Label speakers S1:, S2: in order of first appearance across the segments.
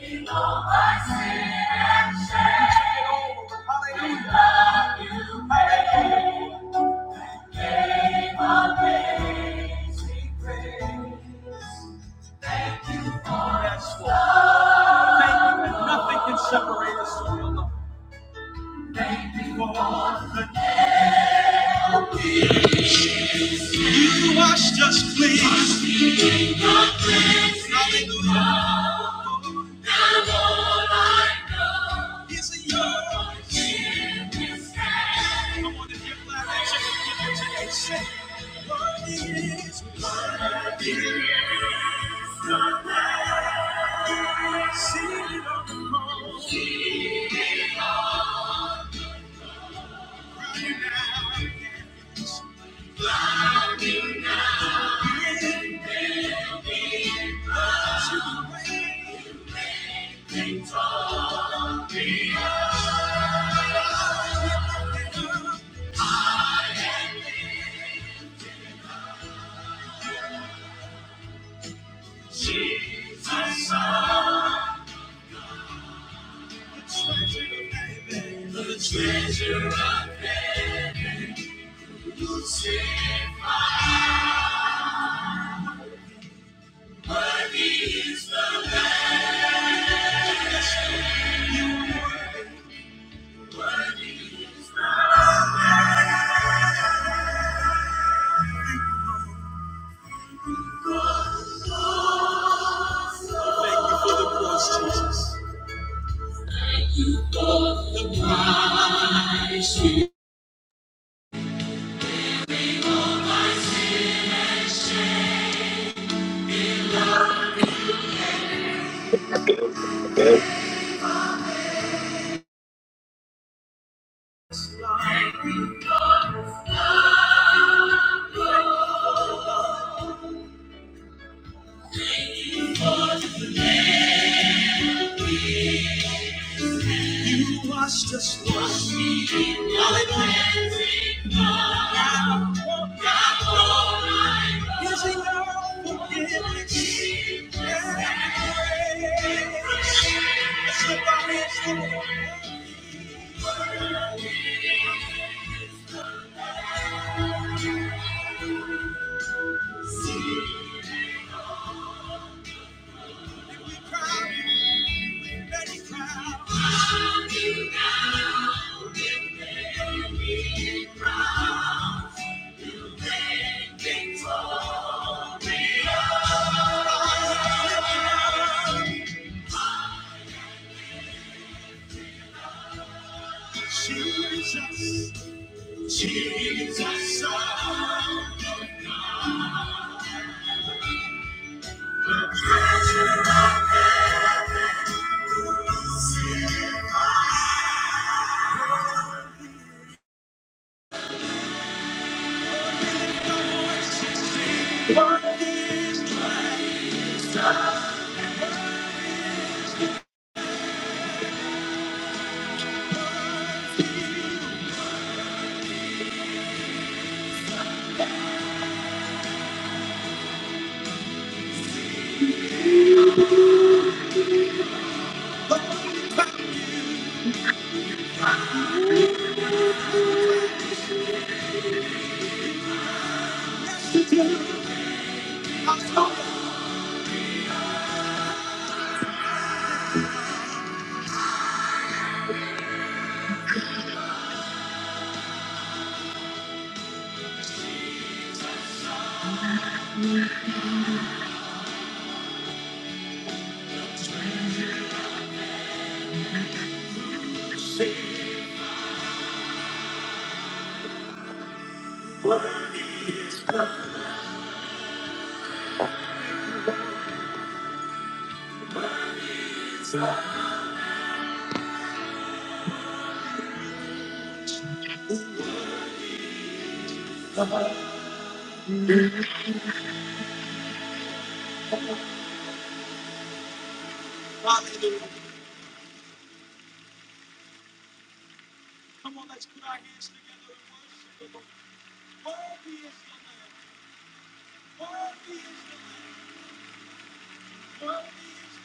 S1: We love our sin and shame. We love you, Hallelujah. Gave amazing grace. Hallelujah. Now all I know is that you're and give it to me. Say, Lord, is seated on the right Treasure of heaven, Lucifer, worthy is the you bought the price. You my sin and shame. You washed us washed me in your cleansing blood. God, oh, is in your forgiveness and grace. Let's lift our hands to the Lord. Jesus. Jesus. Hallelujah. Come on, let's put our hands together and worship the Lord. Worthy is the Lamb. Worthy is the Lamb. Worthy is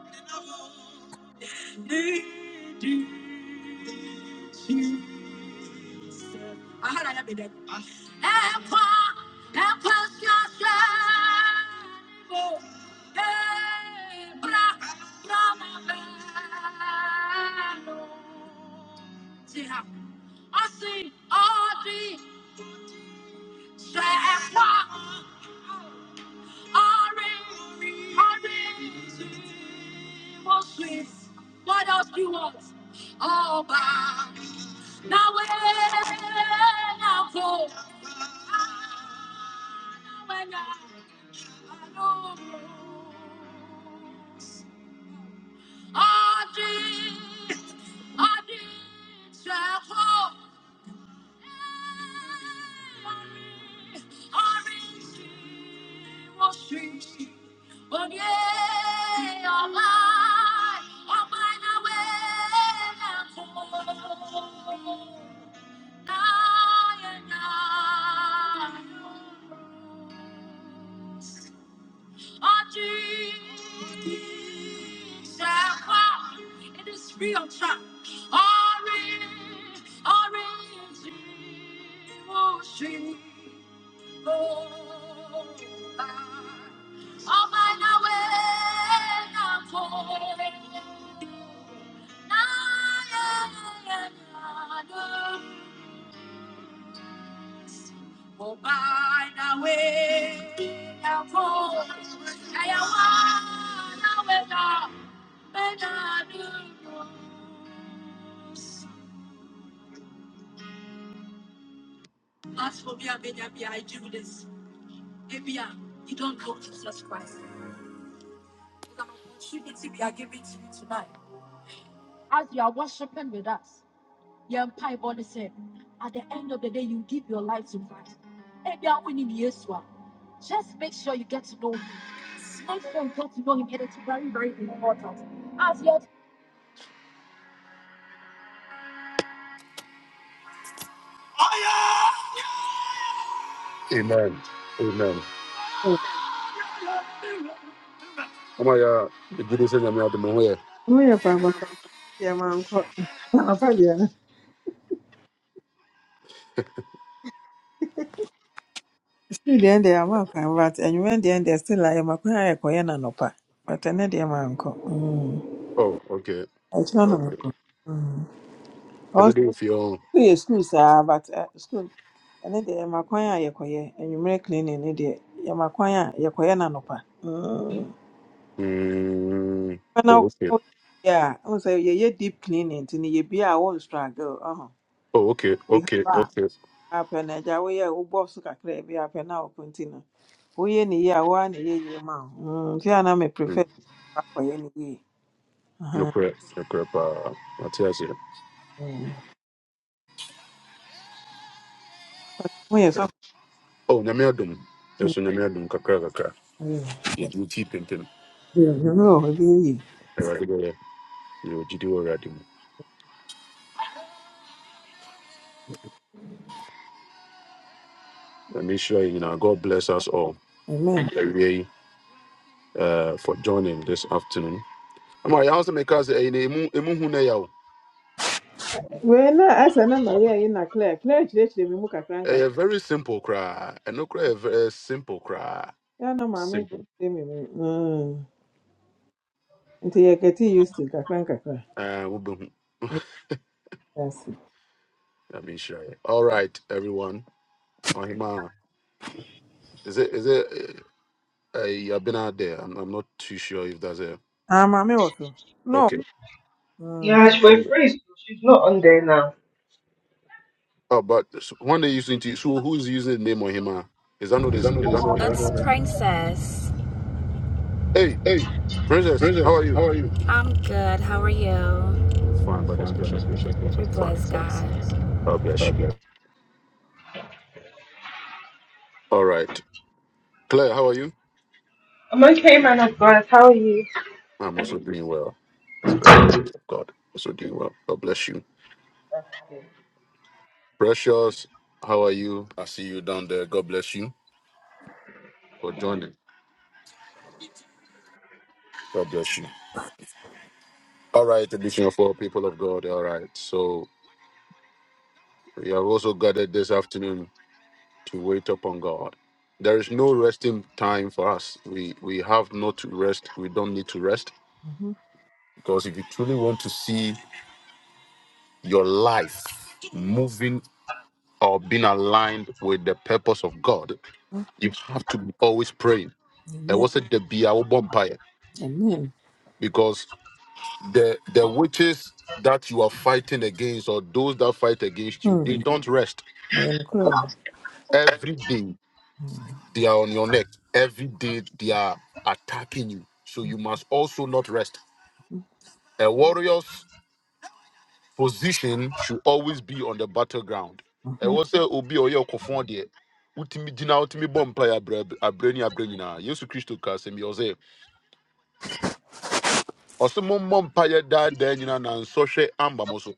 S1: the Lamb. Amen. Amen. Am I, uh, the good thing I'm out of my way?
S2: Moyɛ paapapa deɛ mankɔ anɔpa no still deɛ deɛ amankɔ but anwummerɛ deɛ deɛ still ayɛ makwan a ɛkɔyɛ no anɔpa but ɛnɛ deɛ mankɔ Mm.
S1: Oh, okay.
S2: ɛkyerɛ na
S1: Okay.
S2: mekɔ Mm. ɔno
S1: Can I do with you all?
S2: school yɛ school saa but eh, school ɛne deɛ yɛma kwan a yɛkɔyɛ anwummerɛ cleaning ne deɛ yɛma kwan no
S1: Mm,
S2: When I-
S1: oh, okay.
S2: yeah, I was say yeah, yeah, deep cleaning. Tini ye be I won't struggle. Uh huh.
S1: Oh, okay.
S2: We have
S1: Okay.
S2: that.
S1: Okay.
S2: Happen. Aja we yeah. Ubo suka kre We have now. Continue. We ye ni ye awa ni ye ye ma. Hmm. Ti ana me
S1: Mm.
S2: prefer. Papa ye ni ye. Uh
S1: No
S2: huh.
S1: prayer. No prayer. Pa. Matias here.
S2: Mo ye so.
S1: Oh, Nyamia Dum. Yes, Nyamia Dum. Kakra, kakra. yɛdin ti pimpim
S2: No, ebi ye.
S1: awurade bɛyɛ yɛ ogyidi wɔ awurade mu na mehyira yɛ nyinaa god bless us all
S2: Amen.
S1: awia yi uh, for joining this afternoon ama yɛaho sɛ meka sɛ ɛyɛ na ɛmu ɛmu hu no ɛyɛ wo
S2: Well, na asa na Maria ye na Claire. Claire chile chile mi mu kakranka.
S1: ɛyɛ very simple koraa ɛno koraa yɛ very simple koraa
S2: Ya na mami chile mi mu. Hmm. Nti ye keti used to kakranka kakra.
S1: Uh, wobɛhu na mehyira yɛ all right everyone ɔhema is it is it uh, I've been out there. I'm, I'm not too sure if that's a
S2: Ah, maame wɔ so. No.
S1: okay.
S2: Mm,
S3: Yeah, it's very free. so She's not on there now.
S1: Oh, but s- when they using to so who's using the name on Is that not
S4: Is
S1: this?
S4: that not
S1: Is
S4: this?
S1: that not that?
S4: That's Princess.
S1: Hey,
S4: Hey,
S1: Princess, how
S4: Princess,
S1: are you?
S4: how are you? I'm good. How are you?
S1: I'm fine
S4: Fine,
S1: but the
S4: fine.
S1: special
S4: Let's make
S1: grace
S4: sure I
S1: of
S4: can
S1: God.
S4: We
S1: I'm
S4: talk.
S1: fine.
S4: bless God.
S1: God bless you.
S4: Okay.
S1: All right. Claire, how are you?
S3: I'm okay, man of God. How are you?
S1: I'm also doing well. The special grace of God. Also doing well. God bless you. Precious, how are you? I see you down there. God bless you for joining. God bless you. All right, edition for people of God. All right. So we are also gathered this afternoon to wait upon God. There is no resting time for us. We we have not to rest. We don't need to rest.
S2: mhm,
S1: Because if you truly want to see your life moving or being aligned with the purpose of God,
S2: mhm.
S1: you have to be always praying. It
S2: Amen.
S1: wasn't the be our bonfire?
S2: Amen.
S1: Because the the witches that you are fighting against or those that fight against you, they
S2: Mm,
S1: don't rest.
S2: ɛyɛ nokorɛ
S1: Every day they are on your neck. Every day they are attacking you. So you must also not rest.
S2: Mm,
S1: A warriors position should always be on the battleground. I
S2: mhm,
S1: was say obi or your there. Utimi jina utimi bom player abreni abreni na. Yesu Christo ka se mi ose. Ose mo mom player da den na na nsohwe amba mo so.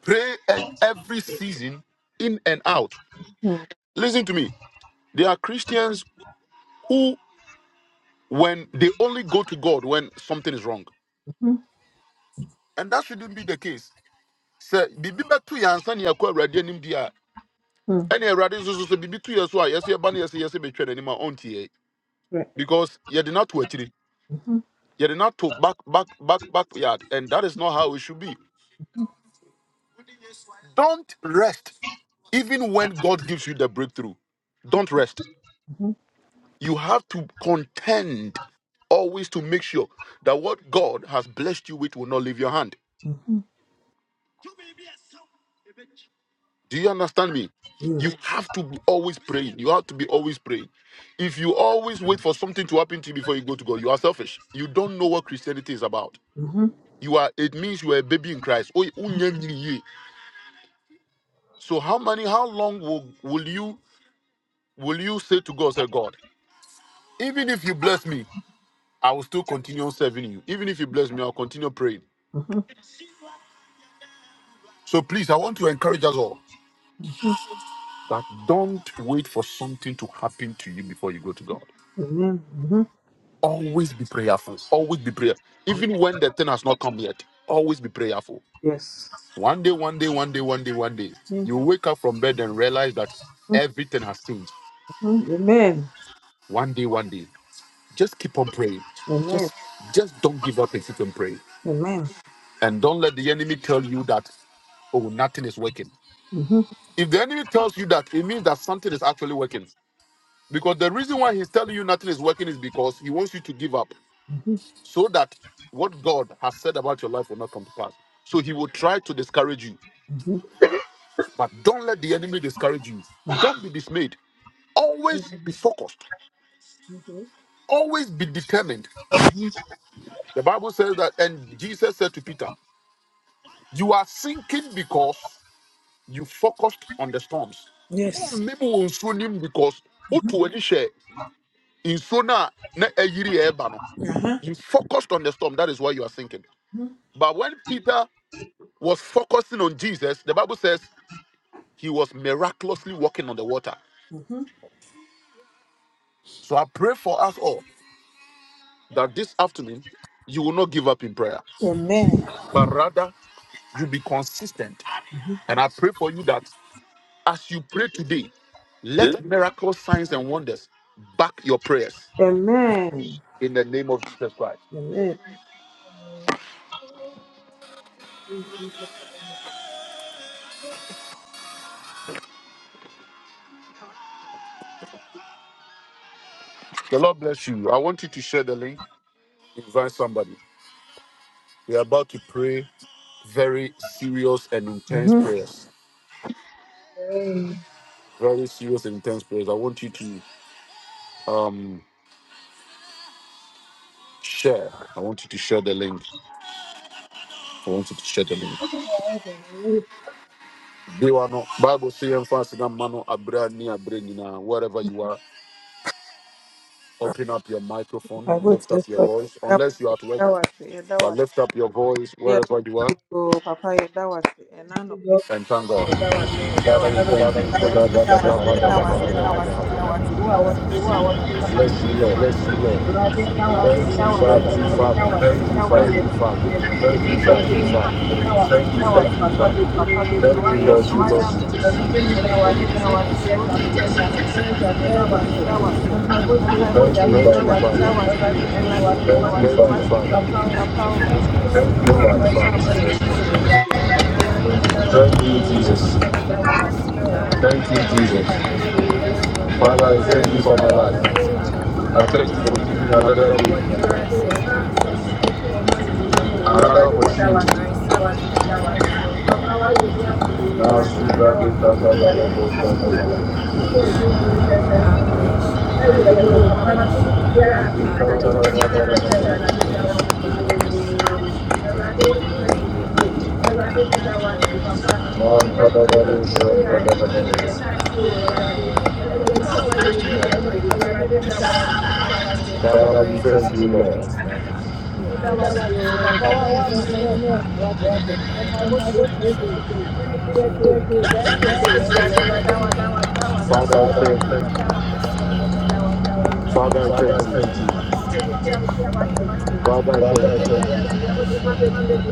S1: Pray and every season in and out.
S2: mhm,
S1: Listen to me. There are Christians who when they only go to God when something is wrong.
S2: mhm,
S1: And that shouldn't be the case. Sir, bibi betu ya ansa ni akwa awurade anim di a,
S2: mhm.
S1: ɛne awurade nso so sɛ biribi to yɛ so a yɛsɛ yɛba no yɛsɛ yɛsɛ bɛtwa n'anim a ɔntie.
S2: Korɛ.
S1: because you did not wait. You
S2: Mhm,
S1: did not to back, back, back, backyard, and that is not how it should be. Don't rest, even when God gives you the breakthrough. Don't rest.
S2: mhm,
S1: You have to contend always to make sure that what God has blessed you with will not leave your hand.
S2: mhm.
S1: Do you understand me? You
S2: Yes.
S1: have to be always praying. You have to be always praying. If you always wait for something to happen to you before you go to God, you are selfish. You don't know what Christianity is about.
S2: Mhm,
S1: You are. It means you are a baby in Christ. Oh, So how many, how long will, will you will you say to God, say, God, even if you bless me, I will still continue serving you. Even if you bless me, I'll continue praying.
S2: mhm,
S1: So please, I want to encourage us all
S2: mhm.
S1: that don't wait for something to happen to you before you go to God.
S2: Amen. Mhm.
S1: Always be prayerful. Always be prayer. Even when the thing has not come yet, always be prayerful.
S2: Yes.
S1: One day, one day, one day, one day, one day.
S2: Mhm,
S1: You wake up from bed and realize that
S2: mhm.
S1: everything has changed.
S2: Amen.
S1: One day, one day. Just keep on praying.
S2: Amen.
S1: Just just don't give up and keep on praying.
S2: Amen.
S1: And don't let the enemy tell you that oh nothing is working.
S2: Mhm,
S1: If the enemy tells you that, it means that something is actually working. Because the reason why he's telling you nothing is working is because he wants you to give up
S2: mhm,
S1: so that what God has said about your life will not come to pass. So he will try to discourage you.
S2: mhm,
S1: But don't let the enemy discourage you.
S2: mhm.
S1: Don't be dismayed. Always be focused.
S3: Mm-hmm.
S1: Always be determined. The Bible says that, and Jesus said to Peter, You are sinking because you focused on the storms. Oh,
S2: Yes.
S1: Maybe we him because
S2: Uh-huh.
S1: Otu wedi share in sona na eyiri eba no. You focused on the storm. That is why you are sinking.
S2: Mhm,
S1: But when Peter was focusing on Jesus, the Bible says he was miraculously walking on the water.
S2: mhm.
S1: So I pray for us all that this afternoon you will not give up in prayer,
S2: Amen.
S1: but rather you be consistent.
S2: Mhm.
S1: And I pray for you that As you pray today, let miracles, signs, and wonders back your prayers
S2: Amen.
S1: in the name of Jesus Christ. The Lord bless you. I want you to share the link, invite somebody. We are about to pray very serious and intense
S2: Amen.
S1: prayers.
S3: Hey.
S1: Very serious and intense prayers. I want you to um share. I want you to share the link. I want you to share the link.
S3: Oh, I really
S1: They were not Bible saying fast mano abra ni abre nyinaa." wherever you are. Open up your microphone, lift
S2: Kabuze
S1: up your
S2: fo
S1: voice. Unless you are at
S2: yɛda
S1: work,
S2: wo ase yɛda wo
S1: But
S2: ase
S1: lift up your voice
S2: yɛda
S1: wherever you are
S2: wo ase yɛda wo ase oo papa yɛda wo ase ɛna
S3: appreciate
S2: anɔpa
S3: your
S1: and
S2: yɛda wo
S1: thank
S2: ase
S1: God.
S2: Ɛyɛ, yɛda wo ase
S1: Father, we thank
S2: Awurade
S1: you.
S2: yɛda wo ase da wo ase da wo ase da wo
S1: Shabbat-dabah-dabah-dabah-dabah.
S2: ase da wo ase wo a wɔde wo
S4: Bless you, Lord.
S2: asama no
S1: Bless
S2: so
S1: you, Lord.
S4: Thank
S2: Awurade yɛda
S4: you,
S2: wo ase
S1: Thank
S4: Father.
S1: you,
S2: oo
S1: Father.
S2: papa
S4: Thank
S2: yɛda
S4: you,
S2: wo ase
S1: Thank you,
S4: Father.
S2: ɛna
S1: Father.
S2: awie papa
S4: Thank you,
S2: yɛde
S1: Thank
S4: Father.
S1: you,
S2: ne ho
S1: Father.
S2: akyɛ nyinaa
S4: Thank you,
S2: da wo ase
S1: Thank
S4: Father.
S1: you,
S2: nhyɛ
S4: Thank
S1: Father.
S2: sɛ papa
S4: you,
S2: bebree
S4: Lord
S1: Thank
S2: na
S1: you,
S2: wayɛ
S4: Jesus.
S1: Lord
S2: ama.
S1: Jesus.
S4: Thank you,
S2: Awurade
S4: Father. Thank
S2: meda wo ase, wo nneyɛe agya meda wo ase, da agya meda wo ase. Mpaebɔ tiefo
S1: Thank you,
S2: agya meda
S1: Father.
S2: wo ase, Awurade
S4: you,
S1: Thank you,
S4: Father.
S1: Father.
S2: Papa wo- aseda nkutoo
S1: Thank
S2: na
S1: you,
S4: Thank you,
S2: aba a
S1: Father.
S2: wɔde ma wo
S4: Father.
S2: Awurade. Awurade meda wo
S4: Thank
S1: Thank
S2: ase
S1: you,
S4: you, Jesus.
S1: Jesus.
S2: papa meda wo ase, meda wo ase,
S4: Thank
S1: Thank
S4: you,
S1: you,
S2: meda wo ase,
S1: Jesus.
S4: Jesus.
S2: Awurade woayɛ bi ama
S1: Father,
S4: Father,
S1: I
S4: I
S1: thank
S2: Awurade
S4: thank
S1: you
S4: you
S1: for
S4: for
S2: meda
S1: my
S4: my
S2: wo
S1: life.
S2: ase
S4: life.
S2: adeɛ nyinaa mu
S4: I
S1: I
S2: papa
S4: thank
S2: wote
S4: you
S1: thank you
S4: for
S2: yɛ
S1: for
S2: nkwa
S4: giving me
S2: na
S1: giving me
S2: asɛm a
S4: another
S1: another
S4: day,
S1: day,
S2: awurade ɛmmerɛ so sɛ papa wote wo ho animuonyam wɔ wo
S4: another
S1: another
S2: awurade meda wo
S4: opportunity.
S2: ase
S1: opportunity.
S2: meda wo ase meda wo ase papa woayɛ bi ama me wɔ
S4: Now,
S2: awurade
S4: sweet
S2: meda
S1: Mazubra
S4: God,
S2: wo
S1: de
S4: give
S2: ase
S4: us
S1: kata
S2: mene
S4: another
S2: wayɛ no
S1: bareko
S2: kamfo
S1: sata
S4: opportunity.
S2: odin
S1: bahaya.
S4: I bless you. I
S2: mesɛ odin din din sɛ sɛ animuonyam ɛnɛ awia yi o papa mene biribiaa a meka deɛ
S1: Father,
S2: meka ne sɛ awurade meda wo ase oo awurade wo ne madi me yie Ẹ̀rọ̀adé mẹ́ta wá sí papa. From January back to July, èyí ti ní ilẹ̀ ṣáà sí o ẹ̀rọ̀adé. Ẹ̀sẹ̀ ìṣọ́ ọmọ yìí ń hù ọmọbìnrin ẹ̀rọ̀adé mẹ́ta wá sí mẹ́ta wá sí mẹ́ta wá sí
S4: Father,
S1: we
S4: we
S2: mẹ́ta
S4: thank
S2: wá
S1: thank
S2: sí.
S1: you,
S4: you,
S1: Lord.
S4: Lord.
S2: Meda
S4: Kila
S2: wasi
S4: watu
S2: o, papa wa
S4: baba
S2: you
S4: wa
S2: ni na ẹ̀wọ̀n
S4: mamenunua
S2: àti wájú.
S4: wote
S2: Ẹ máa bó ti fọ́
S4: unagote
S2: ẹ̀jẹ̀ yìí. Ó ní bí ẹ̀jẹ̀
S4: mtoto
S2: lẹ́yìn ẹ̀jẹ̀ ẹ̀rọ adé
S4: yake
S2: meda wasi, meda wasi,
S1: Father, I
S2: meda
S4: Father, I
S2: wasi,
S1: thank you.
S4: thank
S2: meda
S4: you.
S2: wasi, ẹ̀rọ adé meda wasi o,
S1: Father,
S2: ọmọ
S1: I
S4: Father,
S2: bẹ̀rẹ̀
S4: I
S1: thank
S2: jà.
S1: you.
S4: thank you.
S2: Papa wa yẹ bí àmà mi wá ṣe papa.
S1: Father, I
S2: Èmi
S4: Father,
S1: thank
S4: I
S2: ní
S4: thank you. Father, I
S1: you.
S4: thank
S2: ìsẹ̀yà
S4: you.
S2: mi di ẹwọ́ tó má bẹ dúró ni.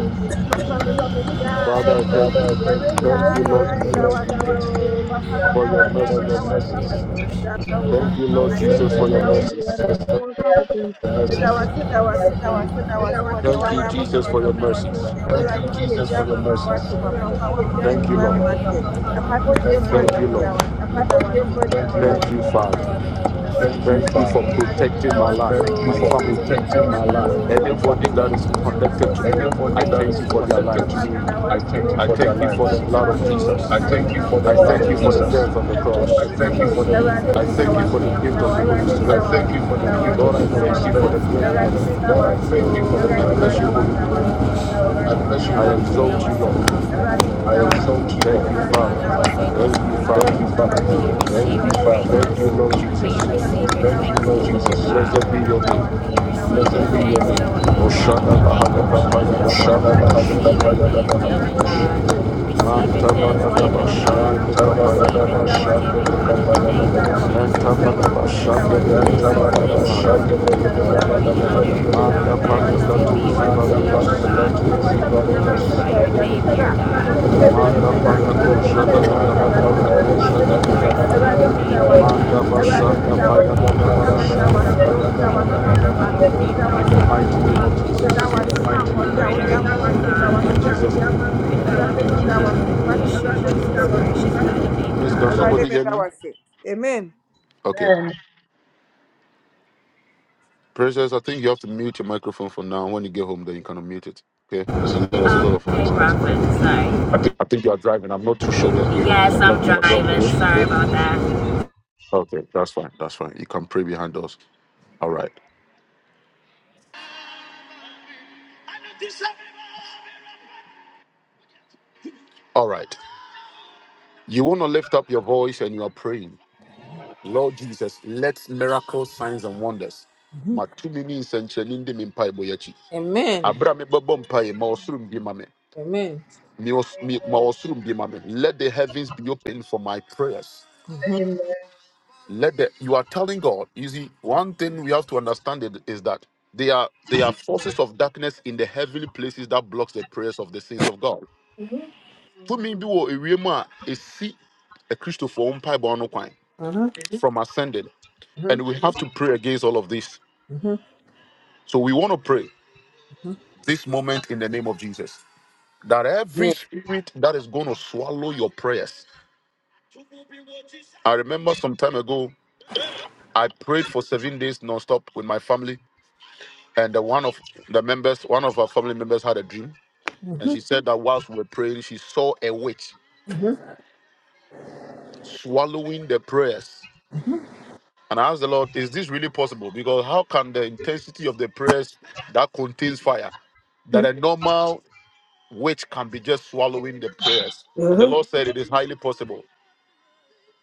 S2: Papa mi ní bìbí àmì
S1: Father, I
S4: Thank
S2: ìtàn.
S1: thank
S4: you,
S1: you. Thank
S2: Rebecca,
S1: you,
S2: they
S1: Lord
S2: said that
S1: Jesus,
S2: was
S4: Lord
S2: you, but for me,
S4: Jesus,
S1: for
S2: that
S1: your
S2: was him,
S4: for your
S2: that
S1: mercies.
S2: was him.
S4: mercies.
S2: I think that I would
S1: Thank you, Lord
S2: I ain't
S4: Thank
S1: Jesus, for
S2: going
S4: you,
S1: your
S2: to would
S4: Lord
S2: be, and
S1: mercies.
S2: so
S4: Jesus.
S2: someone come with him.
S4: Thank you,
S2: Then I was said, I was said, I was said, I was what the
S1: Thank
S2: why
S1: you,
S2: I'm a
S1: Jesus,
S2: name
S1: for your
S2: of this.
S1: mercies.
S2: Everybody, why you
S4: Jesus,
S2: be
S4: for
S2: a
S4: your
S2: man, watch.
S4: mercies. Thank
S2: you papa, what I'm a man,
S1: Thank you, Lord.
S2: what it. And I bought
S4: you,
S2: for
S1: Thank
S4: Lord.
S2: them,
S1: you,
S2: that
S1: Lord.
S2: was
S4: Thank
S2: that was
S4: you, Lord.
S2: that was
S1: Thank you,
S2: that
S1: Father.
S2: was.
S4: Thank you,
S1: Thank you for
S4: Father.
S2: Awurade ne da
S1: protecting my
S2: wa ase
S1: life,
S4: Thank you
S1: my
S4: for
S1: family,
S2: oo.
S4: protecting my
S2: Mpaebɔ
S4: life, my
S2: tiefoɔ
S1: anybody
S2: gye,
S1: that is
S2: oburoni
S1: connected to
S4: family.
S1: me.
S2: adamfoɔ
S4: Everybody
S1: I
S2: ne
S4: that
S2: deɛ
S1: thank
S4: is
S1: you
S2: gye.
S1: for their
S4: connected to
S2: Papa
S1: lives.
S2: me
S4: me,
S2: da wa
S4: I
S2: ase
S4: thank
S2: oo.
S4: you
S1: I
S4: for their
S1: thank you
S2: Awurade
S4: lives.
S1: for the
S2: me yi wa
S1: blood of
S2: yɛ oo.
S1: Jesus.
S4: I
S2: Papa me
S4: thank you for
S2: kamfo
S4: the
S2: wo
S1: I
S2: din.
S4: blood
S1: thank you
S2: Mesɛ
S4: of
S1: for
S2: wo
S1: the
S2: din
S4: Jesus.
S1: death
S2: din
S1: on the
S2: kɛse
S4: I
S1: cross.
S2: animuonyam.
S4: thank you for the
S2: Awurade
S1: I
S2: me da
S1: thank
S2: wa
S1: you for
S2: ase,
S1: the
S2: me
S1: gift
S2: da
S1: of
S2: wa
S1: the
S2: ase,
S1: Holy
S2: me
S4: I
S2: da
S1: Spirit.
S2: wa
S4: thank you
S2: ase,
S4: for
S2: me
S4: the
S2: da wa
S4: gift of
S1: Lord,
S2: ase, me
S4: the
S1: I
S2: da
S4: Holy
S2: wa
S1: thank you
S2: ase.
S1: for the breath you have
S2: Awurade me
S4: Spirit.
S2: da
S1: given
S4: Lord,
S2: wa
S1: me.
S4: I
S2: ase
S4: thank you for the
S2: oo.
S1: I
S4: presence
S1: bless
S2: Awurade
S4: of
S1: your
S2: me
S1: holy
S2: da
S1: name.
S2: wa ase, me
S4: you.
S2: da wa
S4: I
S2: ase, me
S4: bless
S2: da
S4: you,
S2: wa
S1: I
S2: ase,
S4: Lord.
S2: me da
S1: exalt
S2: wa
S1: you,
S2: ase.
S1: Lord.
S2: Awurade me
S4: I
S2: da wa ase.
S4: exalt you,
S1: Thank
S4: Lord.
S1: you,
S2: Awurade me
S1: Father.
S2: da wa ase oo.
S1: Thank you,
S2: Papa
S1: Father.
S4: Thank
S2: me
S4: you,
S2: yi wa
S4: Father.
S2: yɛ oo.
S4: Thank you,
S2: me kamfo
S1: Thank you,
S2: wo din
S1: Lord
S2: oo.
S1: Jesus.
S4: Father.
S2: Awurade ne da
S4: Thank you, Lord
S2: wase o,
S4: Jesus.
S1: Blessed
S2: papa
S1: be
S2: ne
S1: your
S2: da
S1: name.
S2: wase, ne da
S4: Thank
S2: wase, da wase, da wase, da wase,
S1: Oshada
S2: da wase,
S1: bahale
S2: da wase.
S1: kapaya da bahale
S2: Mpaebɔ
S1: bush.
S2: tuafoɔ agye, ɛhommɔborɔ agye, papa me
S1: Manta
S2: di wayɛ
S1: bada da
S2: wase,
S1: ba
S2: papa me
S1: be
S2: kamfo wo din,
S1: kapaya da
S2: ne da
S1: baya.
S2: wase o, papa me da wase, ne
S1: Manta
S2: da
S1: bada ba
S2: wase, ne da wase,
S1: be de
S2: ne
S1: be
S2: da wase.
S1: kabada bahaya.
S2: Ɔne di agya ne da wase o, bebe
S1: Manda
S2: ohu kɔ adamfo,
S1: parakatu
S2: papa wayɛ bi ama
S1: zibareyas.
S2: me. Sɛ mehwɛ m'akyi na mehwɛ baabi a mefiri a, na mehwɛ
S1: Manda
S2: Ebenezer Nyame deɛ
S1: parako
S2: wode m'abɛduru ne Awurade na
S1: jadabadabadaba.
S2: mehu deɛ menka. Awurade ne da wase.
S1: Manda
S2: Awurade
S1: bashanda
S2: meda wase, papa meda
S1: payagadabaragadea.
S2: wase, o meda wase ma me mma, meda
S1: In
S2: wase
S1: the
S2: ma me
S1: mighty name
S2: dwuma,
S1: of
S2: meda
S1: Jesus.
S2: wase ma ahoɔden a wode ama me, meda wase
S1: In
S2: ma
S1: Jesus'
S4: you.
S1: name.
S2: m'abusua. Awurade meda wase, wase
S1: Amen.
S2: papa, mehyɛ wo din Jesus
S1: Please,
S2: animuonyam.
S1: can
S2: Awurade
S1: somebody hear
S2: meda
S1: me?
S2: wase. Amen.
S1: Okay.
S3: Man,
S1: Princess, I think you have to mute your microphone for now. When you get home, then you can unmute it. Okay. There's a lot of
S4: Okay,
S1: noise.
S4: graphic
S1: coming from-
S4: Sorry.
S1: I think you are driving. I'm not too sure what, what
S4: Yes,
S1: is going
S4: I'm
S1: on, but God
S4: driving.
S1: bless you.
S4: Sorry
S1: Okay.
S4: about that.
S1: Okay. That's fine. That's fine. You can pray behind us. All right. All right. You want to lift up your voice and you are praying. Lord Jesus, let miracles, signs, and wonders. Matumi ni nsɛnkyerɛnne ndi me mpaebɔ yi akyi.
S2: Amen.
S1: Abra me bɛbɔ mpaeɛ, ma ɔsoro mbue ma me.
S2: Mhm,
S1: Me ɔs- me- ma ɔsoro mbue ma me. Let the heavens be open for my prayers. Let the you are telling God. You see, one thing we have to understand it is that there are there are forces of darkness in the heavenly places that blocks the prayers of the saints of God. Tumi bi wɔ ewiem a esi a Christopher on Pai Bono Kwan
S2: mhm,
S1: from ascending.
S2: mhm,
S1: And we have to pray against all of this.
S2: mhm,
S1: So we want to pray.
S2: mhm.
S1: in the name of Jesus. That every
S2: Yeah.
S1: spirit that is going to swallow your prayers. I remember some time ago, I prayed for seven days nonstop with my family, and the one of the members, one of our family members, had a dream, and
S2: Mhm,
S1: she said that whilst we were praying, she saw a witch
S2: mhm, mhm,
S1: swallowing the prayers. And I asked the Lord, "Is this really possible? Because how can the intensity of the prayers that contains fire, that
S2: mhm,
S1: a normal witch can be just swallowing the prayers?" And the
S2: mhm,
S1: Lord said, "It is highly possible."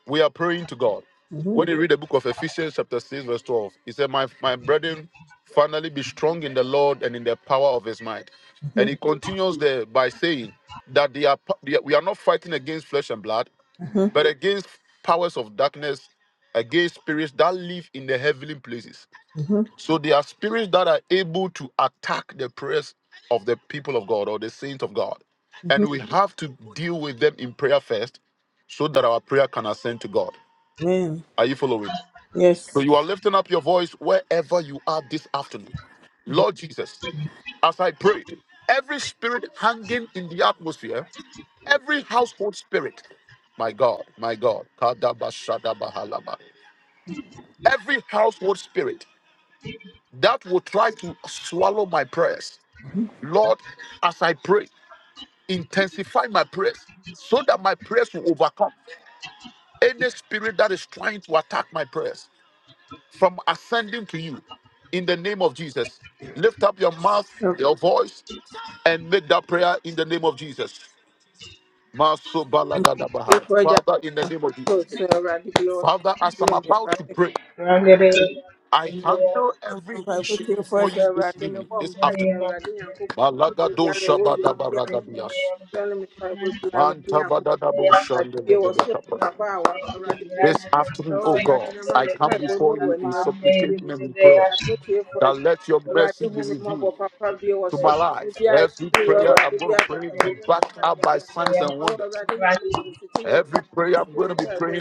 S1: We are praying to God.
S2: mhm,
S1: When you read the book of Ephesians, chapter 6, verse 12, he said, My my brethren, finally be strong in the Lord and in the power of his might. And he continues there by saying that they are, they are- we are not fighting against flesh and blood,
S2: mhm,
S1: but against powers of darkness, against spirits that live in the heavenly places.
S2: mhm,
S1: So there are spirits that are able to attack the prayers of the people of God or the saints of God.
S2: mhm.
S1: And we have to deal with them in prayer first so that our prayer can ascend to God.
S2: Amen.
S1: Are you following? So
S2: Yes.
S1: you are lifting up your voice wherever you are this afternoon. Lord Jesus, as I pray, every spirit hanging in the atmosphere, every household spirit, my God, my God, Kadabashadabahalaba. every household spirit that will try to swallow my prayers, Lord, as I pray, intensify my prayers so that my prayers will overcome any spirit that is trying to attack my prayers. from ascending to you in the name of Jesus. Lift up your mouth, your voice, and make that prayer in the name of Jesus. Maso
S2: Mpaboa
S1: balagada
S2: yi
S1: bahai.
S2: kɔ agya
S1: Father, in the name of Jesus.
S2: nkɔ so Awurade bi wɔ
S1: Father, as I'm about
S2: so.
S1: to pray,
S3: surrounded it.
S1: I handle every
S2: mpaboa
S1: issue
S2: tiefo
S1: before
S2: agya
S1: you this
S2: awurade ne
S1: evening,
S2: bɔ
S1: this
S2: mpaeɛ
S1: afternoon.
S2: awurade nyankopɔn wone
S1: Balagado
S2: biara ɛwɔ
S1: shabada
S2: wiemhyia
S1: baragadias.
S2: a ne me mpaboa bia awurade
S1: Manta
S2: nyankopɔn
S1: badadabo
S2: awurade bie wɔ
S1: shandebedebe
S2: soro
S1: kapa.
S2: mpaboa a wa- awurade bie no ɛwɔ awurade na ma me mpaboa no wɔ anim awurade bie me so bia mpaboa tiefo agya awurade
S1: See the
S2: hu me
S1: review.
S2: mmɔbɔ papa bie wɔ soro tumi bia a ɛfiri wɔ awurade bia papa bɛyɛ me mpaboa bia no ma ɛwɔ awurade nyankopɔn situmi bia ɛfiri me mpaboa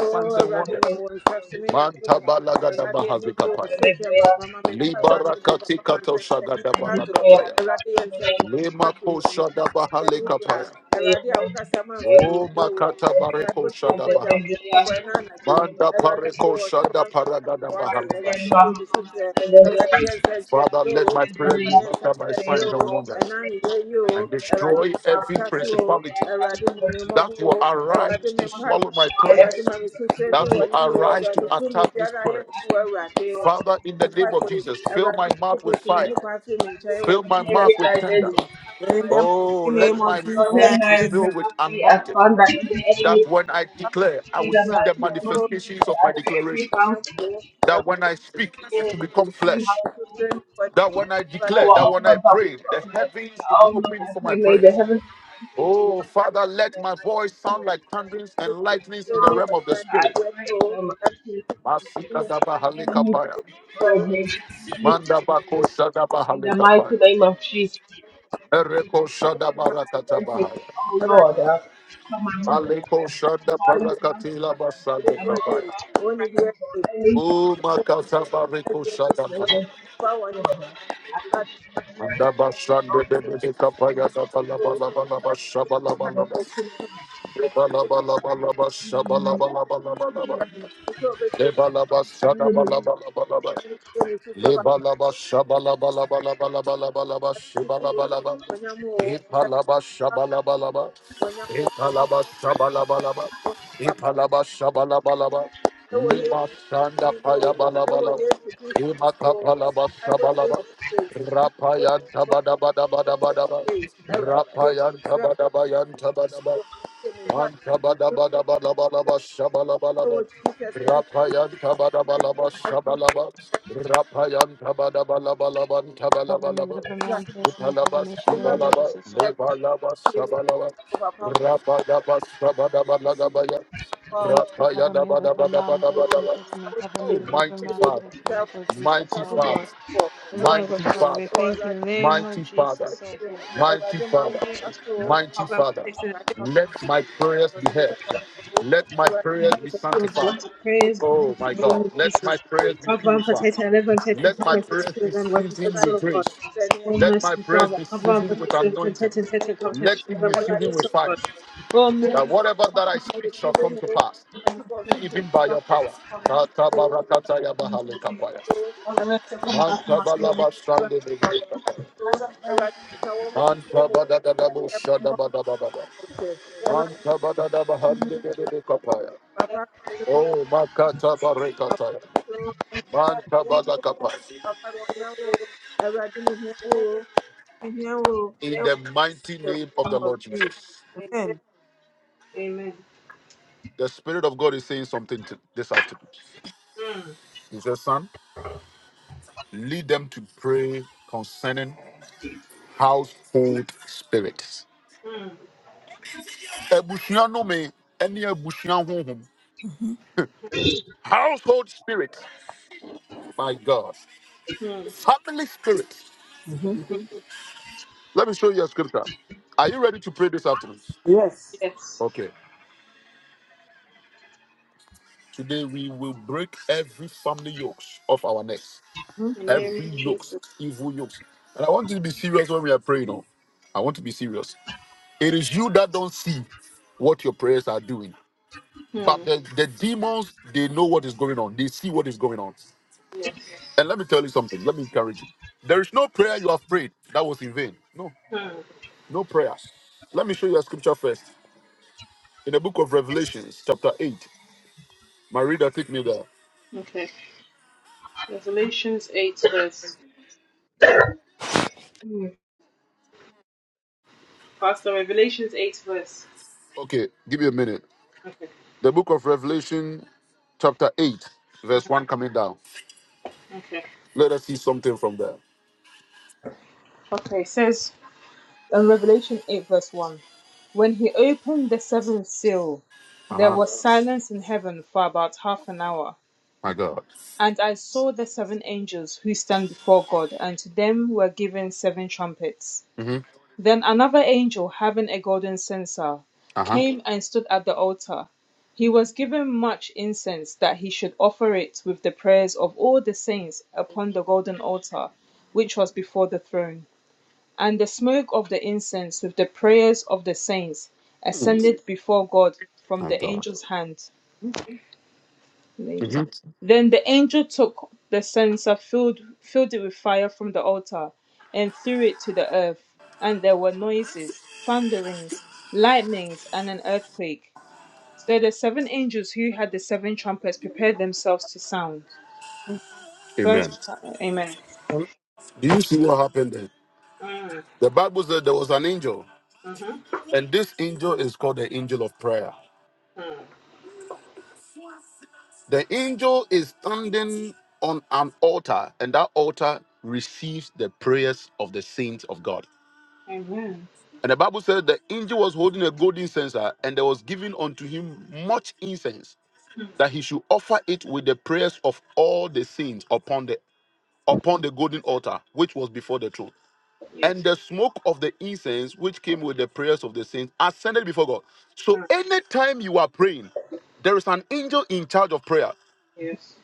S2: Oh, Awurade ma wɔn nsa so me Nyankopɔn. Awurade ɛne deɛ wɔ soro kyɛ mpapa ma me mpaebɔ a mede papa ma nsɛnkyerɛnne nka ato hɔ. Awurade yɛ nsɛnkyerɛnne kwato yɛ nsɛnkyerɛnne wura. Awurade a wokasa ma mframa
S1: Oh,
S2: tie wɔ
S1: makata bareko
S2: i tiefoɔ gya
S1: shadabaha.
S2: mmɔbɔe na anadwo.
S1: Manda
S2: Awurade deɛ
S1: pareko
S2: wɔ soro
S1: shada
S2: ma me
S1: paragada
S2: mpaebɔ ate. Awurade
S1: bahalubasha.
S2: tie me sufrɛ. Awurade yɛ
S1: Father,
S2: nsɛnkyerɛnne o.
S1: let my prayers
S2: Papa
S1: be
S2: yɛ
S1: backed up by
S2: nsɛnkyerɛnne o.
S1: signs
S2: you.
S1: and wonders
S2: ne yɛ yi o.
S1: and
S2: Awurade
S1: destroy
S2: ma wɔn
S1: every
S2: nsa so o.
S1: principality
S2: Awurade hu me
S1: that
S2: mmɔbɔ
S1: will
S2: o. Awurade
S1: arise
S2: me
S1: to
S2: mpaebɔ
S1: swallow my
S2: Awurade
S1: prayers,
S2: ma me so hwɛ ne
S1: that
S2: wɔ
S1: will
S2: ne mu wɔ
S1: arise to
S2: Awurade tumi
S1: attack these
S2: biara ayɛ fo
S1: prayers.
S2: wɔ Awurade
S1: Father, in the name of
S2: mpaebɔ yi.
S1: Jesus, fill
S2: Awurade
S1: my mouth with
S2: Nyankopɔn si ne ho
S1: fire,
S2: kwan firi me nkyɛn
S1: fill
S2: wɔ
S1: my mouth
S2: Jesus
S1: with
S2: Christ
S1: thunder.
S2: din mu. In the
S1: Oh,
S2: mighty name
S1: let
S2: of
S1: my tongue be
S2: Jesus.
S1: filled with anointed, that when I declare, I will see
S2: Awurade,
S1: the
S2: Lord,
S1: manifestations of my declarations.
S2: Onyame wo, Awurade
S1: That when I speak, it
S2: wo,
S1: will become
S2: ama
S1: flesh.
S2: me so hwɛ ne wɔ ne mu
S1: That when I
S2: wɔ
S1: declare, that when I pray, the heavens will be open for my prayers. Oh, Father, let my voice sound like thunderings and lightnings in the realm of the spirit.
S2: Awurade
S1: Masika daba halika paya. Manda bako shada bahalika paya. Ereko shada barakata bahaya.
S2: Awurade
S1: Aleko shada parakatila basande kabaya. Oh, makata bariko shada bahaya. Anda bashande bebe kapaya da bala bala bala bashabala bala bala bala bala bala bashabala bala bala bala bala bala bashabala bala bala bala Lebalaba shabalaba laba laba laba laba laba shibalaba laba. Ipalaba shabalaba laba. Ipalaba shabalaba laba. Ipalaba shabalaba laba. Lima sanda payaba laba laba. Imakapalaba shabalaba. Rapayanta bada bada bada bada ba.
S2: Thank
S1: Rapayanta
S2: you.
S1: bada bayanta bada ba.
S2: Eu também, pai,
S1: Anta bada bada bada bada ba shabalaba
S2: eu
S1: laba.
S2: vou te testar. Eu
S1: Rapayan Tabadabalaba
S2: te
S1: Shabalaba, Rapayan Tabadabalabalaban
S5: Covering me,
S1: Tabalabalaba,
S5: deliver me, I'm
S2: testar.
S5: tasting me, cover me,
S1: Utalabas
S5: share
S2: Eu
S5: the
S2: não
S5: name
S2: vou
S5: of
S1: Sibalaba,
S5: Jesus.
S2: te
S5: So
S2: testar.
S1: Lebalaba Shabalaba,
S2: Eu
S1: Rapadaba Shabadabalagabaya,
S5: thank you for covering me, deliver me, I'm tasting me,
S1: Rapayadabadabadabadabadaba.
S5: tasting me, cover me,
S1: Oh,
S5: deliver
S1: mighty
S5: me, I'm
S1: Father,
S5: tasting me, oh God, Jesus,
S1: mighty
S2: vou
S5: oh God.
S1: Father,
S5: In heaven, God,
S1: mighty
S5: Father, we
S1: Father,
S5: thank you, in the name of
S1: mighty Father,
S5: Jesus, oh God.
S1: mighty Father,
S5: Thank you for
S1: mighty
S5: covering
S1: Father.
S5: me, protecting me, oh
S1: Let my
S5: God.
S1: death, let my
S5: In heaven, God,
S1: pride,
S5: Let the praise be heard
S1: oh
S5: in
S1: my
S5: the name
S1: God,
S5: of
S1: let my
S5: Jesus.
S1: prayers be
S5: Cover and
S1: purified.
S5: protect and deliver and take and
S2: Thank
S1: Let
S5: cover
S1: my
S5: and protect and
S1: prayers
S5: share
S1: be
S5: the name of
S1: seasoned
S5: Jesus,
S1: with
S5: oh God.
S1: grace.
S5: Oh,
S1: Let my
S5: merciful
S1: prayers
S5: Father,
S1: be
S5: cover and
S1: seasoned with
S5: protect and deliver and
S1: anointing.
S5: take and take and cover and protect
S1: Let
S5: and share
S1: it
S5: the
S1: be
S5: name of
S1: seasoned
S5: Jesus,
S1: with
S5: oh
S1: fire.
S5: God. Oh,
S1: That
S5: merciful
S1: whatever that I
S5: Father.
S1: ask, give power. Tata barakata ya bahaya.
S2: you. so Awurade kuta wɔn mu to wɔn mu yɛ ma kyɛ. Awurade
S1: Manta bahande ya bahaya.
S2: papa mi so
S1: Oh,
S2: papa mi so Awurade
S1: manta balakapa.
S2: papa mi hia wo o. Awurade mi hia wo o. Mi hia wo o.
S1: In
S2: Ɛwɔ
S1: the mighty
S2: the
S1: name of
S2: name
S1: the
S2: of
S1: Lord
S2: Jesus.
S1: Jesus.
S2: Amen.
S5: Amen.
S1: The Spirit of God is saying something to, this afternoon.
S5: Hmm.
S1: He says, Son, lead them to pray concerning household spirits.
S5: Hmm.
S1: Ebusua nnome ɛne ebusua honhom.
S5: Hmm.
S1: Household spirits my God.
S5: mm,
S1: Family spirit.
S2: hmm
S5: mm.
S1: Let me show you a scripture. Are you ready to pray this afternoon?
S2: Yes.
S5: Yes.
S1: Okay. Today we will break every family yokes of our necks,
S2: Hmm.
S5: In the name
S1: every
S5: of
S1: yokes,
S5: Jesus.
S1: evil yokes. And I want you to be serious when we are praying. Oh, I want to be serious. It is you that don't see what your prayers are doing,
S5: Hmm.
S1: but the, the demons they know what is going on. They see what is going on.
S5: Yes.
S1: And let me tell you something. Let me encourage you. There is no prayer you have prayed that was in vain. No,
S5: Hmm.
S1: no prayer. Let me show you a scripture first. In the book of Revelations, chapter 8. My reader, take me there.
S5: Okay. Revelations 8 verse. Pastor, Revelations 8 verse.
S1: Okay, give me a minute.
S5: Okay.
S1: The book of Revelation, chapter 8, verse 1 coming down.
S5: Okay.
S1: Let us see something from there.
S5: Okay. It says in Revelation 8, verse 1, when he opened the seventh seal,
S1: Uh
S5: there
S1: huh.
S5: was silence in heaven for about half an hour.
S1: My God.
S5: And I saw the seven angels who stand before God, and to them were given seven trumpets.
S1: Mm-hmm.
S5: Then another angel, having a golden censer,
S1: Uh huh.
S5: came and stood at the altar. He was given much incense that he should offer it with the prayers of all the saints upon the golden altar, which was before the throne. And the smoke of the incense with the prayers of the saints ascended before God from
S1: My
S5: the
S1: God.
S5: angel's hand. From the angel's
S1: hmm
S5: hand. Then the angel took the censer, filled, filled it with fire from the altar, and threw it to the earth. And there were noises, thunderings, lightnings, and an earthquake. So the seven angels who had the seven trumpets prepared themselves to sound.
S1: Amen.
S5: First, amen.
S1: Do you see what happened there? The Bible said there was an angel,
S5: Mhm.
S1: and this angel is called the angel of prayer.
S5: Mm.
S1: The angel is standing on an altar, and that altar receives the prayers of the saints of God.
S5: Amen.
S1: And the Bible said the angel was holding a golden censer, and there was given unto him much incense,
S5: Mm.
S1: that he should offer it with the prayers of all the saints upon the upon the golden altar, which was before the throne.
S5: Yes.
S1: And the smoke of the incense, which came with the prayers of the saints, ascended before God. So
S5: Mm.
S1: anytime you are praying, there is an angel in charge of prayer
S5: Yes.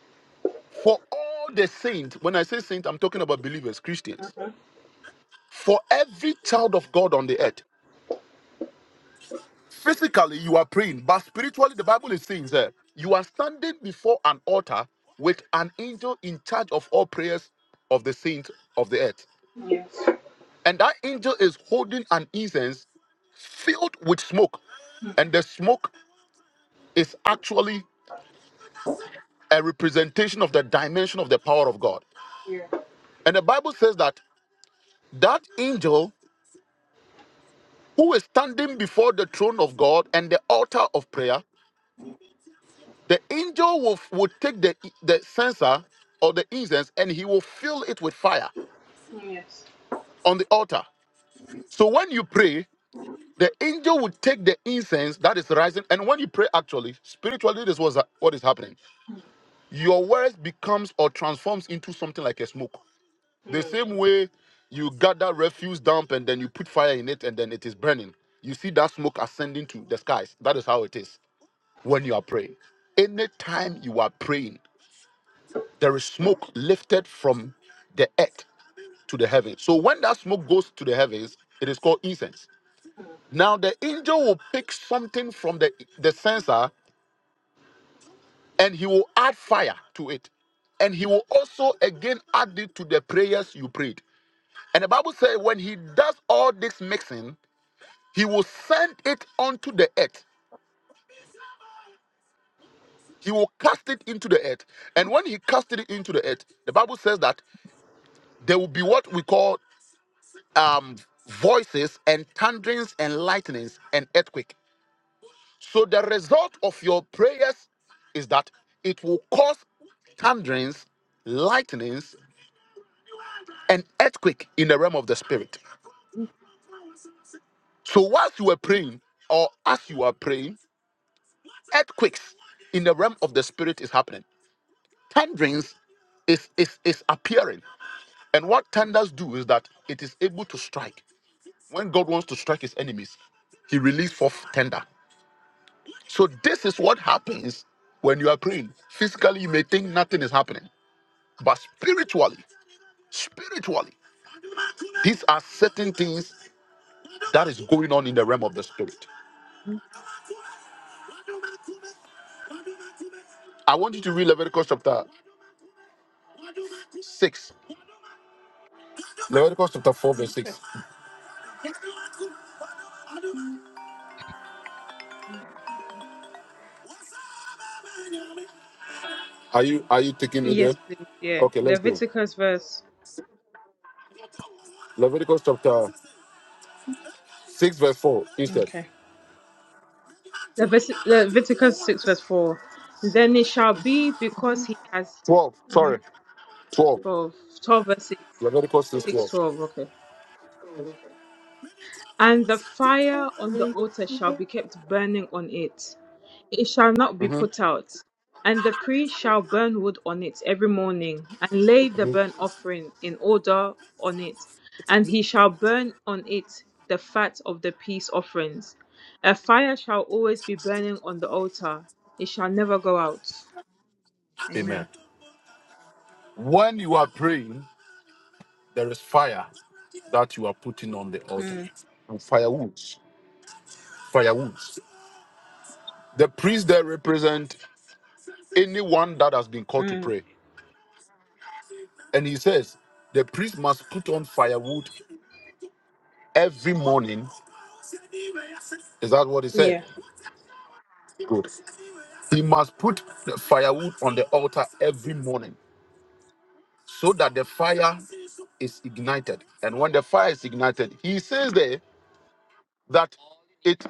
S1: for all the saints. When I say saints, I'm talking about believers, Christians. For every child of God on the earth, Physically, you are praying, but spiritually, the Bible is saying that you are standing before an altar with an angel in charge of all prayers of the saints of the earth.
S5: Yes.
S1: And that angel is holding an incense filled with smoke.
S5: Hmm.
S1: And the smoke is actually a representation of the dimension of the power of God.
S5: Yeah.
S1: And the Bible says that that angel who is standing before the throne of God and the altar of prayer The angel will, will take the, the censer or the incense and he will fill it with fire
S5: Yes.
S1: on the altar. So when you pray, the angel will take the incense that is rising. And when you pray, actually, spiritually, this was what is happening. Your words becomes or transforms into something like a smoke. The
S5: Hmm.
S1: same way you gather refuse dump and then you put fire in it and then it is burning. You see that smoke ascending to the skies. That is how it is when you are praying. Anytime you are praying. there is smoke lifted from the earth to the heavens. So when that smoke goes to the heavens, it is called incense.
S5: Hmm.
S1: Now the angel will pick something from the, the censer and he will add fire to it. And he will also again add it to the prayers you prayed. And the Bible says when he does all this mixing, he will send it onto the earth. He will cast it into the earth. And when he casted it into the earth, the Bible says that there will be what we call um, voices and thunderings and lightnings and earthquake. So the result of your prayers is that it will cause thunderings, lightnings, and earthquake in the realm of the spirit. So whilst you were praying, or as you are praying, earthquakes in the realm of the spirit is happening. Thunderings is, is, is appearing. And what thunders do is that it is able to strike. When God wants to strike his enemies, he releases forth thunder. So this is what happens when you are praying. Physically, you may think nothing is happening, but spiritually, spiritually, these are certain things that is going on in the realm of the spirit. I want you to read Leviticus chapter six, Leviticus chapter four, verse
S5: Okay.
S1: six. Yeah.
S5: Yes, please. Yeah.
S1: Okay, let's go.
S5: Leviticus verse.
S1: Leviticus chapter six, verse four instead.
S5: Okay. Levitic- Leviticus 6, verse 4. Then it shall be because he has.
S1: Twelve.
S5: Uh-huh,
S1: Sorry, twelve.
S5: 12. 12, verse 6.
S1: Leviticus six,
S5: 6,
S1: twelve.
S5: twelve. Okay. And the fire on the altar shall be kept burning on it. It shall not be put out. And the priest shall burn wood on it every morning, and lay the burnt offering in order on it, and he shall burn on it the fat of the peace offerings. A fire shall always be burning on the altar, it shall never go out. Amen.
S1: Amen. When you are praying, there is fire that you are putting on the altar.
S5: Mm,
S1: and Firewoods. Firewoods. The priest there represent anyone that has been called to
S5: mm,
S1: pray. And he says, the priest must put on firewood every morning. Is that what he said?
S5: yeah.
S1: Good. He must put the firewood on the altar every morning so that the fire is ignited. And when the fire is ignited, he says there that it.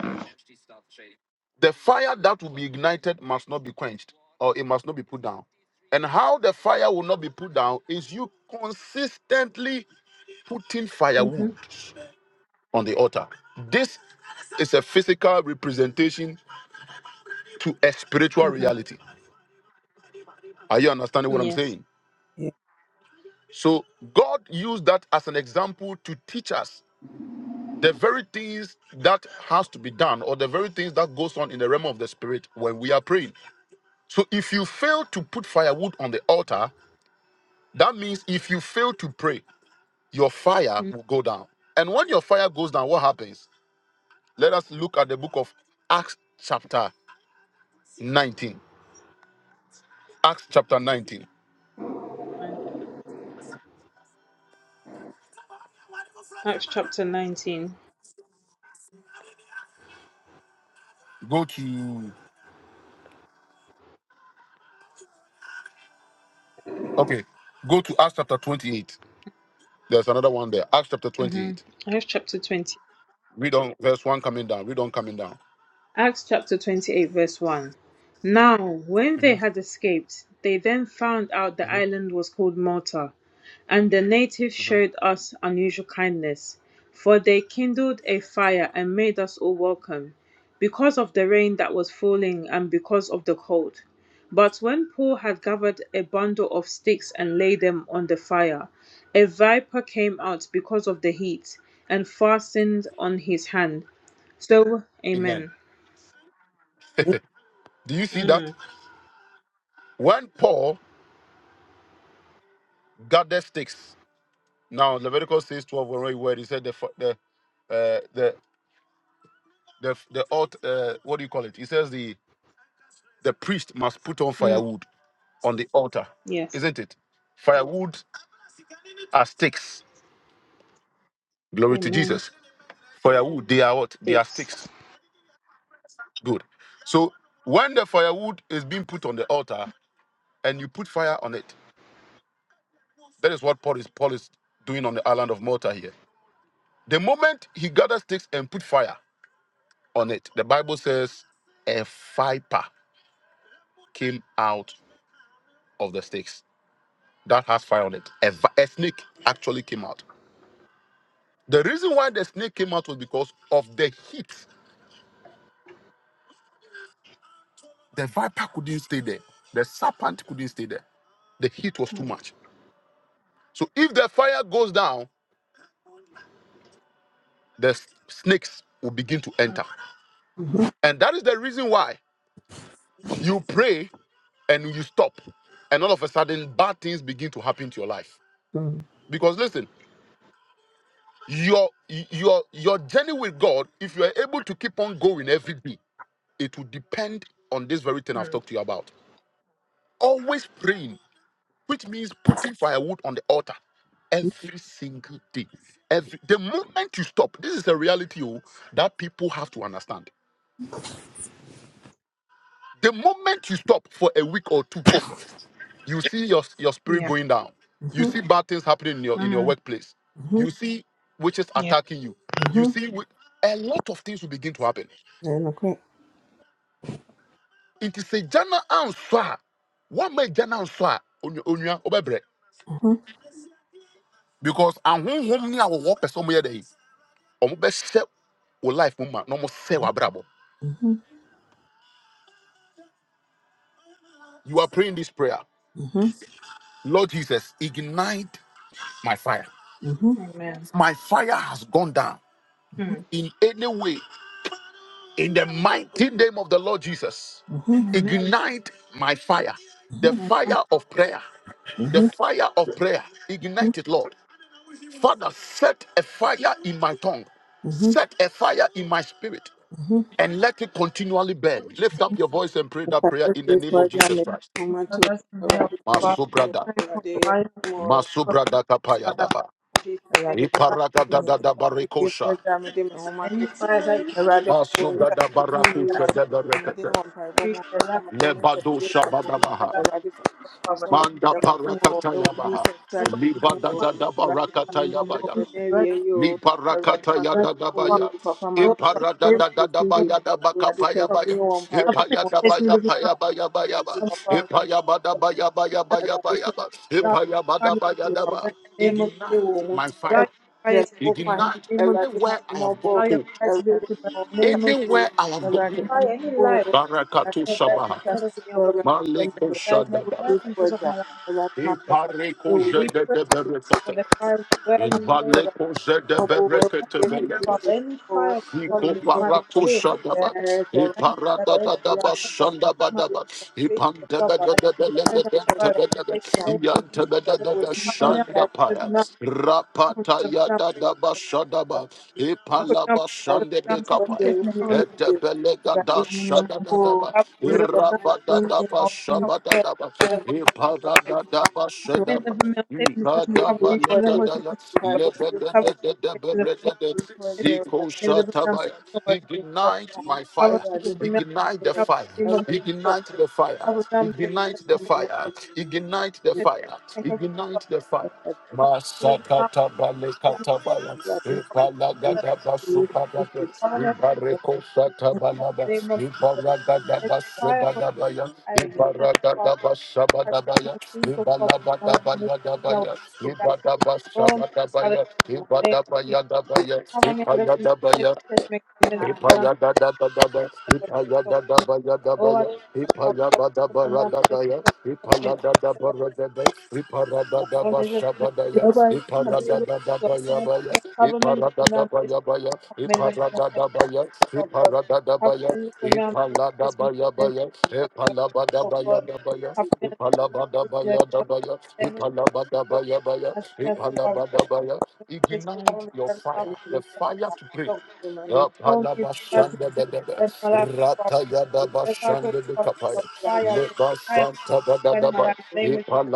S1: The fire that will be ignited must not be quenched or it must not be put down. And how the fire will not be put down is you consistently putting
S5: Mm-hmm,
S1: firewood on the altar. This is a physical representation to a spiritual
S5: mm-hmm.
S1: reality. Are you understanding what I'm
S5: Yes.
S1: saying?
S2: Yeah.
S1: So, God used that as an example to teach us the very things that has to be done or the very things that goes on in the realm of the spirit when we are praying. So, if you fail to put firewood on the altar, That means if you fail to pray, your fire
S5: Mm,
S1: will go down. And when your fire goes down, what happens? Let us look at the book of Acts, chapter 19. Acts, chapter 19.
S5: right. Acts chapter 19.
S1: Go to, okay, go to Acts, chapter 28. There's another one there. Acts, chapter
S5: Mm-hmm.
S1: 28.
S5: Acts chapter 20.
S1: Read on verse 1 coming down. Read on coming down.
S5: Acts chapter 28, verse 1. Now, when they
S1: Mhm,
S5: had escaped, they then found out the
S1: mhm,
S5: island was called Malta, and the natives
S1: mhm.
S5: showed us unusual kindness, for they kindled a fire and made us all welcome, because of the rain that was falling and because of the cold. But when Paul had gathered a bundle of sticks and laid them on the fire, a viper came out because of the heat and fastened on his hand. So,
S1: Amen.
S5: amen.
S1: Do you see
S5: Mm.
S1: that? When Paul gathered sticks, now Leviticus says 12, when we read, he said the, the, uh, the, the the altar. Uh, what do you call it? It says the the priest must put on
S5: Mm,
S1: firewood on the altar,
S5: yes.
S1: isn't it? Firewood are sticks. Glory to
S5: Amen.
S1: Jesus. Firewood, they are what? They are
S5: Six.
S1: sticks. Good. So when the firewood is being put on the altar and you put fire on it, that is what Paul is Paul is doing on the island of Malta here. The moment he gathered sticks and put fire on it, the Bible says a viper came out of the sticks. that has fire on it. A, vi- a snake actually came out. The reason why the snake came out was because of the heat. The viper couldn't stay there. The serpent couldn't stay there. The heat was too much. So if the fire goes down, the s- snakes will begin to enter.
S2: Mm-hmm.
S1: And that is the reason why you pray and you stop. And all of a sudden, bad things begin to happen to your life. Because listen, your your your journey with God, if you are able to keep on going every day. it will depend on this very thing I've talked to you about. Always praying, which means putting firewood on the altar every single day. Every the moment you stop, this is a reality oh, that people have to understand. The moment you stop for a week or two, you see your your spirit
S5: Yeah.
S1: going down. You
S2: Mm-hmm.
S1: see bad things happening in your in your
S5: Mm,
S1: workplace.
S2: Mm-hmm.
S1: You see witches
S5: yeah.
S1: attacking you. You
S2: Mm-hmm.
S1: see wi- a lot of things will begin to happen.
S2: Yeah, no crap.
S1: It is a jana answer. One may jana answer.
S2: Mm-hmm.
S1: because ahohom ne awɔwɔ pɛ sɛ ɔmoyɛ dɛ ɔmo bɛhyɛ wo life mu ma na ɔmo sɛ w'abrabɔ
S2: Mm-hmm.
S1: you are praying this prayer
S2: Mm-hmm.
S1: lord jesus ignite my fire
S2: Mm-hmm.
S5: Amen.
S1: my fire has gone down
S5: Mm.
S1: in any way in the mighty name of the lord jesus
S2: Mm-hmm.
S5: Amen.
S1: ignite my fire the
S5: Amen.
S1: fire of prayer the
S2: Mm-hmm.
S1: fire of prayer. Ignite it, Lord. Father, set a fire in my tongue.
S2: Mm-hmm.
S1: Set a fire in my spirit. and let it continually burn. Lift up your voice and pray
S2: The
S1: that
S2: fact
S1: prayer
S2: that
S1: in the
S2: this
S1: name
S2: was
S1: of
S2: not
S1: Jesus
S2: making
S1: Christ.
S2: so much to
S5: Father, us in hell,
S2: already.
S5: Father,
S2: Already.
S1: Masubrada,
S5: pray for
S2: already,
S5: fire,
S2: already.
S5: for
S1: Masubrada kapaya
S5: Father,
S1: daba,
S5: for Jesus, may the
S2: Erade mo ní
S5: fire
S1: Iparaga
S2: kí
S5: burn
S2: ni
S1: daga
S2: ìta
S1: daba
S2: gbígbé
S1: rekosha,
S2: fọ́jà Amede mẹ́wọ́n má tó
S5: any
S2: sọ.
S5: fire that you have
S2: Erade
S5: in
S2: wani
S5: you
S2: sa
S1: Masubrada
S2: to tu ni
S5: that
S2: ra
S1: barakusha
S5: is not
S1: daga
S2: mi
S5: burn
S2: de
S1: rekete,
S2: wan pa bo
S5: due
S2: mo
S5: to
S2: wo ìta tuntun yìí rà Amede wọn pa ẹ̀gbọ́n mọ́
S5: the
S2: bàbá
S5: lack of
S2: máa ń yẹn
S1: Lebado
S2: tẹ̀lé ẹ̀gbọ́n mọ́
S5: faith,
S2: mọ́.
S5: the
S1: shabadabaha,
S5: lack
S2: Erade fa
S5: of Father.
S2: ìsọmi
S5: Help
S1: Manda
S2: ìjọba fún wọn
S1: parakata
S2: ọ̀rẹ́ wò
S5: us,
S1: yabaha,
S2: Jesus
S5: help
S2: Christ
S5: us,
S2: nínú
S1: Libada
S2: ọ̀rọ̀.
S1: dada
S5: Father,
S2: Erade mi
S1: barakata
S2: mo ní wọ́n
S5: help
S2: bọ́ ọ̀rẹ́
S5: us
S1: yabaya.
S5: to
S2: lẹ́rìí
S5: burn,
S2: ẹ̀rí
S1: Ni
S5: to burn,
S2: Erade
S1: parakata
S5: to
S2: máa
S1: ya
S2: tún
S5: burn,
S2: fún yìí
S1: dadabaya.
S5: Father.
S2: Papa máa
S1: E
S5: Lord,
S2: mi fà
S5: make me
S1: parada
S2: wọ́n
S5: able
S1: da
S5: to
S2: tó
S1: da
S2: sí
S1: da
S5: burn,
S2: yìí o.
S1: baya da baka
S2: Erade
S1: paya
S2: tẹ̀lé
S5: Father.
S1: baya.
S2: ẹ̀gbọ́n wọn pa
S1: E
S5: Father,
S2: ẹ̀gbọ́n
S5: make
S1: paya da
S5: me
S1: baya
S5: able to
S1: paya baya baya ba.
S5: burn, Father.
S2: mọ́
S1: E paya ba baya baya
S2: ẹ̀rọ
S1: baya
S2: àdúgbò
S1: baya ba. E
S2: ìrẹ̀lẹ̀
S5: Allow
S1: paya ba
S5: your fire to
S1: baya
S5: be
S2: onídìí
S1: da
S2: bàbá
S1: ba.
S5: lit in
S2: jẹ́ kí ilé wo
S1: Ignite
S2: wọn
S1: my fire.
S2: ẹ̀rọ ìṣẹ̀lẹ̀ ó fààyàn
S5: the
S1: Ignite
S5: name
S2: ẹ̀rọ
S5: of Jesus.
S2: àdéhùn
S1: anywhere
S2: mi
S1: I
S2: mọ́
S1: have
S2: bò ó
S1: gone
S5: Allow your
S1: cold.
S5: fire
S2: ẹ̀rọ
S5: to be lit in
S2: àdéhùn
S5: the
S2: ọ̀hún
S5: name of Jesus. Allow your fire to be lit in the name of Jesus.
S2: ṣáṣú
S1: Anywhere I have
S2: ẹ̀rọ
S1: gone
S2: àdéhùn mi
S1: cold.
S5: Fire,
S2: mọ́
S5: any
S2: bò ó
S5: light
S2: ẹ̀rọ
S1: Barakatu
S2: àdéhùn
S5: that is
S2: ọ̀hún
S1: shabaha.
S5: not
S2: ṣáṣú
S5: of me,
S2: ẹ̀rọ
S5: O God,
S2: àdéhùn
S1: Maleko
S2: ìjẹ̀
S5: that is not
S2: ó
S1: shadaba.
S2: ṣe
S5: burning
S2: é fún
S5: because of
S2: ọjà
S5: my life.
S2: ẹ̀rọ àdéhùn
S1: E
S5: O
S2: afẹ́fẹ́
S5: God.
S2: ilé
S1: pareko
S2: wo
S5: We pray
S1: jedede
S5: for
S1: berekata.
S5: the fire to burn in the name
S2: ẹ̀rọ
S1: Valeko
S5: of
S1: zede
S5: God.
S2: àdéhùn bò ó ẹ̀rọ
S1: berekete
S5: Heaven,
S2: ìgbésù
S5: heaven,
S1: beleko.
S2: kristo
S5: Father,
S2: ní
S5: any
S2: kó o
S5: fire
S2: ẹ̀rọ
S5: from
S1: Iko
S5: my
S2: ìgbésù
S1: parako
S5: faith
S2: ọdún
S5: that
S1: shadaba.
S5: has
S2: ẹ̀rẹ̀ẹ́sẹ̀
S1: E
S2: ẹ̀rọ
S5: been ignited, that
S1: parada
S5: any
S1: da da ba
S2: àdéhùn
S5: return
S1: shanda ba
S5: to my
S1: da ba. E
S5: faith, O
S1: panda da
S5: Father,
S1: da da da le
S5: return
S1: da
S5: to
S1: da da
S5: my faith,
S1: da da da.
S5: in the name of
S1: Yanta
S5: Jesus,
S1: da da
S5: Father.
S1: da da
S5: Cover me up
S1: shanda
S2: àkọ́kọ́
S5: with
S1: paya.
S5: love, cover me
S1: Rapata
S5: with
S1: ya da
S5: love,
S1: da ba shadaba. E
S5: I'm just going to
S1: palaba
S2: Everybody,
S1: shande be kapaya.
S2: when
S5: go
S2: you give, you
S1: Etebelegada shadadadaba.
S2: the mighty name
S1: Irabadadaba
S2: of
S1: shabadadaba.
S2: thank you,
S1: Iparadadaba shadaba.
S2: I give you
S5: to
S2: praise. I give you
S1: Ikadabalegada.
S2: praise. I
S1: Lebedededeberedede. Ziko
S5: the
S1: shatabaya. Ignite my fire. Ignite the fire. Ignite the fire. Ignite the fire. Ignite the fire. Ignite the fire. Masakatabalekatabala, Ipalagadabasupadada, Ibarekosatabalada, Ibaragadabasobadabaya,
S5: bathroom.
S1: Ibaragadabasobadabaya, Ibalabadabayadabaya, Ibadabasobadabaya, Ibadabayadabaya, Ipayadabaya, Ignite
S5: Have a minute, oh Lord. Have mercy on me and bless me. Have mercy on me, oh God. Have mercy on me and bless me. Have mercy on me, oh God. As I have come, please cover me with
S1: your
S5: your
S1: fire,
S5: love.
S1: the fire to pray.
S5: So,
S1: Up
S5: all me that I
S1: Halabashanda
S5: do,
S1: Bedebe,
S5: let my life be covered.
S1: Rata
S5: Let my soul
S1: Yadabashanda
S5: be covered with
S1: Bikapaya,
S5: fire, with
S1: Leba
S5: fire,
S1: Santa
S5: burn my
S1: Badadaba,
S5: life. Name of Jesus.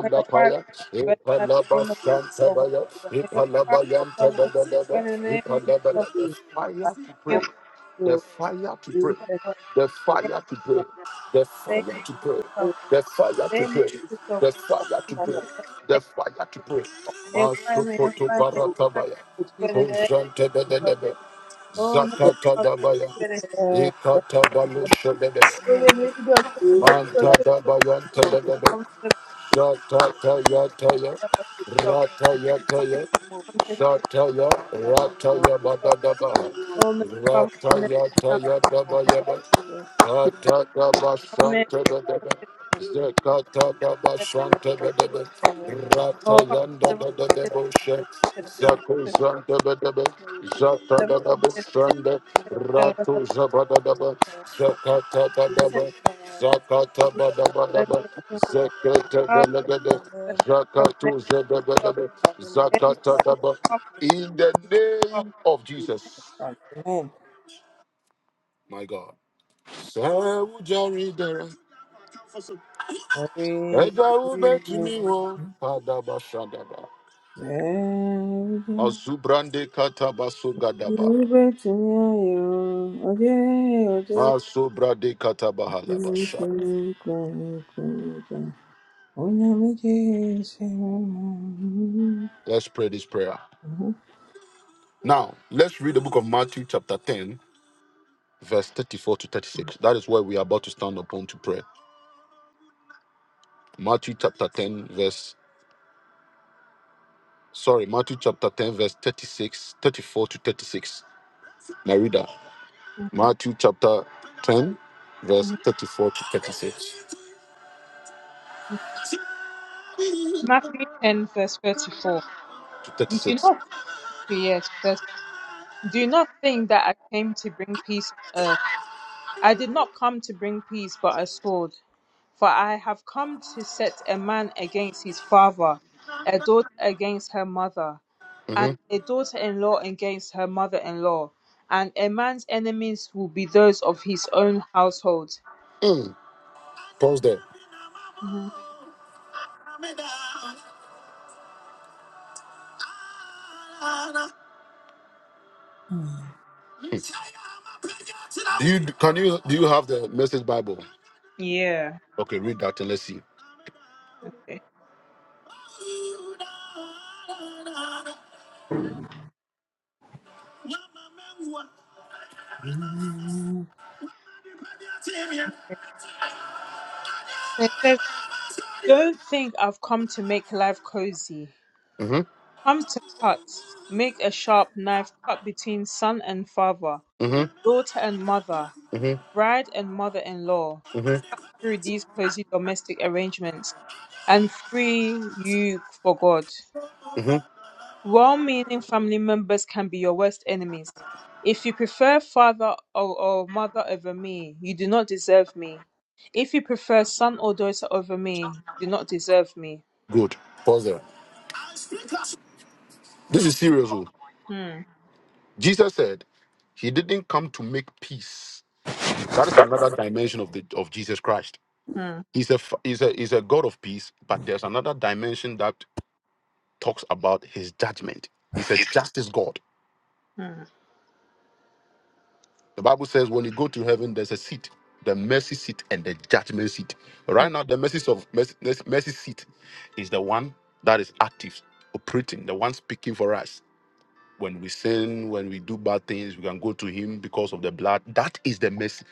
S5: May the fire
S1: Paya,
S5: burn my life. Name of Jesus,
S1: Ipalabashanta
S5: oh God.
S1: Baya,
S5: May your fire cover
S1: Ipalabayanta
S5: me.
S1: Badadaba,
S5: Burn in the name of Jesus, oh
S1: Ipalabada, the fire to
S5: your
S1: pray, the fire to pray, the fire to pray, the
S5: name
S1: fire to pray,
S5: oh
S1: the fire to
S5: They must
S1: pray,
S5: be so
S1: the fire to pray,
S5: they
S1: the fire to pray.
S5: finally and
S1: Masukoto
S5: finally
S1: Baratabaya.
S5: with an
S1: Kojante de de
S5: of
S1: de de.
S5: oh my
S1: Zakata
S5: god, they
S1: Dabaya,
S5: it.
S1: Ikata Balu Shabebe,
S5: Look at this book, this book,
S1: Manta
S5: this book.
S1: Dabayan
S5: I'm
S1: Tabebe,
S5: gonna put
S1: Zakata Yataya,
S5: that myself.
S1: Rata
S5: I'm
S1: Yataya,
S5: gonna take it
S1: Shataya Rataya
S5: myself.
S1: Badadabaha
S5: Oh my god, I'm gonna
S1: Rataya
S5: come
S1: Taya Dabayaba Katata
S5: come in.
S1: Bashanta Badaba Zekata Dabashanta Badaba
S5: Oh, come
S1: Ratayanda
S5: never test
S1: Dadabosha
S5: test test
S1: Zaku
S5: test.
S1: Zanta Badaba Zata
S5: Never come test test
S1: Dadabushanda
S5: test. Never come test
S1: Ratu Zabadadaba Zakata
S5: test
S1: Badaba
S5: test.
S1: Zakata
S5: Never
S1: Badabadaba
S5: come test test test.
S1: Zekata Badabada Zakatu Zabadaba
S5: Never come test
S1: Zakata
S5: test test.
S1: in the name of Jesus.
S2: Amen.
S1: My God. Sewu jari dere,
S2: Orin
S1: ejawu betumi
S2: ẹ̀rùjẹ́
S1: wo, padaba shadaba. Azubrande katabaso gadaba,
S2: irúgbó tí ayọ̀ ọjẹ́ ọjẹ́
S1: masobrade
S2: ìṣe
S1: katabahalabasha.
S2: kọ̀ọ̀kan ọjà. Onye méjì ṣe wọ́n mọ́.
S1: Let's pray this prayer. Now, let's read the book of Matthew chapter 10, verse 34 to 36. That is where we are about to stand upon to pray. Matthew chapter 10, verse, sorry, Matthew chapter 10, verse 36, 34 to 36. Now read that. Matthew chapter 10, verse
S5: Mhm.
S1: 34 to 36.
S5: Matthew 10, verse 34.
S1: To
S5: And do
S1: 36.
S5: not, okay, yes, it says, do not think that I came to bring peace on earth. I did not come to bring peace, but a sword. For I have come to set a man against his father, a daughter against her mother,
S1: hmm
S5: and a daughter in law against her mother in law. And a man's enemies will be those of his own household.
S1: Mm, pause there.
S5: hmm
S2: Mhm.
S1: Do you can you do you have the message Bible?
S5: Yeah.
S1: Okay, read that and let's see.
S5: Okay.
S2: Mhm.
S5: It says, Don't think I've come to make life cozy.
S1: hmm
S5: Come to cut, make a sharp knife cut between son and father,
S1: hmm
S5: daughter and mother, bride and mother-in-law, through these cozy domestic arrangements, and free you for God.
S1: hmm
S5: Well-meaning family members can be your worst enemies. If you prefer father or, or mother over me, you do not deserve me. If you prefer son or daughter over me, you do not deserve me.
S1: Good. Pause there. This is serious. oh.
S5: Hmm,
S1: Jesus said he didn't come to make peace. That is another dimension of the of Jesus Christ.
S5: hmm,
S1: He's a f- he's a he's a God of peace, but there's another dimension that talks about his judgment. He's a justice God.
S5: hmm,
S1: The Bible says when you go to heaven, there's a seat, the mercy seat and the judgment seat. Right now, the mercy of mercy, mercy seat is the one that is active, operating, the one speaking for us. When we sin, when we do bad things, we can go to him because of the blood. That is the mercy.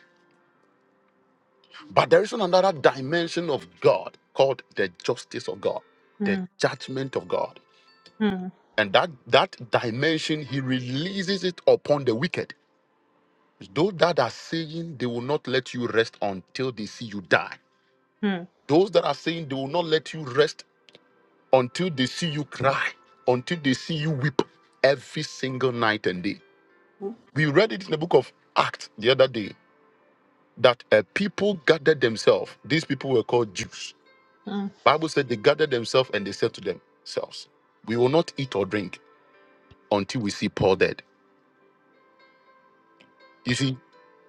S1: But there is another dimension of God called the justice of God, the
S5: hmm,
S1: judgment of God.
S5: hmm, hmm,
S1: And that that dimension, he releases it upon the wicked. Those that are saying they will not let you rest until they see you die.
S5: hmm,
S1: Those that are saying they will not let you rest until they see you cry, until they see you weep every single night and day.
S2: Mhm.
S1: We read it in the book of Acts the other day that a people gathered themselves. These people were called Jews.
S5: hmm.
S1: Bible said they gathered themselves and they said to themselves, "We will not eat or drink until we see Paul dead." You see,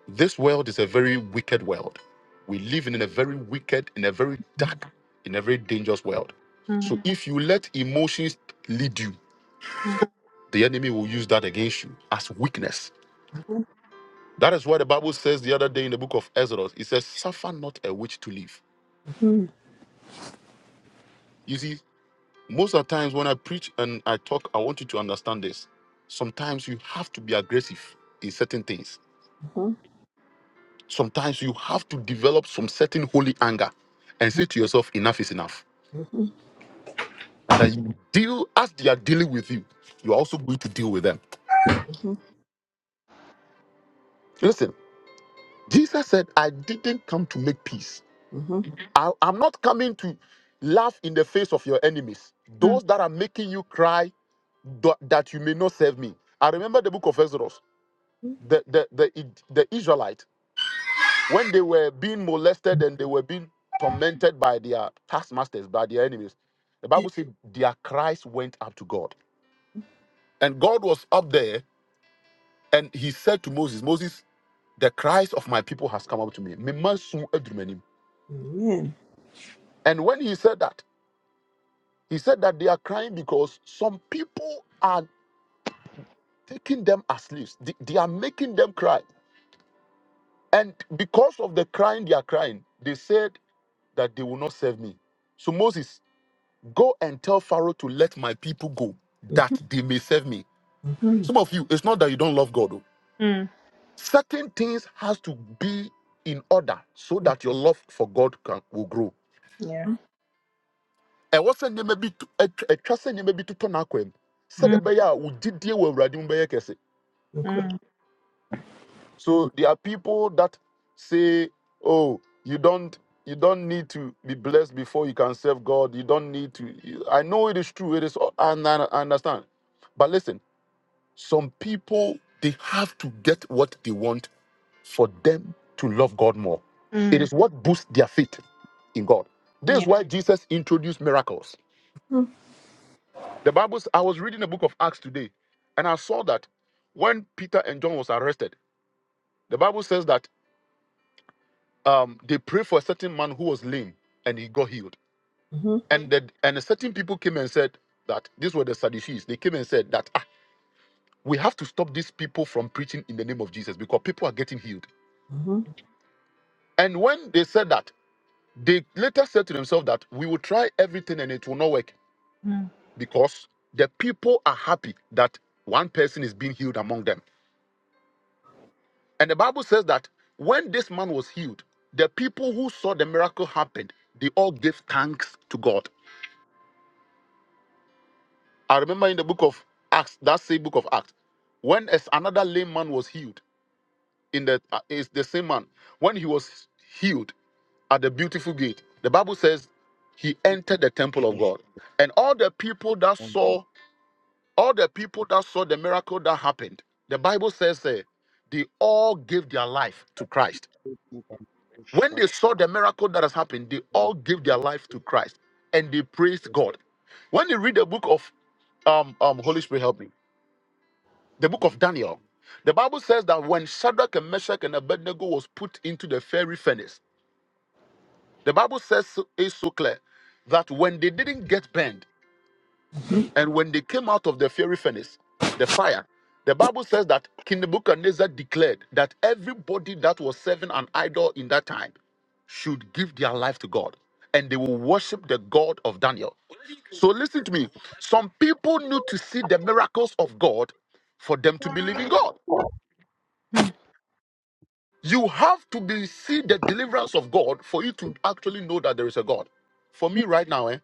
S1: This world is a very wicked world. We live in a very wicked, in a very dark, in a very dangerous world.
S5: hmm.
S1: So if you let emotions lead you,
S5: Mm,
S1: the enemy will use that against you as weakness. That is why the Bible says the other day in the book of Exodus, it says, Suffer not a witch to live. You see, most of the times when I preach and I talk, I want you to understand this. Sometimes you have to be aggressive in certain things. Sometimes you have to develop some certain holy anger and say to yourself, enough is enough. and that you deal as they are dealing with you, you are also going to deal with them. Listen, Jesus said, I didn't come to make peace.
S2: Mhm.
S1: I, am not coming to laugh in the face of your enemies,
S5: mm,
S1: those that are making you cry tha- that you may not serve me. I remember the book of Exodus, the, the, the, Eg- the Israelite, when they were being molested and they were being tormented by their taskmasters, by their enemies, the Bible said their cries went up to God. And God was up there And he said to Moses, Moses, the cries of my people has come up to me. Me man soon
S2: Amen.
S1: And when he said that, he said that they are crying because some people are taking them as slaves. They, they are making them cry. And because of the crying they are crying, they said that they will not serve me. So Moses, go and tell Pharaoh to let my people go that they may serve me.
S2: Mhm.
S1: Some of you, it's not that you don't love God. oh.
S5: mm.
S1: Certain things has to be in order so that your love for God can, will grow
S5: Yeah.
S1: ɛwɔ sɛ nneɛma bi to- ɛtw- ɛtwa sɛ nneɛma bi totɔ n'akwan mu sɛdeɛ
S2: Mhm.
S5: Mm,
S1: ɛbɛyɛ a wo gyidie wɔ awurade mu bɛyɛ kɛse
S2: Okay.
S5: mm,
S1: so there are people that say oh you don't you don't need to be blessed before you can serve god you don't need to you- i know it is true it is and i I understand but listen some people they have to get what they want for them to love god more it
S5: mm.
S1: is what boosts their faith in god this
S5: Yeah.
S1: is why jesus introduced miracles
S2: Mhm.
S1: The Bible, s- I was reading the book of Acts today, and I saw that when Peter and John was arrested, the Bible says that um, they prayed for a certain man who was lame, and he got healed.
S2: Mhm.
S1: And that and a certain people came and said that these were the Sadducees. They came and said that ah, we have to stop these people from preaching in the name of Jesus because people are getting healed.
S2: Mhm.
S1: And when they said that, they later said to themselves that we will try everything and it will not work
S5: Mm,
S1: because the people are happy that one person is being healed among them. And the Bible says that when this man was healed, the people who saw the miracle happen, they all gave thanks to God. I remember in the book of Acts, that same book of Acts, when as another lame man was healed, in the uh, is the same man when he was healed at the beautiful gate, the Bible says he entered the temple of
S6: She
S1: God, and all the people that
S6: and
S1: saw all the people that saw the miracle that happened, the Bible says uh, they all gave their life to Christ
S6: taking and
S1: When
S6: shot
S1: they saw the miracle that has happened, they
S6: and
S1: all gave their life to Christ and they praised God. When you read the book of um, um, Holy Spirit, help me, the book of
S6: she
S1: Daniel, the Bible says that when Shadrach and Meshach and Abednego was put into the fiery furnace, the Bible says so- is so clear that when they didn't get burned, And when they came out of the fiery furnace, the fire, the Bible says that King Nebuchadnezzar declared that everybody that was serving an idol in that time should give their life to God and they will worship the God of Daniel. So listen to me. Some people need to see the miracles of God for them to believe in God.
S5: mm,
S1: You have to be, see the deliverance of God for you to actually know that there is a God. For me right now, eh,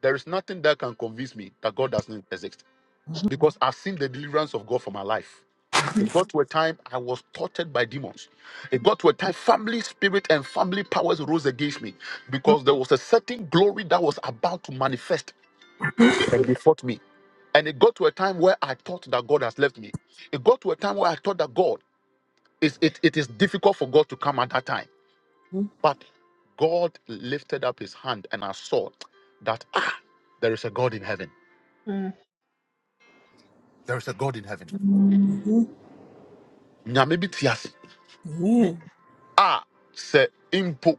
S1: there is nothing that can convince me that God doesn't exist
S2: Mhm.
S1: because I've seen the deliverance of God for my life. It got to a time I was tortured by demons. It got to a time family spirit and family powers rose against me because there was a certain glory that was about to manifest and they fought me. And it got to a time where I thought that God has left me. It got to a time where I thought that God is it, it is difficult for God to come at that time.
S2: Mhm.
S1: But God lifted up his hand and I saw that ah, there is a God in heaven.
S5: mm,
S1: There is a God in heaven.
S2: Mhm.
S1: Nyame bi te ase.
S2: Amen.
S1: a sɛ impo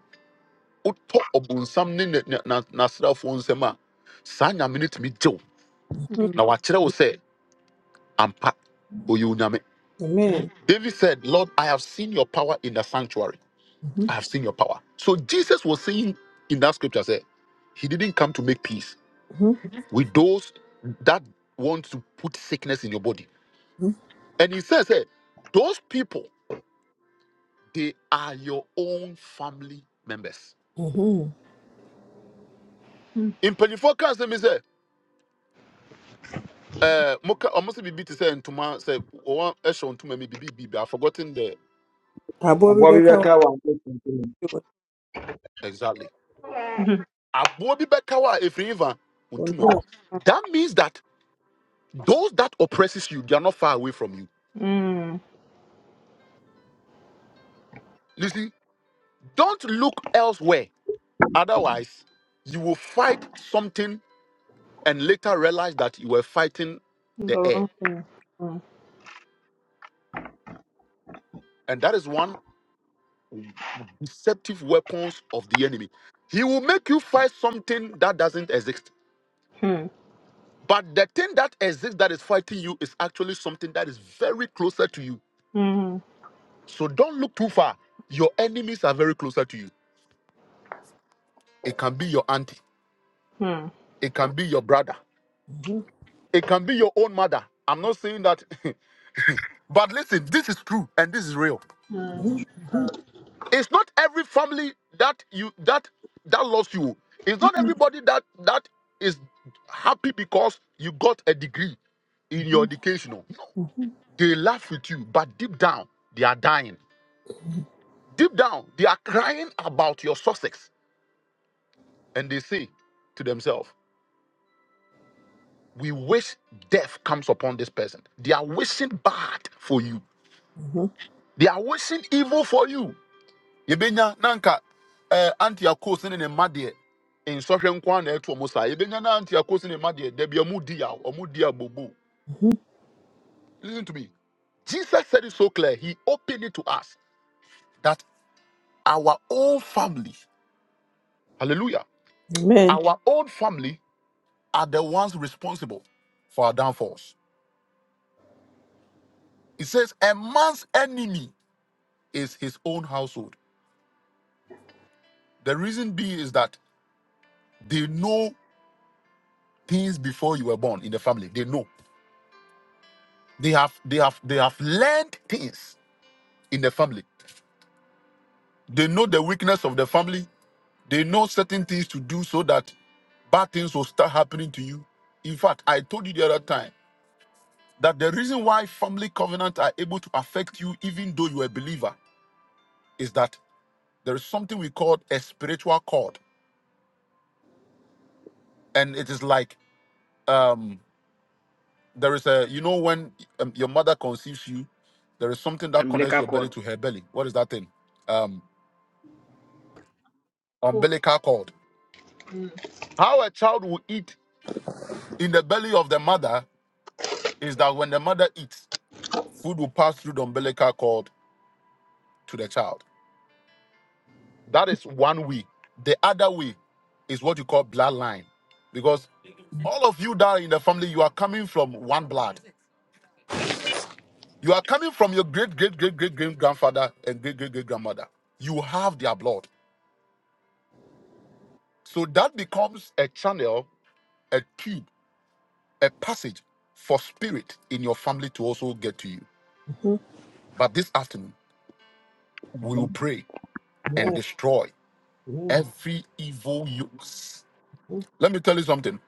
S1: wotɔ ɔbonsam ne ne- ne- na- n'asraafoɔ nsɛm a saa nyame no tumi gye wo
S2: Mhm.
S5: mm,
S1: na wakyerɛ wo sɛ ampa ɔyɛ onyame
S2: Amen.
S1: david said lord i have seen your power in the sanctuary i
S2: Mhm.
S1: have seen your power so jesus was saying in that scripture "Say, he didn't come to make peace
S2: Mhm.
S1: with those that want to put sickness in your body
S2: Mhm.
S1: and he says hey, those people they are your own family members
S2: Mhm.
S5: mm,
S1: in 24 cars Eh, moka almost bibi to say ntoma say one ɛhyɛ ntoma mi bibi bibi. I forgotten the
S2: Abo
S6: Bobby
S2: bibeka wa
S6: Becker, one great gentleman.
S1: exactly.
S5: mm,
S1: Aboa bi bɛka wa efiri iva ntoma mu.
S2: kontuma.
S1: That means that those that oppresses you, they are not far away from you.
S5: mm.
S1: You see, don't look elsewhere. Otherwise, you will fight something and later realize that you were fighting
S5: The
S1: the air.
S5: wrong thing. Mm,
S1: And that is one w- deceptive weapons of the enemy. He will make you fight something that doesn't exist But the thing that exists that is fighting you is actually something that is very closer to you.
S5: mm, mm,
S1: So don't look too far. Your enemies are very closer to you. It can be your auntie,
S5: mm,
S1: it can be your brother,
S2: Mhm.
S1: it can be your own mother. I'm not saying that, but listen, this is true and this is real.
S2: Mhm. Mhm.
S5: mm.
S1: It's not every family that you that that lost you. It's not
S5: Mm,
S1: everybody that that is happy because you got a degree in your
S2: Mhm.
S1: educational. No,
S2: Mhm.
S1: they laugh with you, but deep down they are dying. Deep down, they are crying about your success and they say to themselves, We wish death comes upon this person. They are wishing bad for you, they are wishing evil for you. Yebenya nanka eh, auntie ako sene ne mma deɛ, nsɔhwɛ nko na ɛto ɔmo saa. Yebenya na anti ako sene ne mma deɛ, dabi ɔmo di a, ɔmo di a bobo. Listen to me. Jesus said it so clear. He opened it to us that our own family, hallelujah,
S2: Amen.
S1: our own family are the ones responsible for our downfalls. It says, A man's enemy is his own household. The reason being is that they know things before you were born in the family. They know. They have they have they have learned things in the family. They know the weakness of the family. They know certain things to do so that bad things will start happening to you. In fact, I told you the other time that the reason why family covenant are able to affect you even though you're a believer is that. there is something we call a spiritual cord and it is like um there is a you know when um, your mother conceives you there is something that connects
S6: umbilical
S1: your belly
S6: cord.
S1: to her belly what is that thing um
S5: cool.
S1: umbilical cord
S5: Mm.
S1: how a child will eat in the belly of the mother is that when the mother eats food will pass through the umbilical cord to the child that is one way the other way is what you call bloodline because all of you that are in the family you are coming from one blood You are coming from your great, great, great, great, great grandfather and great, great, great grandmother. You have their blood. So that becomes a channel, a tube, a passage for spirit in your family to also get to you.
S2: Mhm.
S1: But this afternoon, we will
S6: Amen.
S1: pray and
S2: Amen.
S1: destroy every evil yokes. Let me tell you something.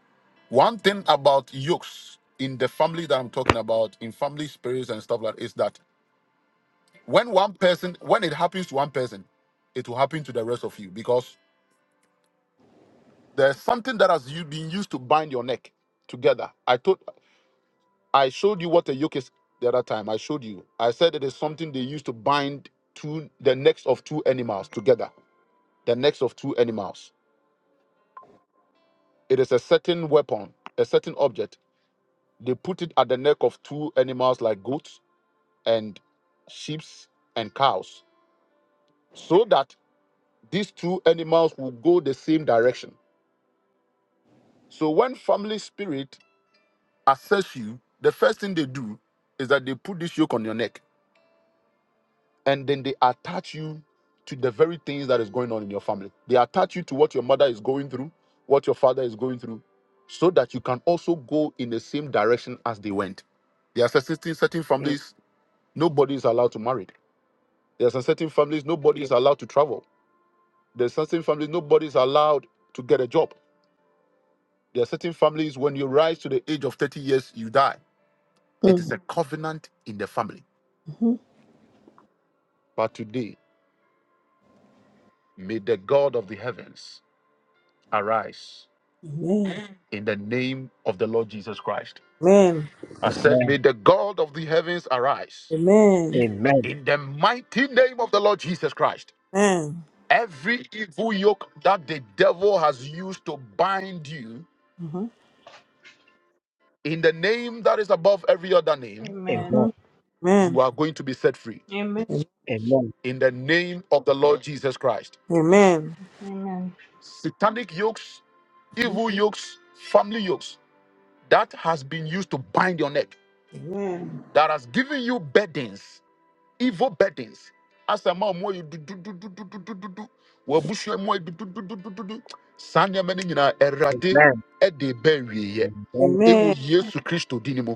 S1: One thing about yokes in the family that I'm talking about, in family spirits and stuff like that, is that when one person, when it happens to one person, it will happen to the rest of you because There's something that has you been used to bind your neck together. I told I showed you what a yoke is the other time. I showed you. I said it is something they used to bind two the necks of two animals together. The necks of two animals. It is a certain weapon, a certain object. They put it at the neck of two animals like goats and sheep and cows. So that these two animals will go the same direction. So when family spirit assess you, the first thing they do is that they put this yoke on your neck and then they attach you to the very things that is going on in your family. They attach you to what your mother is going through, what your father is going through, so that you can also go in the same direction as they went. There are certain, certain families, nobody is allowed to marry. There are certain families, nobody is allowed to travel. There are certain families, nobody is allowed to get a job. There are certain families, when you rise to the age of 30 years, you die. It
S2: Amen. Mhm.
S1: is a covenant in the family.
S2: Mhm.
S1: But today. May the God of the heavens arise
S2: Amen.
S1: in the name of the Lord Jesus Christ.
S2: Amen.
S1: I said,
S6: Amen.
S1: May the God of the heavens arise
S2: Amen.
S6: Amen.
S1: in the mighty name of the Lord Jesus Christ.
S2: Amen.
S1: Every evil yoke that the devil has used to bind you in the name that is above every other name,
S2: Mhm.
S6: Amen.
S5: Amen.
S1: you
S2: Amen.
S1: are going to be set free
S5: Amen.
S6: Amen.
S1: in the name of the Lord Jesus Christ.
S2: Amen.
S5: Amen.
S1: Satanic yokes, evil yokes, family yokes that has been used to bind your neck,
S2: Amen.
S1: that has given you burdens evil burdens asa ma ɔmo ayɛ dududududududu wɔabusua mu ayɛ dudududududu saa nneɛma no nyinaa ɛwurade ɛde bɛn wieɛ
S6: Amen. Amen.
S1: ɛwɔ
S2: Amen.
S1: yesu kristo din mu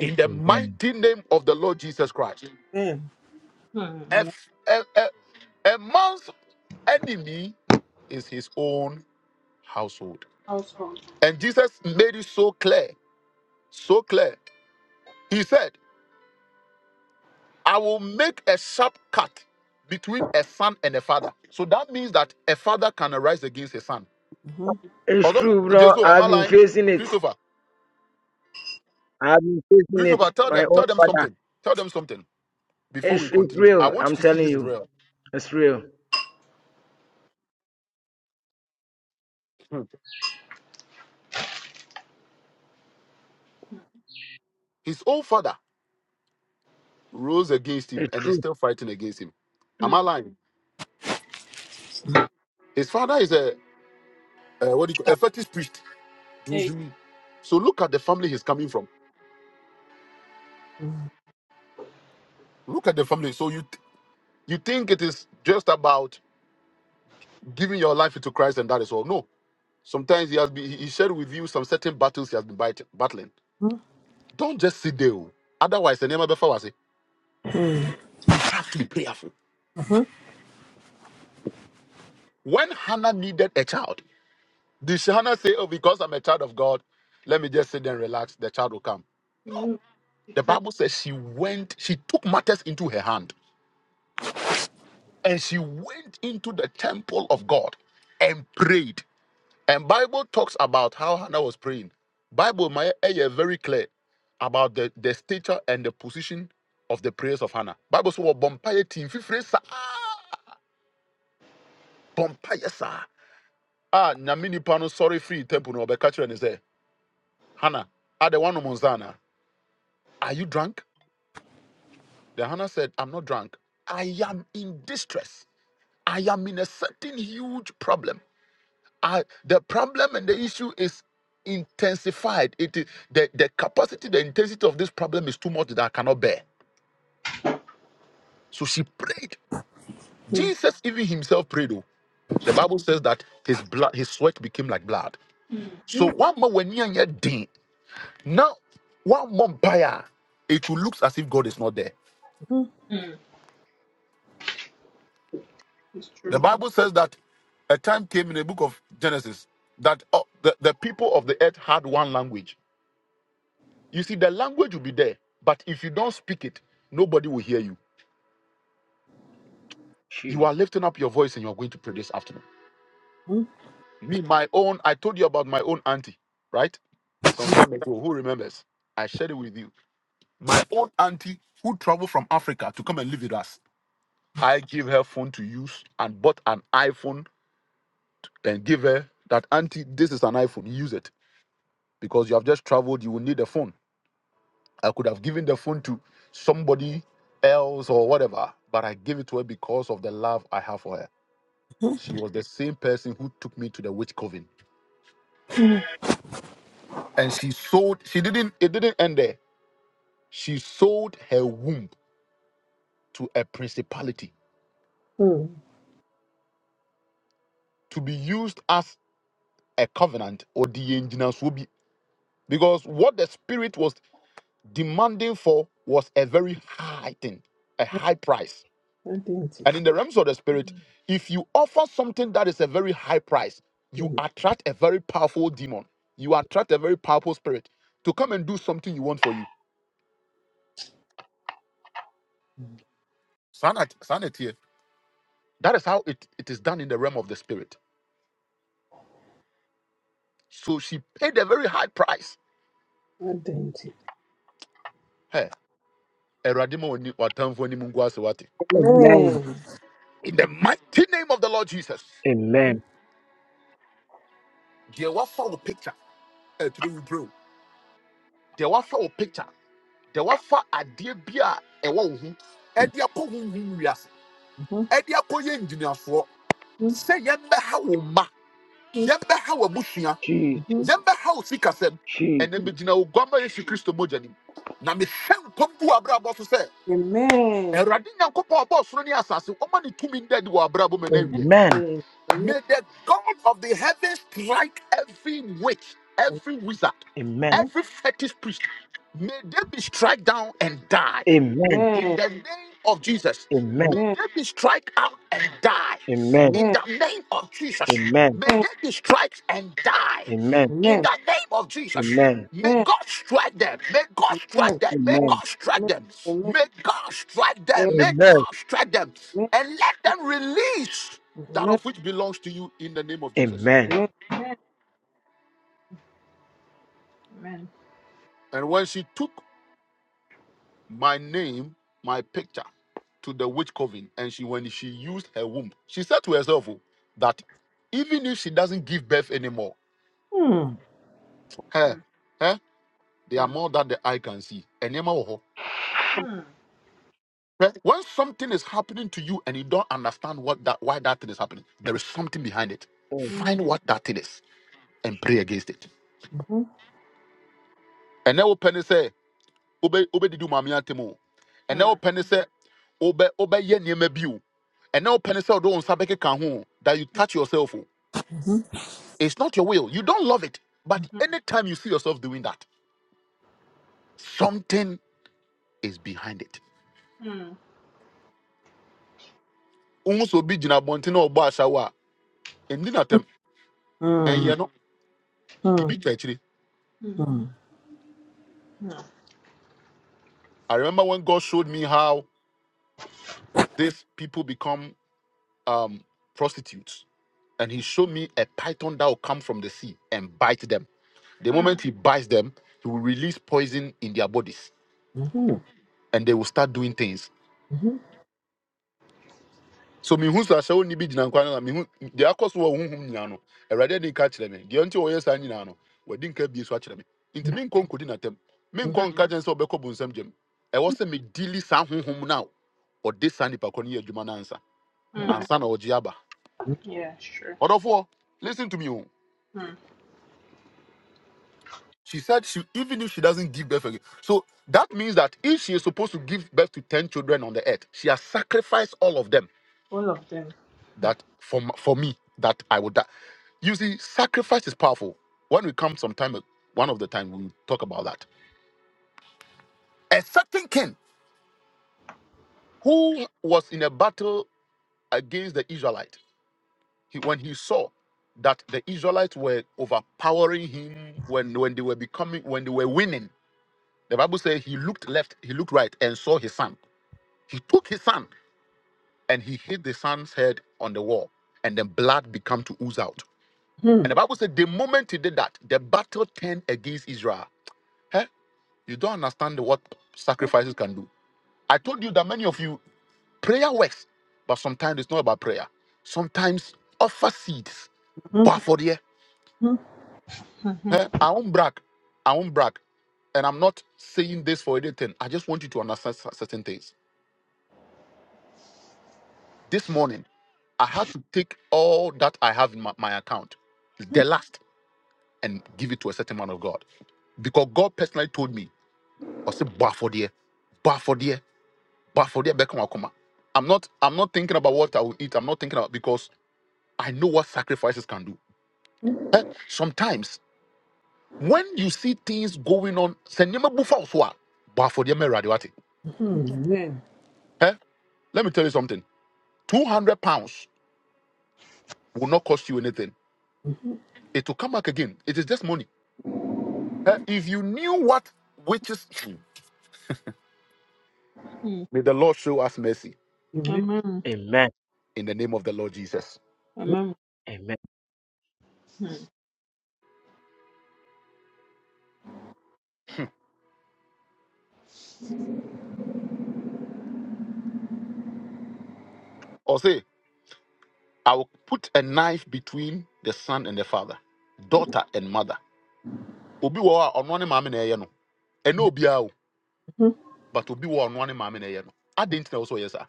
S1: in the
S6: Amen.
S1: mighty name of the lord jesus christ
S2: Amen.
S5: Mm,
S1: a,
S5: Amen.
S1: f- a, a, a man's enemy is his own household
S5: Household.
S1: and jesus made it so clear so clear he said I will make a sharp cut between a son and a father. So that means that a father can arise against his son.
S2: Mhm.
S6: It's
S1: Also,
S6: true, bro.
S1: Jesus, am I
S6: I've been
S1: lying?
S6: facing it.
S1: Christopher,
S6: I've been facing it.
S1: Christopher, tell
S6: My
S1: them,
S6: own
S1: tell them
S6: father.
S1: something. Tell them something before we
S6: It's, it's
S1: continue. I
S6: real.
S1: want you
S6: I'm
S1: to see
S6: telling
S1: this is
S6: you.
S1: real.
S6: It's real.
S1: Hmm. His own father rose against him
S6: It's
S1: and is
S6: true.
S1: still fighting against him. Am I
S5: Mm.
S1: lying? His father is a, a what do you call a fetish priest.
S5: Hey.
S1: Dunzini. So look at the family he's coming from.
S2: Mhm.
S1: Look at the family. So you th- you think it is just about giving your life to Christ and that is all? No Sometimes he has been, he he shared with you some certain battles he has been bite- battling. Don't just sit there. oh. Otherwise, the name of before was
S2: Mhm.
S1: you have to be prayerful.
S2: Mhm.
S1: When Hannah needed a child, did Hannah say, "Oh, because I'm a child of God, let me just sit there and relax. The child will come." No.
S5: Mm. Be
S1: The
S5: praised.
S1: Bible says she went. She took matters into her hand and she went into the temple of God and prayed. And Bible talks about how Hannah was praying. Bible my eh, very clear about the, the stature and the position of the prayers of Hannah. Bible so bompaye team fifre sa bompaye sa ah nyamini pano sorry free temple no catcher and say Hannah are the one monzana are you drunk? The Hannah said I'm not drunk. I am in distress. I am in a certain huge problem. I, the problem and the issue is intensified. It is the, the capacity, the intensity of this problem is too much that I cannot bear. So she prayed.
S2: Mhm.
S1: Jesus even himself prayed. Oh. The Bible says that his blood, his sweat became like blood.
S5: Mm.
S1: So one more when you yet did now one more buyer, it will look as if God is not there.
S2: Mhm.
S5: Mm. It's
S1: The
S5: true.
S1: Bible says that a time came in the book of Genesis that uh, the, the people of the earth had one language You see, the language will be there, but if you don't speak it, nobody will hear you. You
S6: She.
S1: are lifting up your voice and you are going to pray this afternoon.
S2: Mhm.
S1: Me, my own, I told you about my own auntie, right? Some time ago, who remembers? I shared it with you. My own auntie who traveled from Africa to come and live with us. I gave her phone to use and bought an iPhone and give her that auntie, this is an iPhone, use it. Because you have just traveled, you will need a phone. I could have given the phone to somebody else or whatever, but I gave it to her because of the love I have for her. She was the same person who took me to the witch coven. And she sold, she didn't, it didn't end there. She sold her womb to a principality
S2: Mhm.
S1: to be used as a covenant or the engineers will be. Because what the spirit was demanding for was a very high thing, a high price.
S2: Identity.
S1: And in the realms of the spirit, if you offer something that is a very high price, you
S2: Mhm.
S1: attract a very powerful demon. You attract a very powerful spirit to come and do something you want for you. Sanat- Sanity. That is how it, it is done in the realm of the spirit. So she paid a very high price.
S2: Identity.
S1: Hey, Awurade ma w'ani- w'atamfoɔ anim ngu ase w'ate.
S6: Amen.
S2: Amen.
S1: In the mighty name of the Lord Jesus,
S6: Amen.
S1: there wafa for picture. eh, Today we pray. There was for picture. There was for idea.
S2: Mhm.
S1: ɛde akɔyɛ ngyinasoɔ
S2: Mhm.
S1: sɛ yɛmbɛha wo ma
S2: Mhm.
S1: yɛmbɛha w'abusua
S6: She.
S2: Mhm.
S1: yɛmbɛha wo sikasɛm
S6: She.
S1: ɛnɛ megyina wo guamma yesu kristo mogya nim na mehyɛ nkɔm gu abrabɔ so sɛ
S2: Amen.
S1: awurade nyankopɔn a ɔbɔɔ soro ne asase ɔma ne tumi nda adi wɔ abrabɔ ma no awie
S6: Amen.
S2: Amen.
S1: may the god of the heavens strike every witch every wizard
S6: Amen.
S2: Mhm.
S1: every fetish priest may they be struck down and die
S6: Amen.
S1: in
S2: Amen.
S1: the name of Jesus.
S6: Amen.
S1: May
S2: Amen.
S1: they be strike out and die.
S6: Amen.
S1: In
S2: Amen.
S1: the name of Jesus.
S6: Amen.
S1: May they be strike and die.
S6: Amen.
S2: Amen.
S1: In the name of Jesus.
S6: Amen.
S1: May
S2: Amen.
S1: God strike them. May
S2: Amen.
S1: God strike
S2: Amen.
S1: them. May
S6: Amen.
S1: God strike them.
S2: Amen.
S1: May God strike them. May
S6: Amen.
S1: God strike them.
S2: Amen.
S1: And let them release that
S2: Amen.
S1: of which belongs to you in the name of Jesus.
S6: Amen.
S2: Amen.
S5: Amen. Amen.
S1: And when she took my name, my picture to the witch coven. And she, when she used her womb, she said to herself oh, that even if she doesn't give birth anymore,
S2: Mhm.
S1: her, her, they are
S5: Mm.
S1: more than the eye can see. Ɛnneɛma wɔ hɔ.
S5: Mm.
S1: Hwɛ, When something is happening to you and you don't understand what that why that thing is happening, there is something behind it.
S6: Oh,
S1: Find
S5: Mm.
S1: what that thing is and pray against it.
S2: Mhm.
S1: And then open it. obe obe didi maame atemu ɛnɛ
S5: Mm.
S1: wopɛ ne sɛ obe obɛyɛ nneɛma bi o ɛnɛ wopɛ ne sɛ ɔde wo nsa bɛkeka ho o, that you touch yourself o it's not your will you don't love it but
S5: Mm.
S1: anytime you see yourself doing that something is behind it
S5: Mm.
S1: Unso sɛ obi gyina abɔnten na ɔbɔ asawa a ɛndi n'atɛm
S2: Mhm.
S1: ɛnyɛ no
S2: Hmm.
S1: biribi kyerɛ
S5: Mm.
S2: Hmm.
S1: i remember when god showed me how these people become um, prostitutes and he showed me a python that will come from the sea and bite them. The
S5: Mm.
S1: moment he bites them, he will release poison in their bodies
S2: Mhm.
S1: and they will start doing things.
S2: Mhm.
S1: So me who say only be jinan kwana me who the akos wo hu hu nyina no. Awurade de ka kyerɛ me. De onti wo yesa nyina no. Wadi nka bi so akyerɛ me. Nti
S2: Mhm.
S1: me nkɔ nkodi natam. Me
S5: Mm.
S1: nkɔ nka kyerɛ sɛ obekɔ bunsam gyem. Ɛwɔ sɛ me dili saa honhom na ɔde saa nipa kɔ no yɛ adwuma no ansa.
S5: Mm.
S1: Ansa na ɔgye aba.
S5: Yeah, sure.
S1: Ɔdɔfoɔ, listen to me o.
S5: Hmm.
S1: She said she even if she doesn't give birth again. So that means that if she is supposed to give birth to 10 children on the earth, she has sacrificed all of them
S5: All of them. Hmm.
S1: that for, m- for me that I would die. You see, sacrifice is powerful. When we come sometime, uh, one of the time we'll talk about that. A certain king who was in a battle against the Israelite, he, when he saw that the Israelites were overpowering him when, when they were becoming when they were winning, the Bible says he looked left, he looked right, and saw his son He took his son and he hit the son's head on the wall, and then blood began to ooze out. And
S2: Mhm.
S1: the Bible said the moment he did that, the battle turned against Israel. Eh? You don't understand what sacrifices can do. I told you that many of you prayer works, but sometimes it's not about prayer. Sometimes offer seeds.
S2: Mhm.
S1: But for the
S2: Mhm.
S5: Hmm.
S1: eh? I won't brag. I won't brag. And I'm not saying this for anything. I just want you to understand cer- certain things This morning, I had to take all that I have in my, my account, the last, and give it to a certain man of God. Because God personally told me, I said, "Bah for dear, bah for dear, bah for dear, back on my coma." I'm not, I'm not thinking about what I will eat. I'm not thinking about because I know what sacrifices can do. Eh, Sometimes when you see things going on, say nema bufa oswa. wo so bah for dear, me rade
S2: Mhm. Amen.
S1: Eh, Let me tell you something. Two hundred pounds will not cost you anything.
S2: Mhm.
S1: It will come back again. It is just money. Uh, If you knew what witches,
S5: Hmm. Hmm.
S1: may the Lord show us mercy
S2: Amen.
S5: Amen.
S6: Amen.
S1: in the name of the Lord Jesus.
S5: Amen.
S6: Amen.
S5: Hmm.
S1: Or say, I will put a knife between the son and the father, daughter and mother. Obi wa on one mame na no. And obi ao,
S2: Mhm.
S1: but obi wa on one mame na no. I didn't know so yes sir.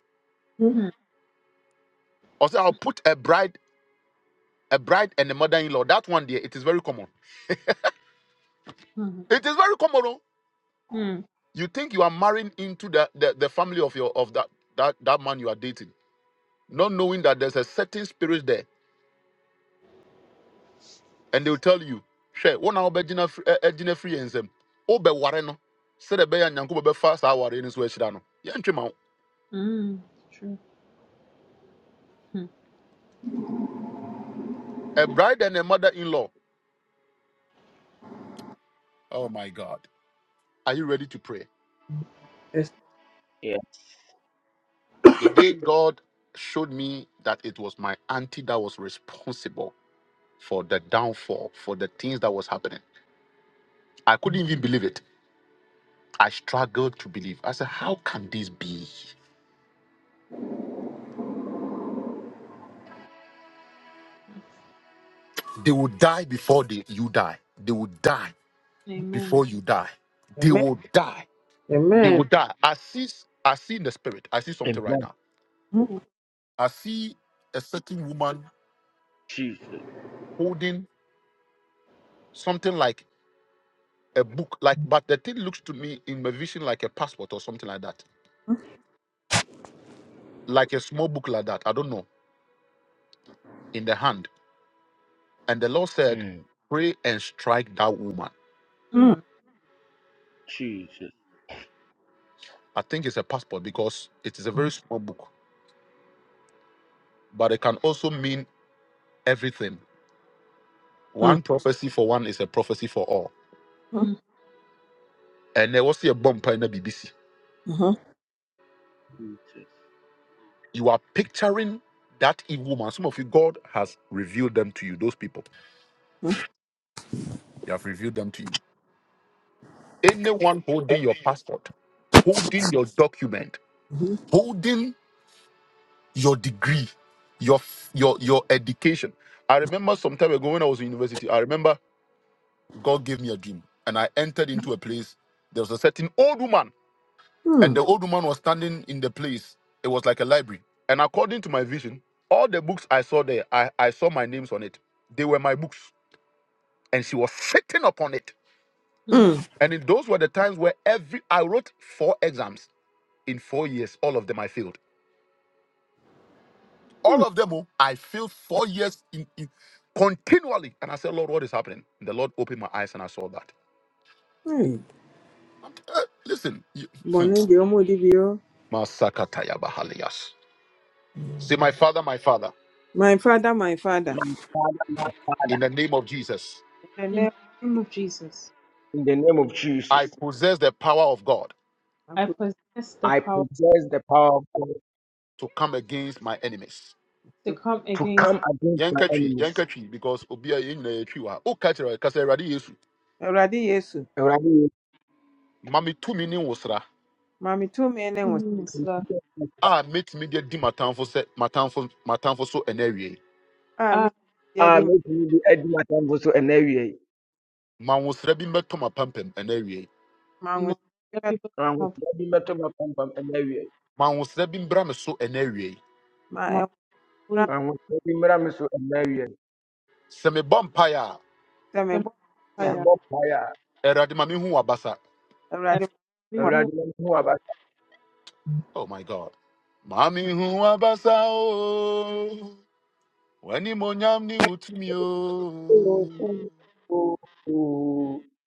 S2: Mhm.
S5: Hmm.
S1: Or say I'll put a bride, a bride and a mother-in-law. That one there, it is very common.
S5: Hmm.
S1: It is very common. Oh.
S5: Hmm.
S1: You think you are marrying into the, the, the family of your of that, that that man you are dating, not knowing that there's a certain spirit there and they will tell you hwɛ one na wobɛgyina fri- ɛ- ɛgyina firi yɛn nsam wobɛware no sɛdeɛ ɛbɛyɛ a nyankopɔn bɛfa saa aware no so ahyira no yɛntwe ma wo
S5: Hmm. Sure. Hmm.
S1: a bride and a mother in law oh my god are you ready to pray
S2: Yes.
S6: Yeah.
S1: the day god showed me that it was my auntie that was responsible for the downfall for the things that was happening i couldn't even believe it i struggled to believe i said how can this be they will die before they, you die they will die
S5: Amen.
S1: before you die they
S2: Amen.
S1: will die They will
S2: Amen.
S1: die. I see I see in the spirit. I see something right
S6: Amen.
S1: now.
S2: Mhm.
S1: I see a certain woman
S6: Jesus.
S1: holding something like a book, like but the thing looks to me in my vision like a passport or something like that. Like a small book like that. I don't know. In the hand. And the Lord said,
S6: Mm.
S1: Pray and strike that woman.
S2: Mhm.
S5: Hmm.
S6: Jesus.
S1: I think it's a passport because it is a
S5: Hmm.
S1: very small book, but it can also mean everything. One prophecy for one is a prophecy for all.
S2: Mhm.
S1: And there was a bumper in the BBC.
S2: Mhm. Mhm.
S6: Jesus.
S1: You are picturing that evil man. Some of you, God has revealed them to you, those people. He have revealed them to you. Anyone holding your passport, holding your document,
S2: Mhm.
S1: holding your degree, your your your education. I remember some time ago when I was in university, I remember God gave me a dream and I entered into a place. There was a certain old woman, and
S2: Mhm.
S1: the old woman was standing in the place. It was like a library. And according to my vision, all the books I saw there, I, I saw my names on it. They were my books. and she was sitting upon it.
S5: Hmm.
S2: Mhm.
S1: And in those were the times where every I wrote four exams in four years. All of them I failed. All
S2: Mhm.
S1: of them, oh, I failed four years in, in- continually. And I said, Lord, what is happening? And the Lord opened my eyes and I saw that.
S2: Hey.
S1: I'm t- eh, listen, you, hmm.
S2: Bọ̀ní di ọmọ òdi bi o.
S1: Masakataya bahalias. Say, my father, my father,
S2: My father, my father.
S6: Father, Father,
S1: in the name of Jesus,
S2: Ẹ
S5: In
S2: nẹ́
S5: the name of Jesus,
S6: in the name of
S1: I
S6: Jesus,
S1: possess the power of God
S2: wà
S5: I
S2: pọ̀
S5: possess the
S6: I
S5: power
S6: possess the power of God
S1: to come against my enemies.
S2: tó.
S5: to come
S6: to
S5: against
S6: come against my
S1: Yankachi,
S6: enemies.
S1: Yankachi, because Obia in the tree, O Katera, Kasera, Yesu,
S2: Ẹ̀rọ adé Yéṣu.
S6: Awurade, yɛ
S1: Mami Tumini Wosra,
S2: Màmí tó mi ẹnẹ́
S5: any
S2: wọ̀n sí.
S5: Muslim.
S6: nsu
S1: a metumi de di m'atamfo sɛ m'atamfo m'atamfo so ɛna awie
S2: Báà mi
S5: I
S2: ti
S6: a
S2: di
S5: did
S6: metumi de adi m'atamfo so ɛnnɛ awiei.
S1: ma nwosrɛ bi mmɛtɔ m'apampam ɛna awie
S2: màmá wọn
S5: more.
S2: sí. Bí bẹ́ẹ̀ tó
S5: Everybody
S6: Na
S5: more
S6: Ahokyere bi mmɛtɔ m'apampam ɛnnɛ awiei.
S1: ma nwosrɛ bi mbra me so ɛna awie
S2: máa ẹ̀
S5: more
S2: wọ́n rán mi
S6: Na Ahokyere bi mmra me so ɛnnɛ awiei.
S1: sɛ mebɔ mpaeɛ a
S2: sẹ́mi bọ́.
S6: Na
S5: fire.
S6: mebɔ mpaeɛ a,
S1: awurade ma mehu w'abasa
S2: Ẹ̀rọ adé
S5: Every
S2: wà.
S6: Awurade,
S5: who
S6: ma mehu
S1: oh my god ma mehu abasa? o w'animonyam ne wo tumi o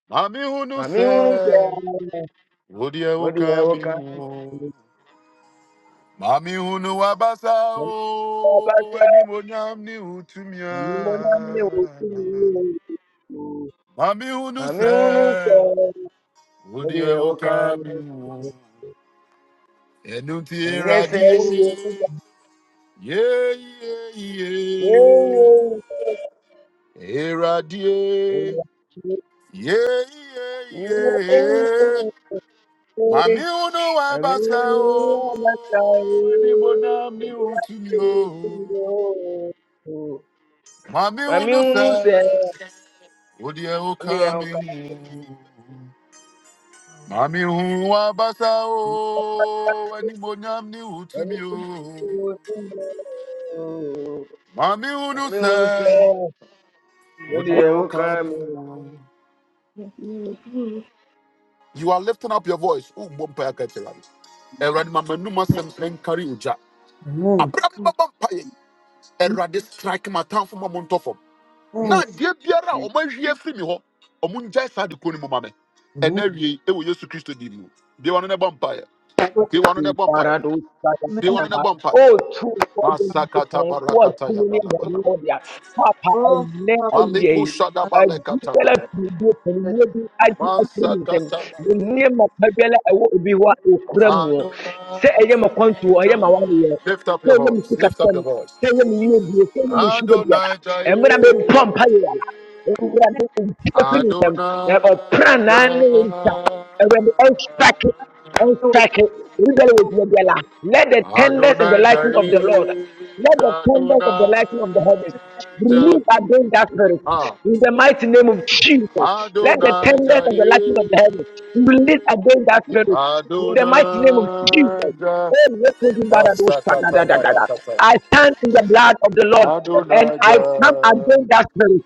S1: ma mehu no
S6: Mami unu sɛ
S1: sɛ wo deɛ
S6: o de yɛ
S1: woka
S6: o
S1: me
S6: kan.
S1: hu o ma mehu no w'abasa
S6: Baba
S1: o
S6: sɛ
S1: w'animonyam ne wo tumi
S6: mami mona ne o ti ni
S1: a
S6: o.
S1: Mami unu
S6: Mami
S1: se,
S6: unu sɛ o de
S1: udie
S6: yɛ o kan
S1: okami
S6: mi.
S1: u, enunti
S6: Ɛnyɛ sɛ
S1: eradie,
S6: o yɛ o kan.
S1: ye ye ye,
S6: Ooo
S1: eradie, ye ye ye, mami unu wabasa
S6: unu yɛ
S1: o,
S6: sa
S1: eni monami utini o,
S6: ooo.
S1: mami unu
S6: unu
S1: se,
S6: sɛ.
S1: udie okami u, Mami hun basa o, ẹni mo ni utu o.
S6: She
S1: Mami hunu sẹ, odi ẹwọ kan o. You are lifting up your voice. Ó ń bọ́ mpa akẹ́kẹ́ màmá ẹnu sẹ́m ẹ̀ ń kárí ọjà.
S2: Amen.
S1: Àbúrábí bàbá mpa yẹ.
S2: Amen.
S1: Ẹ̀rọ̀dì strike ma tán fún mọ́mọ́ ntọ́fọ̀. Náà díẹ̀ biara ọmọ ẹ̀hìn ẹ̀firi mi hɔ, ɔmo ngyae saa ade koro no mu ma me. Ɛnnɛ
S2: Amen.
S1: wie, e wo Yesu Kristo din mu. Deɛ ɔno na ɛbɔ mpaeɛ. Deɛ ɔno na ɛbɔ mpaeɛ. Deɛ
S5: minister
S1: ɔno na
S6: Iparadusayakadaba.
S1: ɛbɔ mpaeɛ.
S6: Oh, two
S5: of
S1: Masakata
S6: what
S1: barakata
S6: two
S1: ya bala
S5: the
S1: bala.
S6: million Radia, Papa, I
S5: Lord, God,
S6: never
S1: Maliku
S6: yay.
S5: God,
S6: I
S1: Shadabale
S6: develop
S1: Katabalaba.
S6: you do and maybe I do agree them.
S1: Mansakatabalaba.
S6: The name of Pabella, I will be what you cremo.
S1: Adonai.
S6: Say, I am a contour, I am a one year. Say, let me pick a son.
S1: Voice.
S6: Say, let me use you, say, let me shoot the other. And when I'm a pump, I will. And when I'm a pump, I will. And when I'm a pump, I will and
S2: Amen.
S6: strike it legally with your umbrella. Let the tenders and the
S1: Adonai
S6: lightning of the Lord,
S1: Jai.
S6: let the
S1: Adonai
S6: tenders of the lightning of the heavens
S1: Jai.
S6: remove against that spirit in the mighty name of Jesus. Let the tenders and the lightning of the heavens release against that spirit in the mighty name of
S1: Adonai
S6: Jesus.
S1: Jai.
S6: Oh, let me be bad at those part, da, da, da, da, da.
S1: Masakatabalakata.
S6: I stand in the blood of the Lord and
S1: Adonai
S6: I come against
S1: Jai.
S6: that spirit.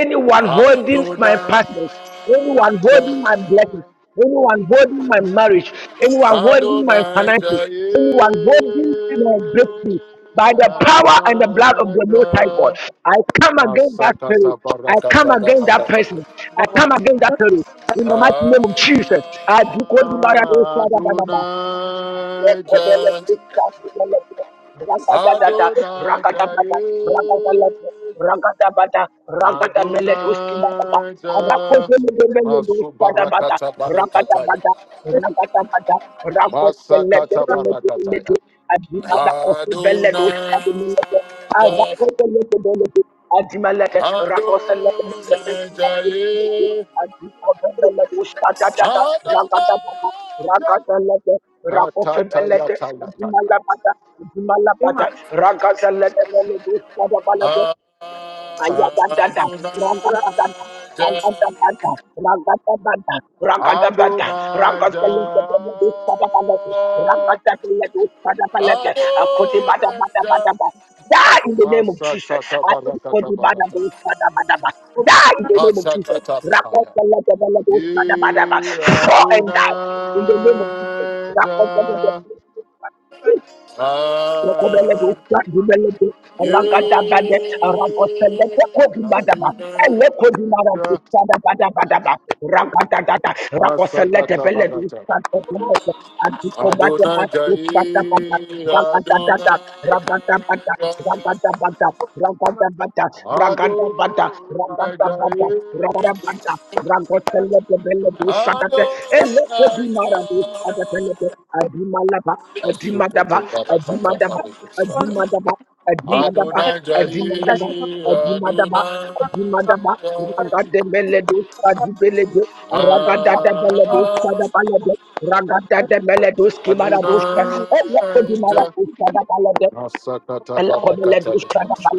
S6: Anyone
S5: God, God,
S6: holding my
S1: Adonai
S6: passport, anyone holding my blessing
S1: Jai.
S6: anyone
S5: God,
S6: holding my marriage, anyone holding my
S1: Adonai
S6: finances,
S1: Jaye,
S6: anyone holding my breakthrough by the
S5: God,
S6: power and the blood of
S1: Adonai
S6: the Most High God.
S1: Jaye,
S6: I come against that
S1: Masakata
S6: spirit. I come
S1: Barakata
S6: against that
S1: Barakata,
S6: person. I come
S5: problem.
S6: against that
S5: Those
S6: spirit. In the mighty name of Jesus. I do call
S5: are those
S6: the Lord and the Father,
S1: Adonai Jaye,
S5: are
S1: Adonai Jaye, Adonai Jaye, Masubarakata Barakata, Masakata Barakata, Adonai. Jair, Adonai Jai.
S2: Thank
S1: Adonai.
S6: Rakata Rakofebelete,
S1: Katatayatayataya.
S6: Dimalabata, Dimalabata, Rakasalete, Melebusadabalete, Ayadadada,
S1: Adonai
S6: Rakadadada,
S1: Jai.
S6: Rakadabada, Rakadabada,
S1: Ado-
S6: Rakadabada, Rakasalete, Melebusadabalete, Rakadabelebusadabalete,
S1: Adonai Jai.
S6: Akotibadabadabadaba. Die in the name of Jesus.
S1: Masakata barakata barata.
S6: Akotibadabadabadaba. Die in the name of Jesus.
S1: Masakata bahaya.
S6: Rakosalete,
S1: Ye
S6: Melebusadabalaba. Fall and die in the name of Jesus.
S1: Adonai Jai.
S6: Rakata
S1: Ah, Ye Adonai Jai. Masakata barata. Adonai Jai, Adonai Jai, Adonai Jai, Adonai Jai. Asukutu barakata
S5: that's
S6: Adimadaba,
S5: what
S1: pamikushata.
S5: responsibility
S6: Adimadaba, Adimadaba,
S5: is
S1: Adonai
S5: for that
S6: Adimadaba,
S5: he was
S1: Jai,
S6: Adimadaba,
S1: Adonai
S5: not about
S6: Adimadaba,
S1: Jai,
S5: the problem
S6: Ragade
S5: is
S6: Meledu, Adibelege,
S5: a
S6: Ragada
S5: part
S6: de
S5: of
S6: Meledu,
S1: Ah,
S6: Sadabalade, Ragada
S5: the
S6: de Meledu, Skimaradusha,
S5: really of
S6: and Lepo
S1: Adonai
S6: di
S1: Jai.
S6: Maratus,
S1: Masakata
S6: Wherever
S1: barakata
S5: my
S1: lekamu.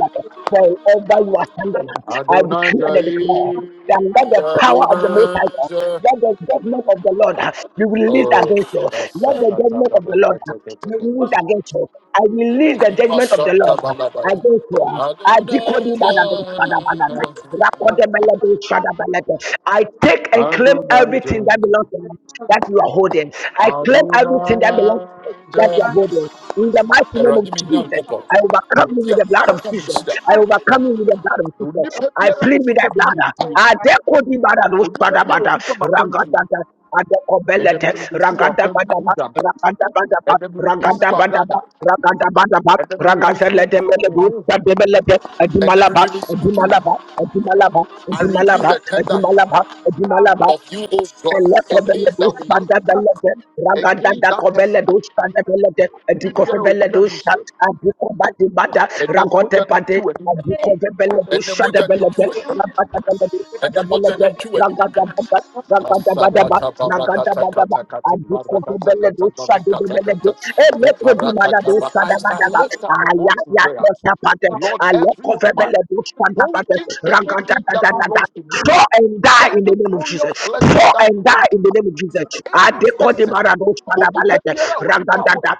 S6: you are standing, I
S1: Adonai
S6: decree and I declare
S1: Jai,
S6: that
S5: I
S6: let the power of the Most
S1: Adonai
S6: High God,
S1: Jai.
S6: let the judgment of the Lord uh, be released
S1: Oh,
S6: against you. Let
S5: just
S6: the judgment of the Lord uh, be
S5: do
S1: Masakatabaraketeketekete.
S5: all
S6: released
S5: the
S6: against you. I release the judgment of the Lord uh, against you. uh. I declare
S1: Adonai
S6: the banner of Father, banner,
S5: things
S6: banner.
S1: Jah.
S6: Record
S5: but
S6: the melody, shadow, banner. I take
S5: that's
S6: and
S5: just
S6: claim
S1: Adonai Jah.
S6: everything that belongs to
S5: a
S6: me
S5: difficult
S6: that you
S5: shit.
S6: are holding. I claim everything that belongs
S5: It's
S6: that's
S1: Jah.
S6: your
S5: not
S6: boldness. In the mighty name of
S1: Awurade me
S6: Jesus,
S1: Nyankopɔn,
S6: I overcome you
S1: di a
S6: with the blood of
S1: okuta me
S6: Jesus.
S1: nhyira.
S6: I
S5: I have
S6: overcome you with the blood of Jesus.
S5: something
S1: Onipa
S6: I
S1: biara a
S6: plead with
S1: okuta
S6: thy
S1: me
S6: blood.
S1: yiedie,
S6: Adekodi bada dos
S1: onipa
S6: bada
S1: biara a
S6: bada
S1: okuta m'akwantuo,
S6: ragada da adeko
S1: ɛnnɛ
S6: belete
S1: merelease
S6: ragada
S1: w'akwantu
S6: bada
S1: wo
S6: ba
S1: dam.
S5: I
S6: ragada bada ba
S1: Ɛnnɛ merelease
S6: ragada
S5: just
S6: bada ba
S1: w'agrada.
S6: ragada bada ba
S1: Ɛnnɛ merelease
S6: ragazele
S1: wo-
S6: de
S1: wo-
S6: mele
S1: wo
S6: dos
S5: wrong
S1: honhom.
S6: bada mele de
S1: Ɛnnɛ
S6: adimala ba
S1: merelease wo
S5: by
S6: adimala
S1: tumi.
S6: ba adimala ba
S1: I release the tender
S6: adimala ba adimala ba
S1: of you, O
S6: Show
S1: God, against that
S6: and
S1: woman, against that person. obi biara a okuta ne nsuo ɛnɛ mogya ne ntu w'anim
S5: trying to solve it.
S1: ɛnɛ mogya ne ntu
S5: From
S1: w'anim
S5: turning the
S1: ɛnɛ mogya ne ntu w'anim asakata barakatakatakate barakatakatakata barakatakatakata iparakataba I shall lift up my voice in prayer Lord every
S5: turning
S1: human holding anything that
S5: the
S1: belongs to me
S6: die in
S1: any
S6: the name of Jesus
S1: glorious blessing
S6: fall
S1: that
S6: and die
S1: belongs to
S6: in the
S1: me
S6: name of Jesus.
S1: any person onipa
S6: Adekodibaradosadabalete,
S1: biara a onipa wo no
S6: Rangandanda.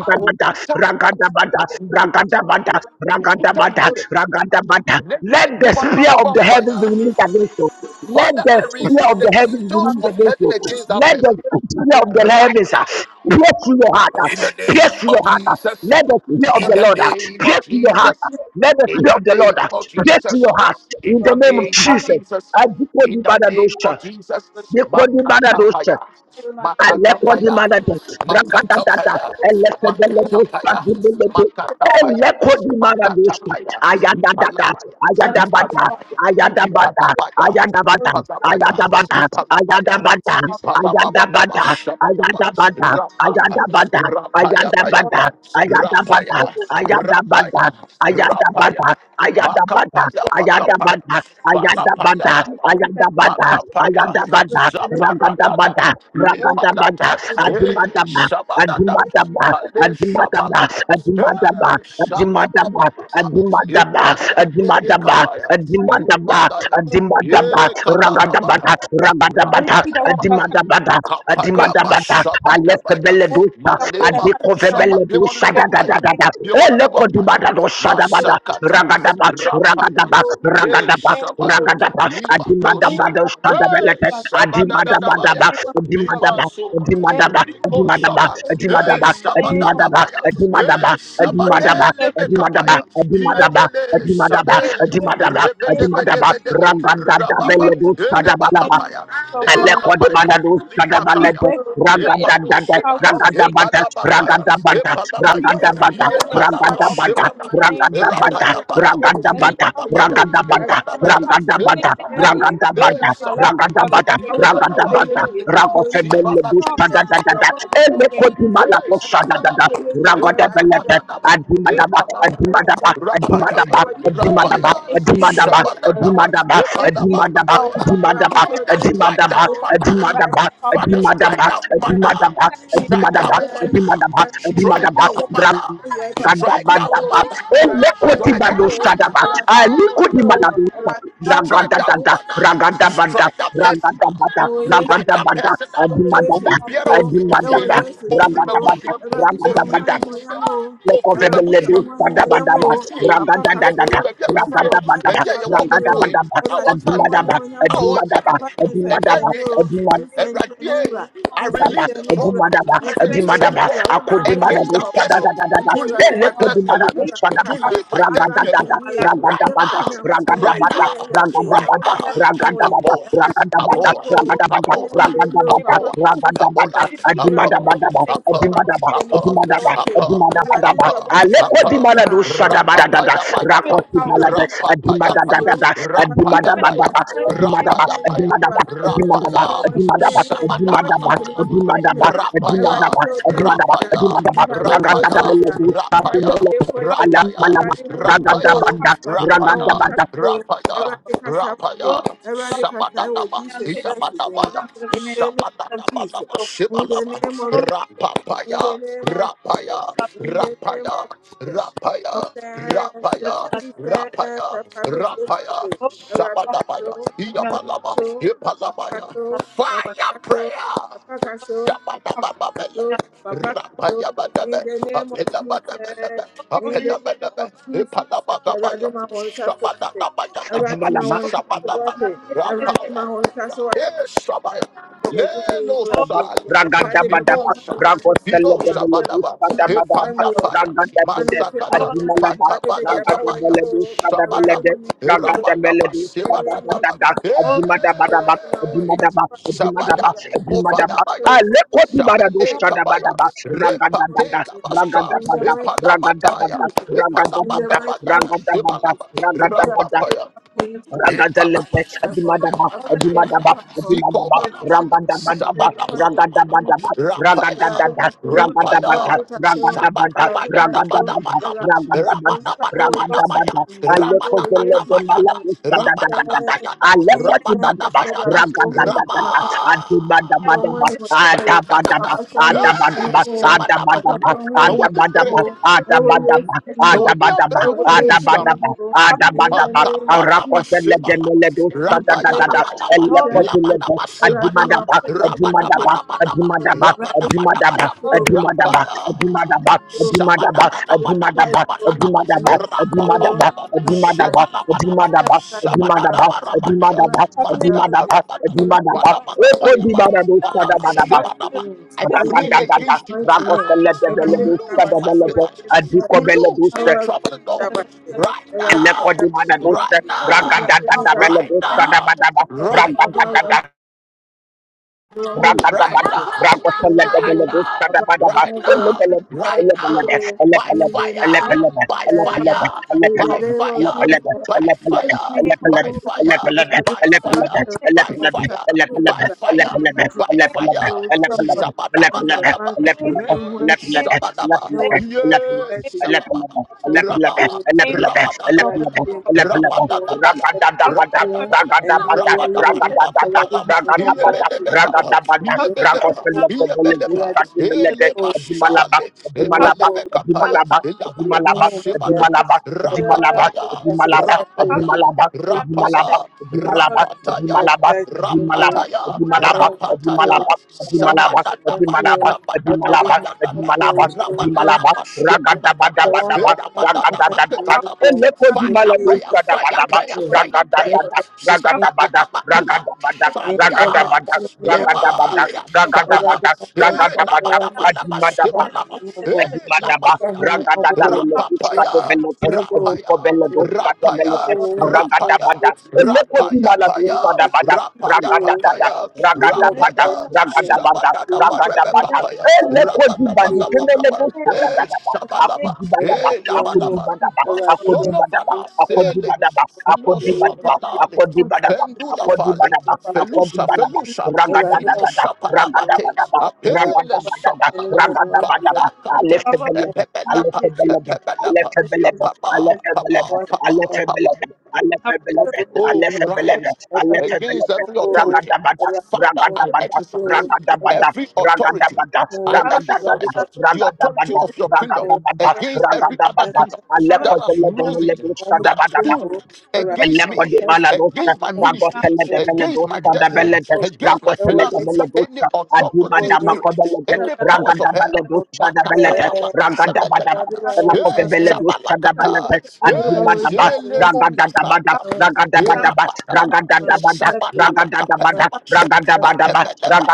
S1: a okuta
S6: rangandabanda,
S1: ne yie nti
S6: rangandabanda,
S1: okuta ne
S6: rangandabanda,
S1: nhyirem
S6: rangandabanda.
S1: ɛnɛ yɛ-
S6: Let
S1: yɛ
S6: the
S1: ma no na
S6: spear
S1: mebɔ
S6: of the heavens
S1: mpaeɛ
S6: be released against you. Let
S1: Father,
S6: the
S1: I release
S6: spear of the
S1: the
S6: heavens be
S1: angels
S6: released
S1: of
S6: against
S1: heaven
S6: you.
S1: against that
S6: Let the
S1: person.
S6: spear of the
S1: Right.
S6: heavens uh, pierce through your heart. uh,
S1: In the name
S6: Pierce through
S1: of
S6: your heart. uh.
S1: Jesus.
S6: Let the spear of
S1: In
S6: the
S1: the
S6: Lord uh,
S1: name
S6: pierce
S1: of
S6: through your heart. uh.
S1: Jesus.
S6: Let the
S1: In
S6: spear
S1: the
S6: of the
S1: name
S6: Lord uh,
S1: of
S6: pierce through
S1: Jesus.
S6: your heart.
S1: In
S6: In the
S1: the
S6: name of
S1: name of
S6: Jesus.
S1: Jesus.
S6: I declare
S1: In the
S6: the
S1: name
S6: doors.
S1: of Jesus.
S6: Dekodi Maradosh,
S1: Makatapaya.
S6: Alekodi
S1: Makatapaya.
S6: Marado, Rakatata,
S1: Makatapaya.
S6: Elefedelebosha,
S1: Makatapaya.
S6: Dibelebe,
S1: Makatapaya.
S6: Elekodi Maradosh,
S1: Makatapaya.
S6: Ayadadata,
S1: Ipalamaya.
S6: Ayadabata,
S1: Ipalamaya.
S6: Ayadabata,
S1: Ipalabaya,
S6: Ayadabata,
S1: Ipalabaya, Ipalabaya,
S6: Ayadabata, Ayadabata,
S1: Ipalababa,
S6: Ayadabata,
S1: Shabadaba,
S6: Ayadabata,
S1: Rapa,
S6: Ayadabata,
S1: Rapaya,
S6: Ayadabata,
S1: Bayapa,
S6: Ayadabata,
S1: Rapaya,
S6: Ayadabata,
S1: Rapaya, Rapaya,
S6: Ayadabata, Ayadabata,
S1: Makapaya, Bakapaya,
S6: Ayadabata,
S1: Balapaya,
S6: Ayadabada,
S1: Daba.
S6: ayadabada,
S1: Makapaya,
S6: ayadabada,
S1: Zaparadada,
S6: ragadabada, ragadabada,
S1: Lebalata, eh,
S6: adimadaba,
S1: Shabadada,
S6: adimadaba,
S1: Pale
S6: adimadaba,
S1: Shabalaba,
S6: adimadaba, adimadaba,
S1: eh,
S6: adimadaba,
S1: Shababababa, eh,
S6: adimadaba,
S1: Payande de Kapaya,
S6: adimadaba,
S1: Lebadaya,
S6: adimadaba,
S1: eh,
S6: ragadabada,
S1: Kabalabaha,
S6: ragadabada,
S5: Anything that wants to
S1: Rapayabaya,
S5: attack,
S6: adimadabada,
S5: break
S1: Kapayaba,
S6: adimadabada,
S5: Jesus.
S1: Shabayabaya,
S6: alepebele
S5: Anything
S6: dusa,
S5: that wants
S1: Male
S5: to attack, financial
S6: adikofebele
S1: Makusaba, be one
S6: dusa,
S1: never
S6: da
S5: break
S6: da
S1: pay,
S6: da da
S5: today.
S6: da,
S1: be one never pay.
S6: elekodibada
S5: Anything that
S6: dusa, da
S5: wants
S6: da da,
S5: to attack,
S1: Masakata,
S6: ragadaba,
S5: break,
S1: Rapaya,
S6: ragadaba,
S5: break
S1: Re
S6: ragadaba,
S1: Shabaya,
S5: today.
S6: Ragadaba,
S1: Lima
S5: Any
S1: Kosha.
S6: Adimadabada,
S5: struggle
S1: Hey,
S6: Shadabelete,
S5: shall be break the
S1: Shabadadabaya.
S6: Adimadabadaba,
S5: name of
S1: Lima
S5: struggle.
S6: Adimadaba,
S1: Soba.
S5: Every
S6: Adimadaba,
S1: Liko
S6: Adimadaba,
S1: Shaba.
S5: hardship we
S1: Hey,
S5: break
S6: Adimadaba,
S5: it in the name of
S6: Adimadaba,
S1: Shabadadabaya.
S5: struggle.
S6: Adimadaba, Adimadaba,
S1: Hey,
S5: We break
S1: Shabade
S5: any
S6: Adimadaba,
S5: curse in the name
S1: Lebekapaya.
S5: of struggle.
S1: Ilebele
S6: Adimadaba,
S5: We
S6: Adimadaba,
S5: break
S1: Shabe.
S5: the curse in
S6: Adimadaba,
S5: the name of
S6: Adimadaba,
S5: Jesus.
S1: Rebedebedebedebe.
S5: We
S1: Rababa.
S5: break
S6: Rangandabele,
S5: the curse in the name of
S1: Elebakapaya.
S5: struggle.
S6: Aleko
S1: Lebakapaya.
S5: We
S1: Libakaya.
S6: Elekodemanaduskadabalede,
S5: break and destroy
S1: Epayo
S6: ragadadada,
S5: every
S1: Sheba,
S5: power of Satan
S6: ragadabada,
S5: in the name
S1: Epanabakaya,
S5: of Jesus.
S6: ragadabada,
S5: We
S1: Epanabaya,
S5: break and
S6: ragadabada,
S5: destroy every
S1: Epanawa
S5: power of
S6: ragadabada,
S5: Satan in
S1: Shebanaba,
S5: the name
S6: ragadabada,
S5: of
S1: Erapaya
S5: struggle.
S1: Badaba,
S5: Any
S6: ragadabada,
S5: power of
S1: Epanabaya,
S5: evil,
S6: ragadabada,
S5: any
S1: Epanabaya,
S5: power of
S6: ragadabada,
S5: Satan
S1: Epanabaya,
S5: that is great my life,
S1: Esamanaba,
S5: brother, we
S6: ragadabada, ragadabada,
S5: break it
S1: Ebanaba,
S6: ragadabada,
S5: in the name of Jesus.
S1: Zibanabusha,
S6: rakofemeleduskadadadada,
S5: break the curse of
S1: Eh,
S5: my
S6: elekodimalakosadadada,
S5: life.
S1: shabadabaya. Eh,
S5: Every power
S6: ragodebelede,
S5: of
S1: padabadadaba. Eh,
S5: break
S6: adimadaba,
S5: the curse
S1: padabadaba.
S6: adimadaba,
S1: Rapayaba.
S6: adimadaba,
S5: to destroy and
S6: adimadaba,
S5: break
S1: Rapayaba.
S5: every evil
S6: adimadaba,
S5: curse in my life.
S1: Shabadadaba.
S6: adimadaba,
S1: Eh,
S5: Every evil
S6: adimadaba,
S5: power,
S1: padabadabaya.
S6: adimadaba,
S1: Father,
S5: everything
S1: strike
S5: that is
S1: that
S6: Adimadaba,
S1: woman now.
S5: back to
S6: Adimadaba,
S5: the top,
S1: Father, strike
S6: Adimadaba,
S1: that
S2: you.
S1: woman now.
S5: everything
S6: Adimadaba,
S5: that
S1: Strike
S5: is
S1: that
S6: Adimadaba,
S5: back to the
S1: woman now.
S6: Adimadaba,
S5: top,
S1: Strike
S6: Adimadaba,
S1: that woman now. Strike
S5: everything
S1: that
S5: that
S6: Dragadabadaba,
S1: woman
S5: is
S1: now.
S5: back to the
S1: Strike that woman now.
S6: Elekotibadostadaba,
S5: top, of the world.
S6: Alikodimadabista,
S5: However,
S1: Strike that
S6: Dragadadada,
S1: woman
S5: the system
S1: out.
S6: Ragadabada,
S1: Strike that person out.
S5: of
S6: Ragadabada,
S2: Erratic,
S1: Strike that
S6: Ragadabada,
S1: person
S2: Ewo
S1: out.
S2: Yesu
S6: Adimadaba,
S1: Obi
S5: the
S1: biara
S2: dimo,
S1: ofiri ne
S2: ewo
S5: world
S1: fie,
S6: Adimadaba,
S5: that
S2: Yesu
S5: is in
S1: ofiri
S2: dimo,
S5: me,
S6: Ragadabada,
S1: m'abusuam,
S5: so
S2: Awurade hyɛ
S5: that I
S2: wo ho
S1: ofiri
S6: Ragadabada,
S1: me
S5: will
S1: nhyehyɛ,
S2: animuonyam
S5: not
S2: o,
S1: ofiri
S5: break the
S2: Awurade hyɛ wo
S1: m'abusuam,
S2: ho
S5: back
S2: animuonyam
S6: Lekovebeledusadabadaba,
S1: ofiri me
S2: o,
S5: to the
S1: fie,
S5: curse.
S2: papa
S5: If you
S2: castle,
S1: ofiri
S6: ragadadadada,
S1: baabi a
S2: papa
S1: mefiri,
S2: bɔ
S5: don't
S2: kwan sɛ
S6: ragadabadaba,
S1: baabi
S2: deɛ
S1: a
S5: have
S2: ɛkwan
S1: yɛwɔ me
S2: ni
S5: break
S2: o,
S1: toe,
S6: ragadabadaba,
S5: the
S1: a
S2: Awurade hyɛ wo
S1: waka
S2: ho
S1: ntam,
S6: adimadaba,
S2: animuonyam
S1: a
S2: o,
S6: adimadaba,
S1: wɔyɛ me.
S5: break
S2: papa yɛ
S5: the curse
S1: Ɛna
S6: adimadaba,
S2: nsɛnkyerɛnne
S1: wie
S2: o,
S1: ya,
S6: adimadaba,
S5: in the name of
S2: nsɛnkyerɛnne
S5: the
S2: wura,
S1: Awurade,
S5: name of
S1: I release the
S5: the
S2: nsɛnkyerɛnne
S5: Lord.
S1: sword.
S2: wura,
S6: Adimadaba,
S1: I
S5: Break
S1: release your
S2: nsɛnkyerɛnne
S6: Adimadaba,
S2: wura,
S1: sword
S2: wo na ama deɛ
S1: against
S6: Akodimadaba,
S2: nnim
S1: that
S2: ɔba hɔ,
S1: person
S6: Shadadadadada,
S2: nti
S5: all
S1: to leave
S2: Awurade
S1: my
S5: power,
S2: kasa,
S1: blessing alone
S6: Elekodimadaba,
S5: release
S2: Awurade
S5: the
S1: to
S6: Shadadada,
S2: kasa,
S5: power
S1: live my destiny
S2: Abraham
S5: for
S1: alone.
S6: Ragadadada,
S5: my
S2: nyame
S5: life.
S2: e,
S1: Right
S2: Jacob
S6: Ragadabada,
S1: now,
S2: nyankopɔn
S5: Thank
S2: e,
S1: right
S5: you.
S6: Ragadabada,
S2: Sarah
S1: now,
S2: nyame e,
S1: right
S2: Naomi
S6: Ragadabada,
S1: now.
S2: nyankopɔn
S6: Ragadabada,
S1: Papoa,
S2: e, no
S6: Ragadabada,
S2: more
S1: papoa,
S2: ball, and
S1: papoa,
S2: then
S6: Ragadabada,
S2: you go, papa,
S1: papoa,
S2: me
S1: papoa,
S6: Ragadabada, Ragadabada,
S2: to
S1: papoa, papoa,
S6: Adimadabadaba,
S2: the
S6: Adimadaba,
S2: ne
S1: papoa,
S2: foforɔ
S6: Adimadaba,
S2: wate
S1: papoa.
S2: awurade
S6: Adimadabadaba,
S2: ntuabɔ
S1: Apa,
S2: no kɔ ahyehyɛ
S1: apa,
S2: bi
S6: Alekodimadado,
S2: ha papa
S1: rapa
S2: n'anim
S6: Shadabadadada,
S1: paya
S2: agu
S1: paya
S2: ase
S1: pa,
S2: awurade
S6: Rakotimalada,
S2: n'anim
S1: rapaya, paya
S2: agu
S1: pa,
S2: ase o
S6: Adimadadadada,
S2: papa
S1: rapa ya
S2: n'anim agu
S1: paya,
S6: Adimadabadaba,
S2: ase o
S1: rapa
S2: papa
S6: Adimadaba,
S2: n'anim agu
S6: Adimadaba,
S2: ase o
S6: Adimadabas,
S2: papa wɔntumi yɛn
S6: Adimadabas,
S2: yɛ o papa wɔde
S6: Adimadabas,
S2: nkunim ama me to me
S6: Adimadabas,
S2: mma awurade
S1: Rapaya,
S6: Adimadabas,
S2: sɛ obi anim
S6: Adimadabas,
S2: nyam
S1: Rapaya,
S6: Adimadabas,
S2: mpaebɔ tiefoɔ
S1: Rapaya,
S2: agya
S6: Ragadadamelebus,
S2: mpaebɔ
S1: Rapaya,
S6: Abimele,
S2: tiefoɔ agya o
S1: Rapaya,
S6: Alamalama,
S2: awurade hu me mmɔbɔ
S1: Rapaya,
S2: o
S6: Ragadabada,
S2: papa ma wo
S1: Rapaya,
S2: nsa
S6: Ragadabada,
S2: so o
S1: Rapaya,
S2: awurade kasa wote
S1: Rapaya,
S2: awurade kasa wɔ
S1: Samanaba,
S2: jesus christ din mu
S1: Yamanabaya,
S2: in the name of jesus
S1: Samanaba,
S2: in the
S1: Shibalaba,
S2: name of jesus in the
S1: Rapapaya,
S2: name of
S1: Rapaya,
S2: Jesus. In the name
S1: Rapaya,
S2: of Jesus.
S1: Rapaya,
S2: Jesus.
S1: Rapaya,
S2: Jesus. Papa,
S1: Rapaya,
S2: Papa, go to Apagote
S1: Rapaya,
S2: Pete.
S1: Samanabaya,
S2: Eradicato.
S1: Yamalaba,
S2: Papacato.
S1: Hipalabaya,
S2: Papacato.
S1: Fire
S2: Papacato.
S1: Prayer.
S2: Papacato. Cato. Papacato. In the name of Jesus. In the name of Jesus. Eradima wants us to worship. Eradima
S6: Adimalama,
S2: wants us to worship. Eradima wants us to worship yɛdwuma yi
S1: Lelo
S2: awurade
S1: sale,
S2: awurade mebɔ
S6: Ragadabadaba,
S2: mpae
S1: finosa,
S2: nyame ma
S1: finosa
S6: Ragoselebelebus,
S1: badaba,
S2: ma ne mfra
S6: Kadabadaba,
S2: me
S1: efanda
S2: o
S1: fire,
S2: papa ma ne
S6: Ragadabades,
S2: mfra me
S1: masakata,
S2: o
S6: Adimalaba,
S2: awurade mede
S1: matabada
S2: aba w'anim
S1: dabaya,
S2: o
S6: Ragadabelebus,
S2: awurade hu
S1: sabadaba,
S6: Kadabelede,
S2: me o
S1: rabadaba,
S6: Ragadabelebus,
S2: in the name
S1: sebadaba,
S2: of
S6: Kadabadada,
S2: Jesus
S6: Adimadabadaba,
S2: awurade ma wɔn nsa
S6: Adimadaba,
S2: fa me tu me
S6: Adimadaba,
S1: Shabada
S2: wura
S1: le
S2: awurade
S1: kovada
S6: Adimadaba,
S2: sɛ
S1: baya.
S2: wo din ade me
S6: Alekotibadadu,
S1: Shabele kabaya.
S6: Shadabadaba,
S1: Repate
S6: Ragadadada,
S1: la basa.
S2: in the
S6: Ragadabada,
S2: mighty name of
S1: Epalamataya.
S6: Ragadabada,
S2: Jesus in the
S6: Ragadabada,
S1: Epalabaka
S2: mighty
S1: balana.
S2: name of
S6: Ragadabada,
S2: Jesus
S1: Shibalaba.
S6: Ragadabada,
S2: awurade sɛ wo
S1: Rapapaya.
S2: din me
S6: Ragadalebe,
S2: I will.
S6: Adimadaba,
S2: I
S6: Adimadaba,
S2: will
S1: Ziko
S6: Adimadaba,
S1: balaba,
S6: Ragadabadaba,
S1: sabada balaba,
S6: Ragadabadaba,
S1: rapaya,
S2: Radha
S6: Ragadadada,
S2: Castle,
S1: rapaya,
S6: Ragadabada,
S2: Radha Castle,
S6: Ragadabada,
S1: sabada
S2: Radha
S1: baya, daba
S2: Castle,
S6: Ragadabada,
S1: daba
S2: Radha
S1: laba,
S2: Castle.
S6: Ragadabada,
S1: rabada bada
S2: Oh
S1: bada
S2: yes, you
S1: baya,
S6: Ragadabada,
S2: do.
S6: Aleko
S2: Oh
S1: rabada
S2: yes,
S1: bada
S6: Zelebe
S2: you
S1: baya da,
S2: do.
S6: Malakista
S2: She
S6: da da
S1: rabada
S6: da
S1: bada
S6: da da,
S2: said,
S1: baya da,
S2: she
S6: Aleko
S1: rabada bada
S2: said,
S6: Dibadaba,
S1: baya da,
S2: Radha Sohun,
S1: raba.
S6: Ragadadadada,
S2: Mohammed.
S6: Adibadabadaba,
S2: Sohun, Mohammed.
S1: Sabada bada,
S6: Atabadaba,
S2: Papa Sohun,
S1: eh,
S6: Adabadaba,
S2: Mohammed.
S1: sabada bada
S2: Papa
S6: Adabadaba,
S1: bada.
S2: Sohun,
S1: Ma
S2: Mohammed.
S1: wani bre,
S2: Oh
S6: Adabadaba,
S2: yes,
S6: Adabadaba,
S2: you
S1: so
S2: do.
S1: wani ambre
S6: Adabadaba,
S2: Oh
S1: awu
S2: yes,
S6: Adabadaba,
S2: you do. In the
S6: Adabadaba,
S2: name of Jesus.
S6: arakotele
S1: Makapalabasibalaba,
S6: demele dosa
S2: In
S6: da da da da Elle
S1: Rapayanabalaba,
S6: elekotele
S5: Oh,
S6: de
S1: Labanabasibalaba,
S6: adimadaba
S5: Any professor,
S6: adimadaba
S1: Rabanabanabanaba,
S6: adimadaba adimadaba
S1: Rabanabanabanaba,
S6: adimadaba
S1: Rapaya.
S6: adimadaba adimadaba adimadaba adimadaba
S1: Sabanadadabadabadabadaba,
S6: adimadaba adimadaba
S1: Rapapalaba,
S6: adimadaba
S1: Sibalabalaba,
S6: adimadaba
S1: Sabanadabarabadia,
S6: adimadaba adimadaba
S1: Mandabarabanaba,
S6: adimadaba eko
S1: Walabakapayaba,
S6: dibara dosa da da da da
S1: Walabasibalaba. I
S6: Raganda
S1: pray
S6: da.
S2: Jesus'
S6: ragagagaga
S1: against you
S2: mighty name,
S1: now
S6: ragosele
S1: to
S6: demele
S2: everybody that
S6: dosa
S1: lose
S2: was sick
S1: my
S6: demele
S2: was
S6: de
S2: given
S1: finances,
S2: birth.
S6: adiko
S1: to
S6: bele
S1: lose
S6: dosa.
S2: Oh, everybody
S1: traveling
S2: that was
S1: dogs
S2: sick,
S1: right
S2: everybody that
S1: now
S2: was sick was
S1: right
S2: sick,
S1: now,
S2: everybody
S1: right
S5: his
S1: now,
S2: that was sick
S1: right,
S2: was
S6: Ragadadadabelebusadabadaba,
S2: sick.
S6: Ra
S2: Mwili
S6: ga da
S1: right
S6: ba da,
S2: upate.
S6: ra
S1: now,
S6: ga da ba da,
S1: right
S6: ra
S2: Mungu
S6: ga
S1: now,
S2: apate
S1: right
S2: Mungu
S1: now, right now,
S2: apate
S1: by fire, by fire,
S2: the
S1: by
S2: name
S1: fire, by fire,
S5: name on
S1: by fire, by fire, by
S5: the
S1: fire,
S5: Lord.
S1: by
S5: We
S1: fire,
S5: declare your
S1: by
S5: name,
S1: fire,
S5: Lord.
S1: shabada,
S5: We declare your name,
S1: Shabbat
S5: your name,
S1: Shabadaba.
S5: name.
S1: Yes, Shabababa.
S5: We declare
S1: Rabba,
S5: your name, Lord.
S1: Rabadabadaba. Rabadabadaba.
S5: Have a test,
S6: da
S2: And
S1: Rabadabadaba.
S6: ba
S2: then we
S6: da,
S2: are
S6: ra ga da
S1: Rabadabadaba.
S2: here,
S6: ba
S5: test,
S2: and
S6: da, ra ga da ba da, ra ga da ba da, ra ga da ba
S2: we
S6: da,
S2: are
S5: test,
S1: Rabadabadaba.
S6: ra ga da
S5: test,
S6: ba
S5: test,
S6: da.
S5: test, Lord.
S1: Iyebelebekapa.
S6: Ragadabada,
S5: Have
S2: we are
S5: a test,
S1: Iyebelepa.
S2: here.
S5: test,
S6: Ragoselebe,
S5: test, test,
S2: Jesus,
S1: Iyebelepa.
S6: Belegustati, Belege,
S2: Thank
S6: Edimalaba,
S1: Elebasale.
S5: Have a
S6: Edimalaba,
S5: test, test, test,
S1: Epalebekapaya.
S6: Edimalaba,
S5: test,
S1: Elabadaba.
S6: Edimalaba,
S1: Shibadaba.
S5: Lord.
S6: Edimalaba, Edimalaba,
S5: Have a
S6: Edimalaba,
S5: test,
S1: Rapapaya.
S6: Edimalaba,
S1: Rapaya.
S6: Edimalaba,
S5: test, test, Lord. Have a test,
S6: Edimalaba,
S5: test,
S1: Rapaya.
S5: test, test, test, Lord. Have a test, test, test, test, Lord.
S6: Edimalaba,
S1: Rapataya,
S6: Edimalaba, Edimalaba, Edimalaba,
S1: Rapataya,
S6: Edimalaba,
S1: Rapataya,
S6: Edimalaba,
S1: Sabatata,
S5: Have
S1: Banata Banata
S6: Edimalaba,
S1: Banata
S6: Edimalaba,
S1: Rabatana
S6: Edimalaba,
S1: Pastipanata,
S6: Ragadabadabadaba,
S5: a
S1: Rabatata
S6: Ragadadadada,
S1: Banata,
S6: Eleko
S1: Fire
S5: test,
S1: prayer,
S5: test,
S1: fire
S5: test,
S6: Edimalabustadabadaba,
S1: prayer,
S5: test, Lord.
S2: you.
S1: fire
S2: Make
S1: prayer.
S5: Cover
S6: Ragadadada, Ragadabada,
S1: Sabatata
S2: the
S6: Ragadabada,
S1: Bakila,
S6: Ragadabada,
S2: in the
S1: Salia,
S6: Ragadabada,
S2: mighty name of
S6: Ragadabada,
S1: Lebalia,
S2: Jesus. Let that be
S6: ragadabada,
S1: Sabalaba,
S2: my own
S1: Eh,
S6: ragadabada,
S2: sacrifice.
S1: Labadaba, Laba,
S2: Papa,
S1: Shibalaba,
S2: noble.
S1: Eh,
S6: Madaba,
S2: Papa,
S1: Labandabaya,
S6: Ragadada
S2: noble.
S6: Melegusta
S2: Papa,
S6: de
S1: Rapapaya,
S6: Velete,
S2: noble.
S6: Gipo
S1: Rapaya.
S2: Papa, noble.
S6: Velegusta de
S2: We
S6: Velete,
S1: Rapaya,
S2: will go to the
S1: Rapaya,
S6: Ragadabada,
S2: Lord.
S1: Rapaya,
S6: Elekotimala
S2: We will
S1: Paya,
S6: Gustada Bada,
S2: go to
S1: Rapaya,
S2: do.
S6: Ragadada,
S1: Papaya,
S2: Do the Lord.
S6: Ragadabada,
S1: Rapaya,
S2: We
S6: Ragadabada,
S2: will go to do. the Lord. We
S1: Sabatana,
S2: will to
S1: Barebe,
S6: Ragadabada,
S1: Papaya,
S2: Papa,
S6: Elekotibandi,
S1: Rabatana,
S2: please.
S1: Bakaba,
S6: Kimelegusta
S1: Eh,
S6: Dadaba,
S1: Sabalaba,
S2: Papa,
S6: Akudibadaba,
S1: Eh,
S2: we are more.
S1: Labalaba,
S6: Akudibadaba,
S2: Papa, we are
S1: Basolo,
S6: Akudibadaba,
S2: more.
S1: Vana,
S2: Papa, we are more. Papa, we are
S1: Sele,
S6: Akudibadaba,
S1: Filo,
S2: more. Papa,
S6: Akudibadaba,
S1: Sabalale,
S6: Akudibadaba,
S1: Vendula, Fale,
S6: Akudibadaba,
S1: Felusha,
S6: Akudibadaba,
S1: Felusha,
S2: we are more.
S6: Ragadadada,
S1: Vilosha
S2: Yes, oh yes, oh,
S1: Palabate,
S6: Ragadabadaba,
S2: yeah.
S1: Apele
S6: Ragadabadaba,
S1: Somalaba,
S6: Ragadabadaba,
S1: Balakate,
S6: Alefe alefe
S1: Epebelapa,
S6: alefe alefe
S1: Epebelapa,
S6: alefe alefe
S1: Apapa,
S6: alefe
S1: Papa,
S6: alefe
S1: Papa,
S6: belebe, belebe, belebe, belebe, belebe,
S1: Oh, we
S6: belebe, belebe,
S1: rise
S6: alefe
S1: against
S6: belebe,
S1: every authority.
S6: ragada bada,
S1: Father,
S6: ragada
S1: I
S6: bada,
S1: exercise
S6: ragada bada,
S1: every
S6: ragada
S1: authority.
S6: bada,
S1: I
S5: Have a
S6: ragada bada,
S1: exercise the
S6: ragada
S1: authority
S6: bada,
S1: of your
S6: ragada bada, ragada bada, ragadabada,
S1: kingdom against every other
S6: ragadabada, ragadabada,
S1: kingdom that has
S6: ragadabada,
S1: risen,
S6: ragadabada,
S1: that has
S6: ragadabada. bada.
S1: stood against me,
S6: Elekodimalanosa,
S1: against my ministry, against my
S6: Ragoteledemelodosa,
S1: destiny,
S6: Rebelede,
S1: against my finances, any
S6: Ragoteledemelodosa,
S1: authority spirit,
S6: Adimadamakodelede,
S1: any powers of hell.
S6: Ragadabaledosa,
S1: Makatabala,
S6: Rebelede,
S2: Everybody,
S1: Shebelekata,
S2: was
S1: Eh,
S6: Rakopebele
S2: also
S6: dosha dabalata
S1: Shabalakata,
S2: You
S1: Eh,
S2: always
S6: adimadaba
S2: have to. love
S6: ragadadabada
S1: Shelemundasalia.
S2: me.
S6: ragadabadaba
S1: Irapata,
S2: always mercy. Lord, Lord, Lord,
S6: ragadadabada
S2: have
S6: ragadadabada
S1: Sabatabakapelabasa,
S2: mercy.
S6: ragadabadaba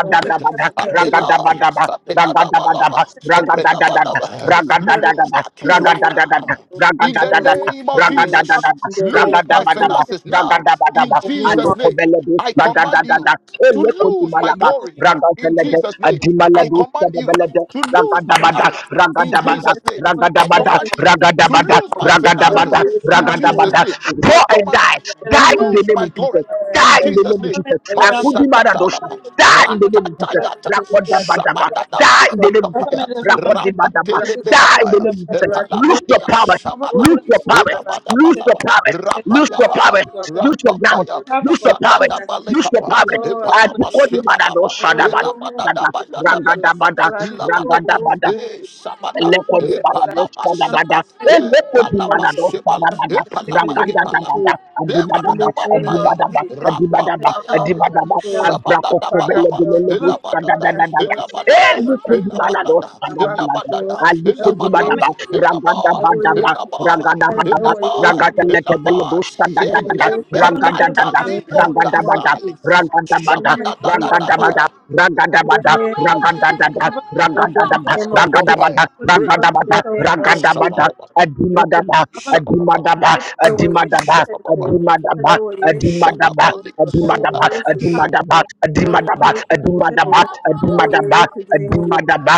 S2: Lord, have You
S1: Apelai,
S6: ragadabadaba ragadabadaba
S1: Apeladabalaba,
S6: ragadadadada
S1: Apelabadaba. Lose
S6: ragadadadada
S1: that keys
S2: Lord,
S1: right
S2: have mercy.
S6: ragadadadada
S1: now. In the
S2: Lord, have
S6: ragadadadada
S1: name of
S2: mercy. Lord,
S6: ragadadadada
S1: Jesus.
S2: have mercy. Lord, have mercy. In the name
S1: Lose my
S2: of Jesus.
S6: ragadabadaba
S1: finances now.
S6: ragadabadaba
S1: In
S2: In the name
S1: Jesus' name.
S6: alekobele
S1: I
S6: dosha
S1: command
S6: dadadada
S1: you to lose my
S6: elekotimalaba
S1: glory in
S6: ragazele
S1: Jesus' name. I
S6: adimaladu
S1: command you
S6: sadabele
S1: to lose my
S6: ragadabada
S1: marriage in
S6: ragadabada
S1: Jesus' name. I
S5: Have
S6: ragadabada,
S5: a
S1: command you to
S6: ragadabada,
S1: lose my
S5: Have
S2: Oh,
S1: finances
S6: ragadabada,
S2: I
S1: in Jesus'
S6: ragadabada.
S1: name. I
S6: Pour and
S1: command you
S6: die.
S1: to
S6: Die in the
S1: lose
S6: name
S1: my
S6: of
S1: glory
S6: Jesus.
S1: in
S6: Die in the name
S1: Jesus'
S6: of
S1: name.
S6: Jesus. Akudimada dosha.
S1: Masakatalaba,
S6: Die in the name of Jesus.
S1: ratatayata,
S6: Rakodabadaba. Die in the name of Jesus.
S1: shabadadabalebakapaya,
S6: Rakodibadaba. Die in the
S1: rapatelebekapaya,
S6: name of Jesus. Lose your
S1: epalabadia
S6: power.
S1: shabalaba,
S6: Lose your power. Lose your
S1: elabadabalaba,
S6: power. Lose your
S1: rapayabada,
S6: power. Lose your ground.
S1: rapapaya,
S6: Lose your power. Lose your
S1: shadadabalekapa,
S6: power. Akukodimada
S1: epalabashebalaba,
S6: dosha.
S2: Oh,
S1: Eh, la
S2: oh,
S1: badada badada
S2: oh,
S1: badada,
S6: Ragadabada.
S1: la badada,
S6: Ragadabada.
S1: eh shabada,
S2: Jesus,
S1: eh
S6: Lekodi barabosh
S1: palama
S6: kadabada.
S1: shaba,
S6: Eh,
S2: in the
S1: eh
S2: name
S6: lekodi
S2: of
S1: palama
S6: manados
S2: Jesus.
S1: shibal, eh
S6: kadabada.
S2: In the
S1: palama
S2: name of
S1: ke palama,
S6: Rangadadadada.
S2: Jesus.
S1: eh
S2: In
S6: Adibadaba,
S1: badada
S2: the name of
S1: vampire,
S6: adibadaba,
S2: Jesus.
S6: adibadaba,
S2: Come
S1: Rapapaya,
S2: on,
S6: adibadaba.
S2: Pastor.
S1: Sabadada
S2: Papa
S6: Abrakokobele
S1: balaba,
S2: Pastor.
S6: belelebos
S2: Papa
S1: ilabadada,
S6: kadadadadada.
S2: Pastor.
S6: Eh,
S1: ilabadada,
S2: Papa
S6: lekodi
S2: Pastor.
S6: manados
S1: ilabadada,
S2: Papa
S6: kadabalada.
S2: Pastor.
S1: ilabadada,
S6: Ah,
S2: Ẹ̀wọ̀
S6: lekodi badaba.
S1: ilabadada,
S2: Yéésù. Ẹ̀wọ̀
S6: Rangadabadaba,
S2: Yéésù.
S1: ilaba, ilaba,
S6: rangadabadaba.
S2: Ẹ̀wọ̀
S1: ba
S2: Yéésù.
S1: ilaba.
S6: Rangadalekebelebos
S2: Ẹ̀wọ̀
S6: kadadadada.
S2: Yéésù.
S1: Selebe
S2: dé.
S6: Rangadadada,
S2: In
S1: katalimo
S2: the name of
S6: rangadabada,
S1: nasali,
S2: Jesus. In the
S6: rangadabada.
S1: sabadada
S2: name of Jesus.
S1: badaba,
S6: Rangandabada,
S2: In the
S6: rangandabada,
S2: name of Jesus.
S6: rangandabada,
S5: a minute,
S2: In the
S6: rangandabada,
S2: name of Jesus.
S6: rangandabada,
S1: Vampire, pray.
S2: In
S6: rangandabada,
S2: the name of
S6: rangandabada,
S1: Shabababa.
S2: Jesus.
S6: adimadaba,
S1: Shabababa.
S6: adimadaba,
S2: yawo yesu
S6: adimadaba, adimadaba,
S1: Shabababa.
S6: adimadaba,
S2: yawo yesu
S6: adimadaba,
S1: Shabababa.
S6: adimadaba,
S2: yawo
S6: adimadaba,
S2: yesu
S1: Shabababa.
S6: adimadaba,
S2: kirimo yawo
S6: adimadaba,
S2: yesu kirimo yawo
S6: adimadaba,
S2: yesu kirimo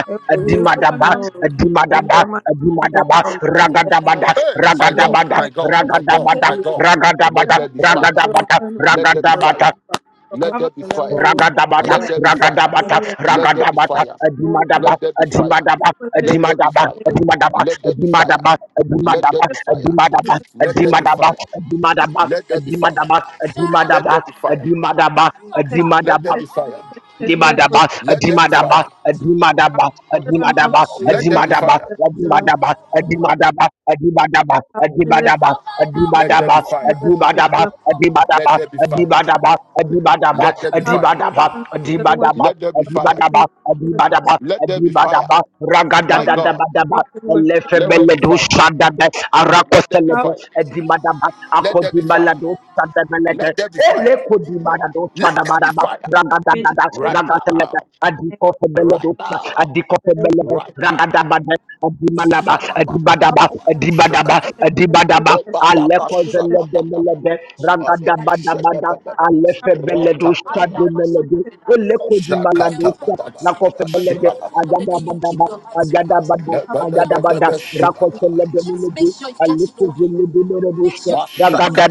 S2: yawo yesu
S6: adimadaba,
S2: kirimo
S6: adimadaba,
S2: indama
S6: adimadaba, ragadabada,
S1: Hey, my God,
S6: ragadabada,
S1: my God, my God,
S6: ragadabada,
S1: my God. Let
S6: ragadabada,
S1: there be fire.
S6: ragadabada,
S1: Let there be
S6: ragadabada,
S1: fire. Let there be fire.
S6: Ragadabata,
S1: Let there be fire.
S6: Ragadabata,
S1: Let there be
S6: Ragadabata,
S1: fire.
S6: Adimadaba,
S1: Let there be fire.
S6: Adimadaba,
S1: Let there be
S6: Adimadaba,
S1: fire.
S6: Adimadaba,
S1: Let there be fire.
S6: Adimadaba, Adimadaba,
S1: Let
S6: Adimadaba,
S1: there be
S6: Adimadaba,
S1: fire. Let there be fire.
S6: Adimadaba,
S1: Let
S6: Adimadaba,
S1: there be
S6: Adimadaba,
S1: fire.
S6: Adimadaba,
S1: Let
S6: Adimadaba,
S1: there be fire. Let there be fire.
S5: Thank you.
S6: Dimadaba,
S1: Let there be
S6: Adimadaba,
S1: fire.
S5: How
S6: Adimadaba, Adimadaba,
S2: Thank
S1: Let there be
S6: Adimadaba,
S1: fire.
S6: Adimadaba, Adimadaba, Adimadaba, Adimadaba, Adimadaba,
S1: Let there be
S6: Adimadaba,
S1: fire.
S6: Adimadaba, Adimadaba,
S1: Let there be fire.
S6: Adimadaba, Adimadaba,
S1: Let there be fire.
S6: Adimadaba,
S1: Let there be fire.
S6: Adimadaba, Adimadaba,
S1: Let there be fire.
S6: Adimadaba,
S1: My God.
S6: Ragadadadabadaba,
S1: Let there be
S6: Elefebeledu
S1: fire.
S6: Shadada,
S1: Let there be
S6: Arakostelebe,
S1: fire.
S6: Adimadaba,
S1: Let there be fire.
S6: Akodibalados,
S1: Let there
S6: Ragada
S1: be fire. Let there be fire. Right now. Right now. Right now. Shabba-ba-ba-ba-ba-ba. Shabba-ba. Lo-ba-ba-ba. Shabba-ba-ba-ba. Shabba-ba-ba. Rata. Jaka. Shibaba. Let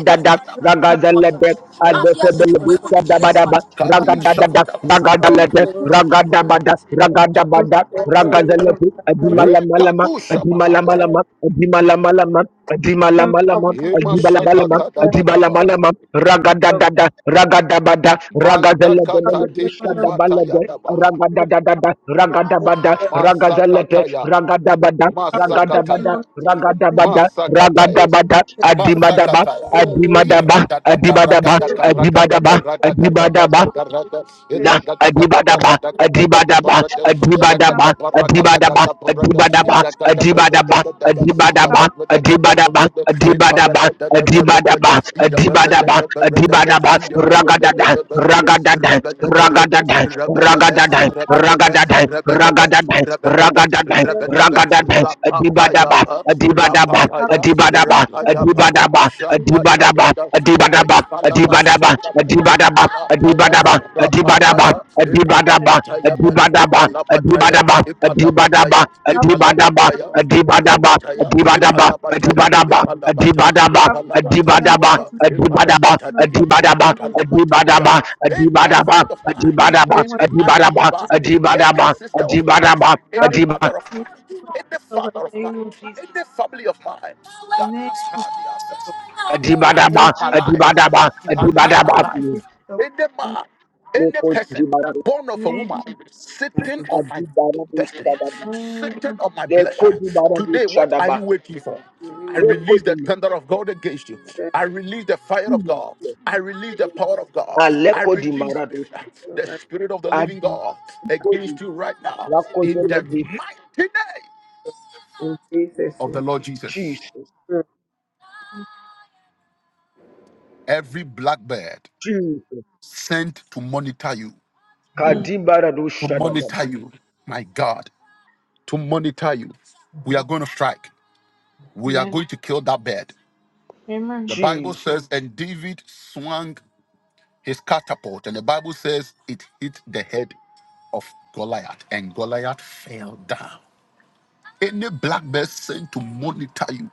S6: da da Ragadabada, Ragadabada, Ragadabada, ragada ragadadada, ragadalete, ragadabada, ragadabada, ragazeletu, adimalama-lama,
S1: Rekadusha Bahaya.
S6: adimalama-lama, adimalama-lama, adimalama-lama, adibalabalama,
S1: Yemashakata da da da baha.
S6: adibalama-lama, ragadadada, ragadabada,
S1: Mandakata teko
S6: ragazeletelelebushadabalede,
S1: vataya da baha.
S6: Ragadadadada, ragadabada, ragazelete,
S1: Masakataya.
S6: ragadabada, ragadabada,
S1: Masakataya.
S6: ragadabada,
S1: Masakataya.
S6: ragadabada, adimadaba,
S1: Masakataya.
S6: adimadaba, adimadaba, adimadaba, adimadaba, da, adibadaba, adibadaba, adibadaba, adibadaba, adibadaba, adibadaba, adibadaba, adibadaba, adibadaba, adibadaba, adibadaba, adibadaba, ragadada, ragadada, ragadada.
S1: Rapapaya, rapapaya, Rapayaba, Shatatayada, Hey, Palaba Shandabaya, Rapaya, Rapapaya, Ipalabataya,
S5: I am.
S1: Ipalabataya,
S5: was
S1: Ipalabataya,
S5: half
S1: Ipalabataya,
S5: mixed with
S1: Ipalabataya,
S5: some
S1: Ipalabataya, Ipalabata,
S5: half milk
S1: Ipalabatadiaba,
S5: placement milk
S1: Ipalabatadiaba, Ipalabatadiaba. Any
S5: half
S6: Adibadaba,
S1: friend of mine,
S6: Adibadaba,
S5: what
S1: any auntie
S6: Adibadaba,
S1: of mine, any
S6: Adibadaba,
S1: sister of mine,
S6: Adibadaba,
S1: any
S5: half
S6: Adiba,
S1: mother of
S5: milk
S1: mine, any
S5: what
S1: father of
S5: name
S1: mine,
S5: of Jesus,
S1: any family of mine
S5: in the name
S1: has
S5: of
S1: had the
S5: Jesus,
S1: access.
S5: in
S6: Adibadaba,
S5: the
S1: Attack my
S5: name
S1: life.
S6: Adibadaba,
S5: of
S1: You attack my
S6: Adibadaba.
S1: life.
S5: Jesus,
S1: Any
S5: in
S1: man, any
S6: Leko
S1: person
S6: dibarabe,
S1: born of
S5: the
S1: a woman
S5: name of
S1: sitting on my
S6: adibarabe
S1: destiny,
S6: shadaba.
S5: the name of
S1: sitting on my
S6: Leko
S1: blessing.
S6: dibarabe
S1: Today, what are you
S6: shadaba.
S1: waiting for? I
S6: Leko
S1: release the
S6: di,
S1: thunder of God against you.
S2: you.
S1: I release the fire of
S6: Hmm.
S1: God. I release the power of God. I
S6: aleko di
S1: release
S6: marado.
S1: spirit, the
S2: Right
S1: spirit of the living
S6: Adiko
S1: God
S6: di,
S1: against you right now.
S2: to
S1: In
S2: you
S6: lakozele
S1: the
S6: di.
S1: mighty name
S2: In Jesus'
S1: of the
S2: name.
S1: Lord Jesus.
S6: Jesus,
S1: Every black bird
S6: Jesus,
S1: sent to monitor you,
S2: Mhm.
S5: Hmm.
S6: kadibarado
S1: to
S6: shadaba.
S1: monitor you, my God, to monitor you. We are going to strike. We are
S5: Amen.
S1: going to kill that bird. The
S5: Amen.
S1: Bible
S6: Jesus,
S1: says, and David swung his catapult, and the Bible says it hit the head of Goliath, and Goliath fell down. Any black bear sent to monitor you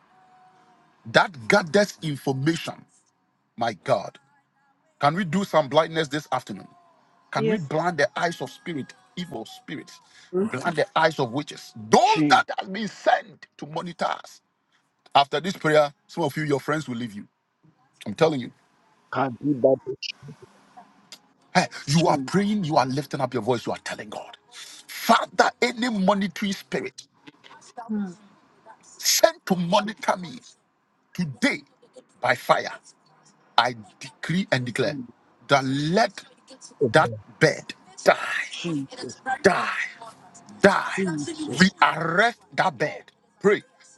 S1: that gathers information, my God. Can we do some blindness this afternoon? Can we
S5: Yes.
S1: blind the eyes of spirit, evil spirits, blind the eyes of witches, those
S6: Jesus,
S1: that have been sent to monitor us? After this prayer, some of you, your friends will leave you. I'm telling you.
S6: kadibarado.
S1: Hey, you are
S6: Jesus,
S1: praying, you are lifting up your voice, you are telling God, Father, any monetary spirit
S5: Hmm.
S1: sent to monitor me, today I decree and declare that let that bed
S6: Jesus,
S1: die.
S6: Jesus.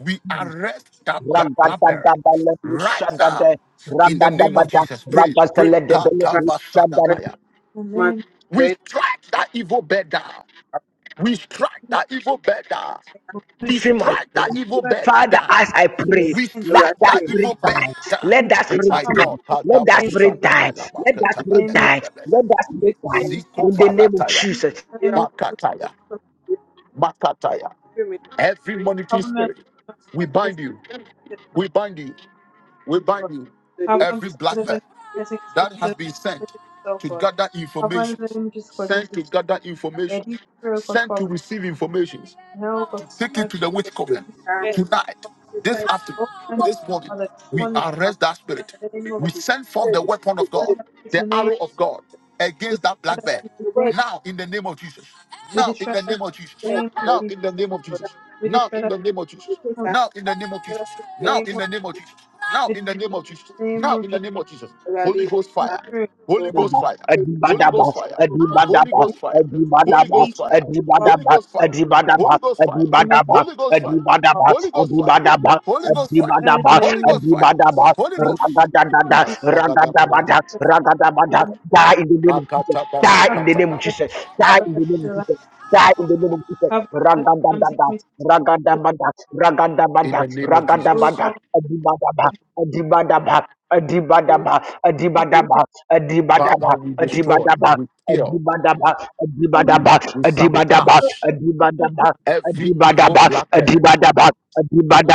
S1: We arrest.
S6: Father,
S1: Cupbearer.
S6: as
S1: Right now, in the name of Jesus, pray, pray.
S2: Father,
S1: Katabasadabaya.
S5: The
S2: my
S5: name
S1: We
S2: God,
S1: strike that evil bed down.
S2: I pray
S1: We strike
S5: of
S1: that evil
S5: Jesus.
S1: bed down. We strike that evil
S5: Anybody
S1: bed down.
S6: I
S2: for you.
S6: pray,
S5: please
S1: We
S5: send
S6: let
S2: I
S5: over
S1: strike
S6: that
S1: that
S2: pray for
S6: spirit
S1: evil bed
S6: die.
S2: you.
S1: down.
S6: Let
S5: to
S6: that
S2: Be here, we be
S6: spirit
S5: monitor
S1: My
S5: our movement
S6: die.
S1: God,
S5: in the
S6: Let that
S5: name of
S6: spirit die. Let
S5: In
S6: that
S5: the
S6: spirit
S5: name of
S6: die.
S1: Kadabasadabalamakatabalabalabalaba.
S6: Let that spirit die.
S2: here,
S5: the name
S1: Ziko
S6: In the name of
S1: Parataya,
S5: in
S6: Jesus.
S2: be
S5: the name
S2: here.
S5: of
S1: Makataya,
S2: Be
S1: Makataya.
S2: here with me
S1: Every monitoring spirit,
S5: the blood
S1: we
S5: of
S1: bind you,
S5: Jesus
S1: we bind you, we bind you.
S2: today.
S1: Every
S5: to the
S1: black man.
S5: event
S2: Be here
S5: of the
S1: that has
S5: Christ,
S1: been sent
S5: with
S1: to
S5: God.
S1: gather
S5: Cover in
S1: information,
S5: the name of Jesus
S1: sent to gather
S5: May
S1: information,
S5: this prayer, God,
S1: sent to
S5: Father,
S1: receive information,
S5: hell, God,
S1: to take it
S5: Father,
S1: to the witch
S5: that
S2: with
S1: coven
S2: me
S5: we pray
S1: tonight,
S5: from
S1: this
S2: here
S1: afternoon,
S5: all kinds
S1: this morning.
S5: of other
S2: with
S1: We
S2: me
S5: demonic arms.
S1: arrest that spirit.
S5: In the name of
S2: after
S1: We
S5: Jesus.
S1: send forth
S2: that.
S1: the weapon
S2: Be here
S1: of
S2: with me
S5: Pray
S1: God,
S5: that
S1: the
S5: in the name,
S1: arrow of God against
S5: we
S1: that black bear.
S2: tomorrow. Be
S1: Now, in the name of Jesus. Now, in
S5: destroy
S1: the
S5: that
S1: name of Jesus.
S5: in the name, we destroy that in the
S2: here
S5: name of
S2: with me after that.
S1: Now,
S5: Jesus,
S1: in the name
S5: O
S1: of
S5: God.
S1: Jesus.
S5: We
S1: Now,
S5: destroy
S1: in
S5: that
S1: the name of Jesus.
S2: Be here with me
S5: name of
S2: after that.
S1: Now, in the name of
S5: Jesus, that
S1: Jesus.
S5: it's the
S1: Now,
S5: name
S1: in the name of Jesus. Now,
S5: With
S1: in the name of Jesus.
S5: the name
S1: Now,
S5: of
S1: in the
S5: Jesus,
S1: name of Jesus.
S2: Be here
S1: Holy
S2: with me.
S1: Ghost
S5: come
S1: fire.
S5: true.
S1: Holy
S5: Let us
S1: Ghost fire.
S5: go.
S1: Holy
S6: Adibadaba,
S1: Ghost fire.
S5: Let
S1: Holy
S6: Adibadaba,
S5: it
S1: Ghost fire.
S5: be the
S1: Holy
S6: Adibadaba,
S1: Ghost
S5: place
S1: fire.
S5: of our
S1: Holy
S6: Adibadaba,
S1: Ghost
S6: Adibadaba,
S1: fire.
S5: Father,
S6: Adibadaba,
S1: Holy Ghost fire.
S5: the mother
S1: Holy Ghost fire.
S5: of
S6: Adibadaba,
S1: Holy Ghost fire.
S6: Adibadaba,
S1: Holy
S5: our
S1: Ghost fire.
S5: Father. Let the
S6: Adibadaba,
S1: Holy
S5: name of
S1: Ghost fire.
S6: Adibadaba,
S1: Holy
S5: with
S1: Ghost.
S5: the name
S6: Ragadadada,
S5: of Jesus,
S6: Ragadabada,
S1: Asagadabarada.
S5: let us
S6: Ragadabada,
S5: go.
S6: die in the name of Jesus, die in the name of
S1: Makatabasikataba.
S6: Jesus, die
S5: Let
S6: in
S5: us
S6: the name
S5: go. Have the Lord that is
S6: of
S5: the Lamb
S6: Jesus, die
S5: of
S6: in
S5: God.
S6: the name of Jesus,
S5: Have the Lord that comes, take
S6: Ragadadada,
S5: me to the Lord.
S6: Ragadabada,
S1: In
S6: Ragadabada,
S1: the name of
S5: Oh,
S1: Jesus.
S6: Ragadabada,
S5: come,
S6: Adibadaba, Adibadaba,
S5: Lord. Have the Lord that is the
S1: Father,
S5: Lamb
S1: we destroy,
S5: of God.
S1: we kill,
S5: Oh, with
S1: we
S5: the Lord
S1: sabotage
S5: that is the Lamb
S1: every evil
S5: of
S1: black bear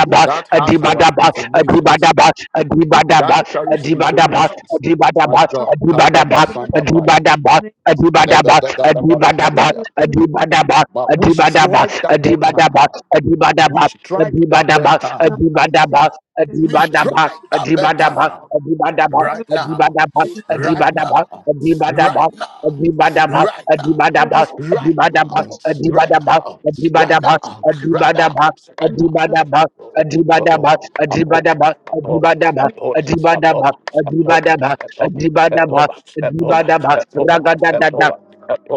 S5: God.
S1: that has our information,
S5: Have the Lord that is the Lamb of God. Have the Lord that is the Lamb of
S1: that
S5: God.
S1: carries information. My God,
S5: Have the Lord that
S1: Kadabasandapaya. Lebedegadabara Kataya, But we strike that bed down. We strike that bed down.
S5: is
S1: We strike that bed down
S6: Adibadaba,
S5: the Lamb of
S1: right now.
S6: Adibadaba,
S5: God.
S1: Right
S6: Adibadaba,
S5: Mm,
S1: now.
S6: Adibadaba,
S1: Right now.
S6: Adibadaba,
S1: Right now.
S5: mm, mm,
S6: Adibadaba,
S1: Right
S5: mm,
S6: Adibadaba,
S1: now.
S5: mm,
S1: Right
S6: Adibadaba, Adibadaba,
S1: now. Right
S6: Adibadaba,
S1: now. Right now.
S6: Adibadaba, Adibadaba,
S1: Right now.
S6: Adibadaba, Adibadaba,
S1: Abort. Abort. Abort. Abort.
S6: Adibadaba,
S1: Abort. Abort.
S6: Adibadaba,
S1: Abort.
S6: Adibadaba,
S1: Abort. Abort.
S6: Adibadaba,
S1: Abort. abort,
S6: Ragadadada,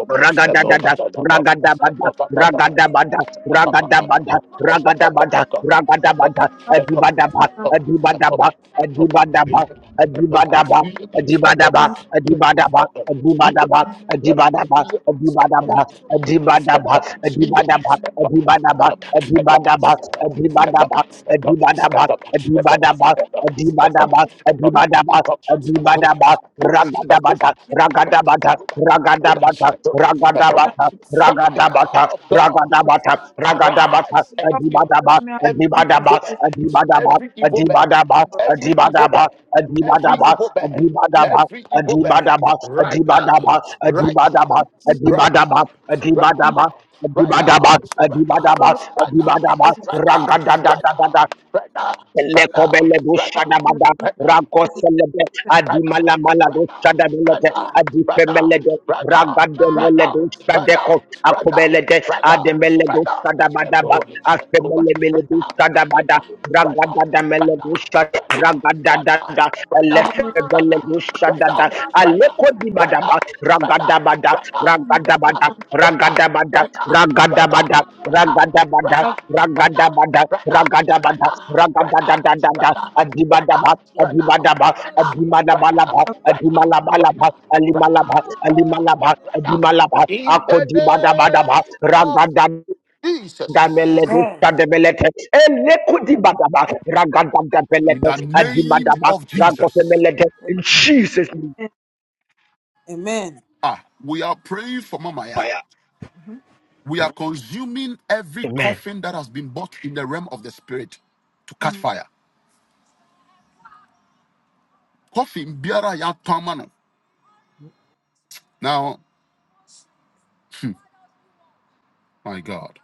S6: Ragadabada, ragadabada, ragadabada, ragadabada, ragadabada, ragadabada, adibadaba, adibadaba, adibadaba, adibadaba, adibadaba, adibadaba, adibadaba, adibadaba, adibadaba, adibadaba, adibadaba, adibadaba, adibadaba, adibadaba, adibadaba, adibadaba, adibadaba, adibadaba,
S1: Fire
S6: adibadaba, ragadabada, ragadabada, Ragadabata, Ragadabata, Ragadabata,
S1: of God,
S6: Ragadabata, Ragadabata,
S1: arise and kill
S6: Adibadaba,
S1: every
S6: Adibadaba,
S1: evil man,
S6: Adibadaba,
S1: every evil man,
S6: Adibadaba, Adibadaba,
S1: every evil
S6: Adibadaba,
S1: man, every
S6: Adibadaba,
S1: evil man,
S6: Adibadaba,
S1: every
S6: Adibadaba,
S1: evil man, right now,
S6: Adibadaba,
S1: right now,
S6: Adibadaba,
S1: right
S6: Adibadaba,
S1: now, right
S6: Adibadaba,
S1: now, right now, right now,
S6: Adibadaba,
S1: right now,
S6: Adibadaba,
S1: right now, right now, right now,
S6: Ragadadadada,
S1: right now, right
S6: lekobele
S1: now,
S6: bushada bada, baba rakoselebe Adi mala mala bushada belete adifemelede ragade melede ushadeko akobelede ademele bushada ba afemele mele bushada bada ragadada mele bushada ragadada elefebele bushada da aleko di bada ba ragada bada ragada bada ba badaba bada ragadabada ragadabada ragadabada bada Ragadabada,
S1: right now, right
S6: Ragadabada,
S1: now, right now,
S6: Ragadadadadada,
S1: right now, right now,
S6: Adibadaba,
S1: right now,
S6: Adibadaba,
S1: right now, right now,
S6: Adimadabalaba,
S1: right now, right now, right
S6: Adimalabalaba,
S1: now, right
S6: Alimalaba,
S1: now,
S6: Alimalaba,
S1: right now.
S6: Adimalaba,
S1: In the
S6: Akodibadabadaba,
S1: name of
S6: Ragadab.
S1: Jesus.
S6: Dameledu
S2: Amen.
S6: Tadebelete, Elekudibadaba,
S1: In the
S6: Ragadabelete,
S1: name
S6: Adimadaba,
S1: of Jesus.
S6: Ragotemelete.
S2: Amen.
S1: Ah, we are praying for Mama We are consuming every
S6: Amen.
S1: coffin that has been bought in the realm of the spirit to catch fire. Coffin biara ya tamano. Now, my God.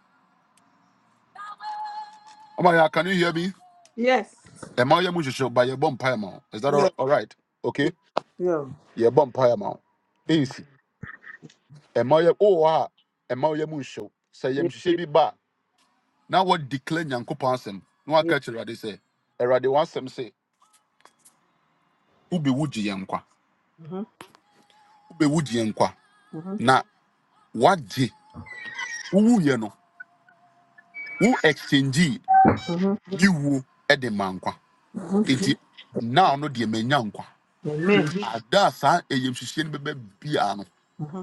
S1: Mama can you hear me?
S2: Yes.
S1: ɛma woyɛ mu nhwehwɛ bomb yɛbɔ is that all,
S2: Yeah,
S1: all right okay
S2: yeah.
S1: yɛbɔ mpaeɛ ma wo ɛnsi ɛma oh wowɔ hɔ a say woyɛ mu nhyew sɛ yɛmhwehwɛ bi ba Now what declare Yanko Pansem? No, I
S2: Yeah.
S1: catch you, Radi say. a na wɔdeclare nyankopɔn asɛm na waka kyerɛ awurade sɛ awurade w'asɛm se wobɛwu gye yɛn nkwa
S2: Mm-hmm.
S1: wobɛwu gye yɛn nkwa
S2: hmm
S1: na woagye wowuyɛ no wo exchange
S2: hmm
S1: bi wuo de ma nkwa
S2: hmm
S1: enti now no deɛ manya
S2: Amen.
S1: ada a saa ɛyɛmhwehwɛ no bɛba biara no
S2: Mm-hmm.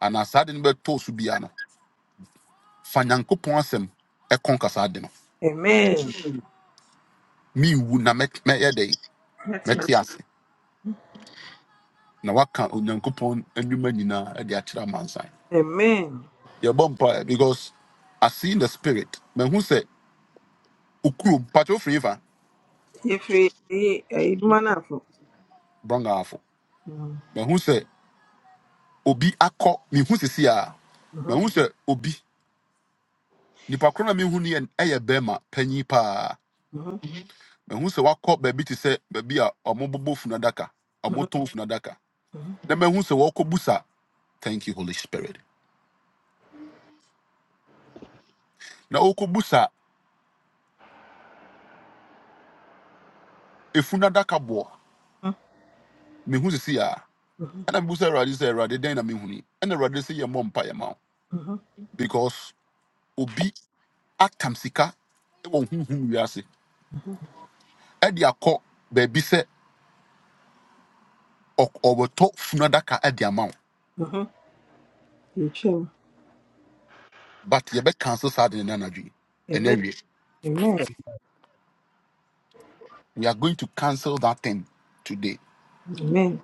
S1: anaa saa de no bɛtɔɔ so no fa nyankopɔn asɛm ɛkɔn kasa de no
S2: Amen.
S1: menwu na mɛ- mɛyɛ dɛ
S2: That's my
S1: mɛte ase na waka onyankopɔn anwuma nyinaa ɛde akyerɛ amansan
S2: Amen.
S1: yɛbɔ mpaeɛ because I see in the spirit mahu sɛ okurom patwo firi fa
S2: Ifri Idumanafu.
S1: brɔngaafo
S2: Mm-hmm.
S1: mahu sɛ obi akɔ mehu sisi a
S2: Mm-hmm.
S1: mahu sɛ obi nipa koro na mehu no yɛ ɛyɛ bɛrima panyin paa
S2: Mm-hmm.
S1: mahu sɛ wakɔ baabi te sɛ baabi a ɔmobobɔ funadaka ɔmotɔn funadaka
S2: Mm-hmm.
S1: na mahu sɛ wɔkɔ busa thank you holy spirit na ɔrekɔbusa efunu adaka boɔ mehu sisi a
S2: Mm-hmm.
S1: ɛna mebusa awurade sɛ awurade dɛn na mehu yi ɛna awurade sɛ yɛmmɔ mpa yɛma wo
S2: Mm-hmm.
S1: because obi atam sika wɔ huhum wiase ɛde akɔ baabi sɛ ɔk- ɔbɛtɔ funu adaka ɛde ama wo
S2: Mm-hmm. Yechim.
S1: but yɛbɛka so saa de ne nanadwe yi
S2: Amen.
S1: ɛnɛ
S2: Amen.
S1: we are going to cancel that thing today
S2: Amen.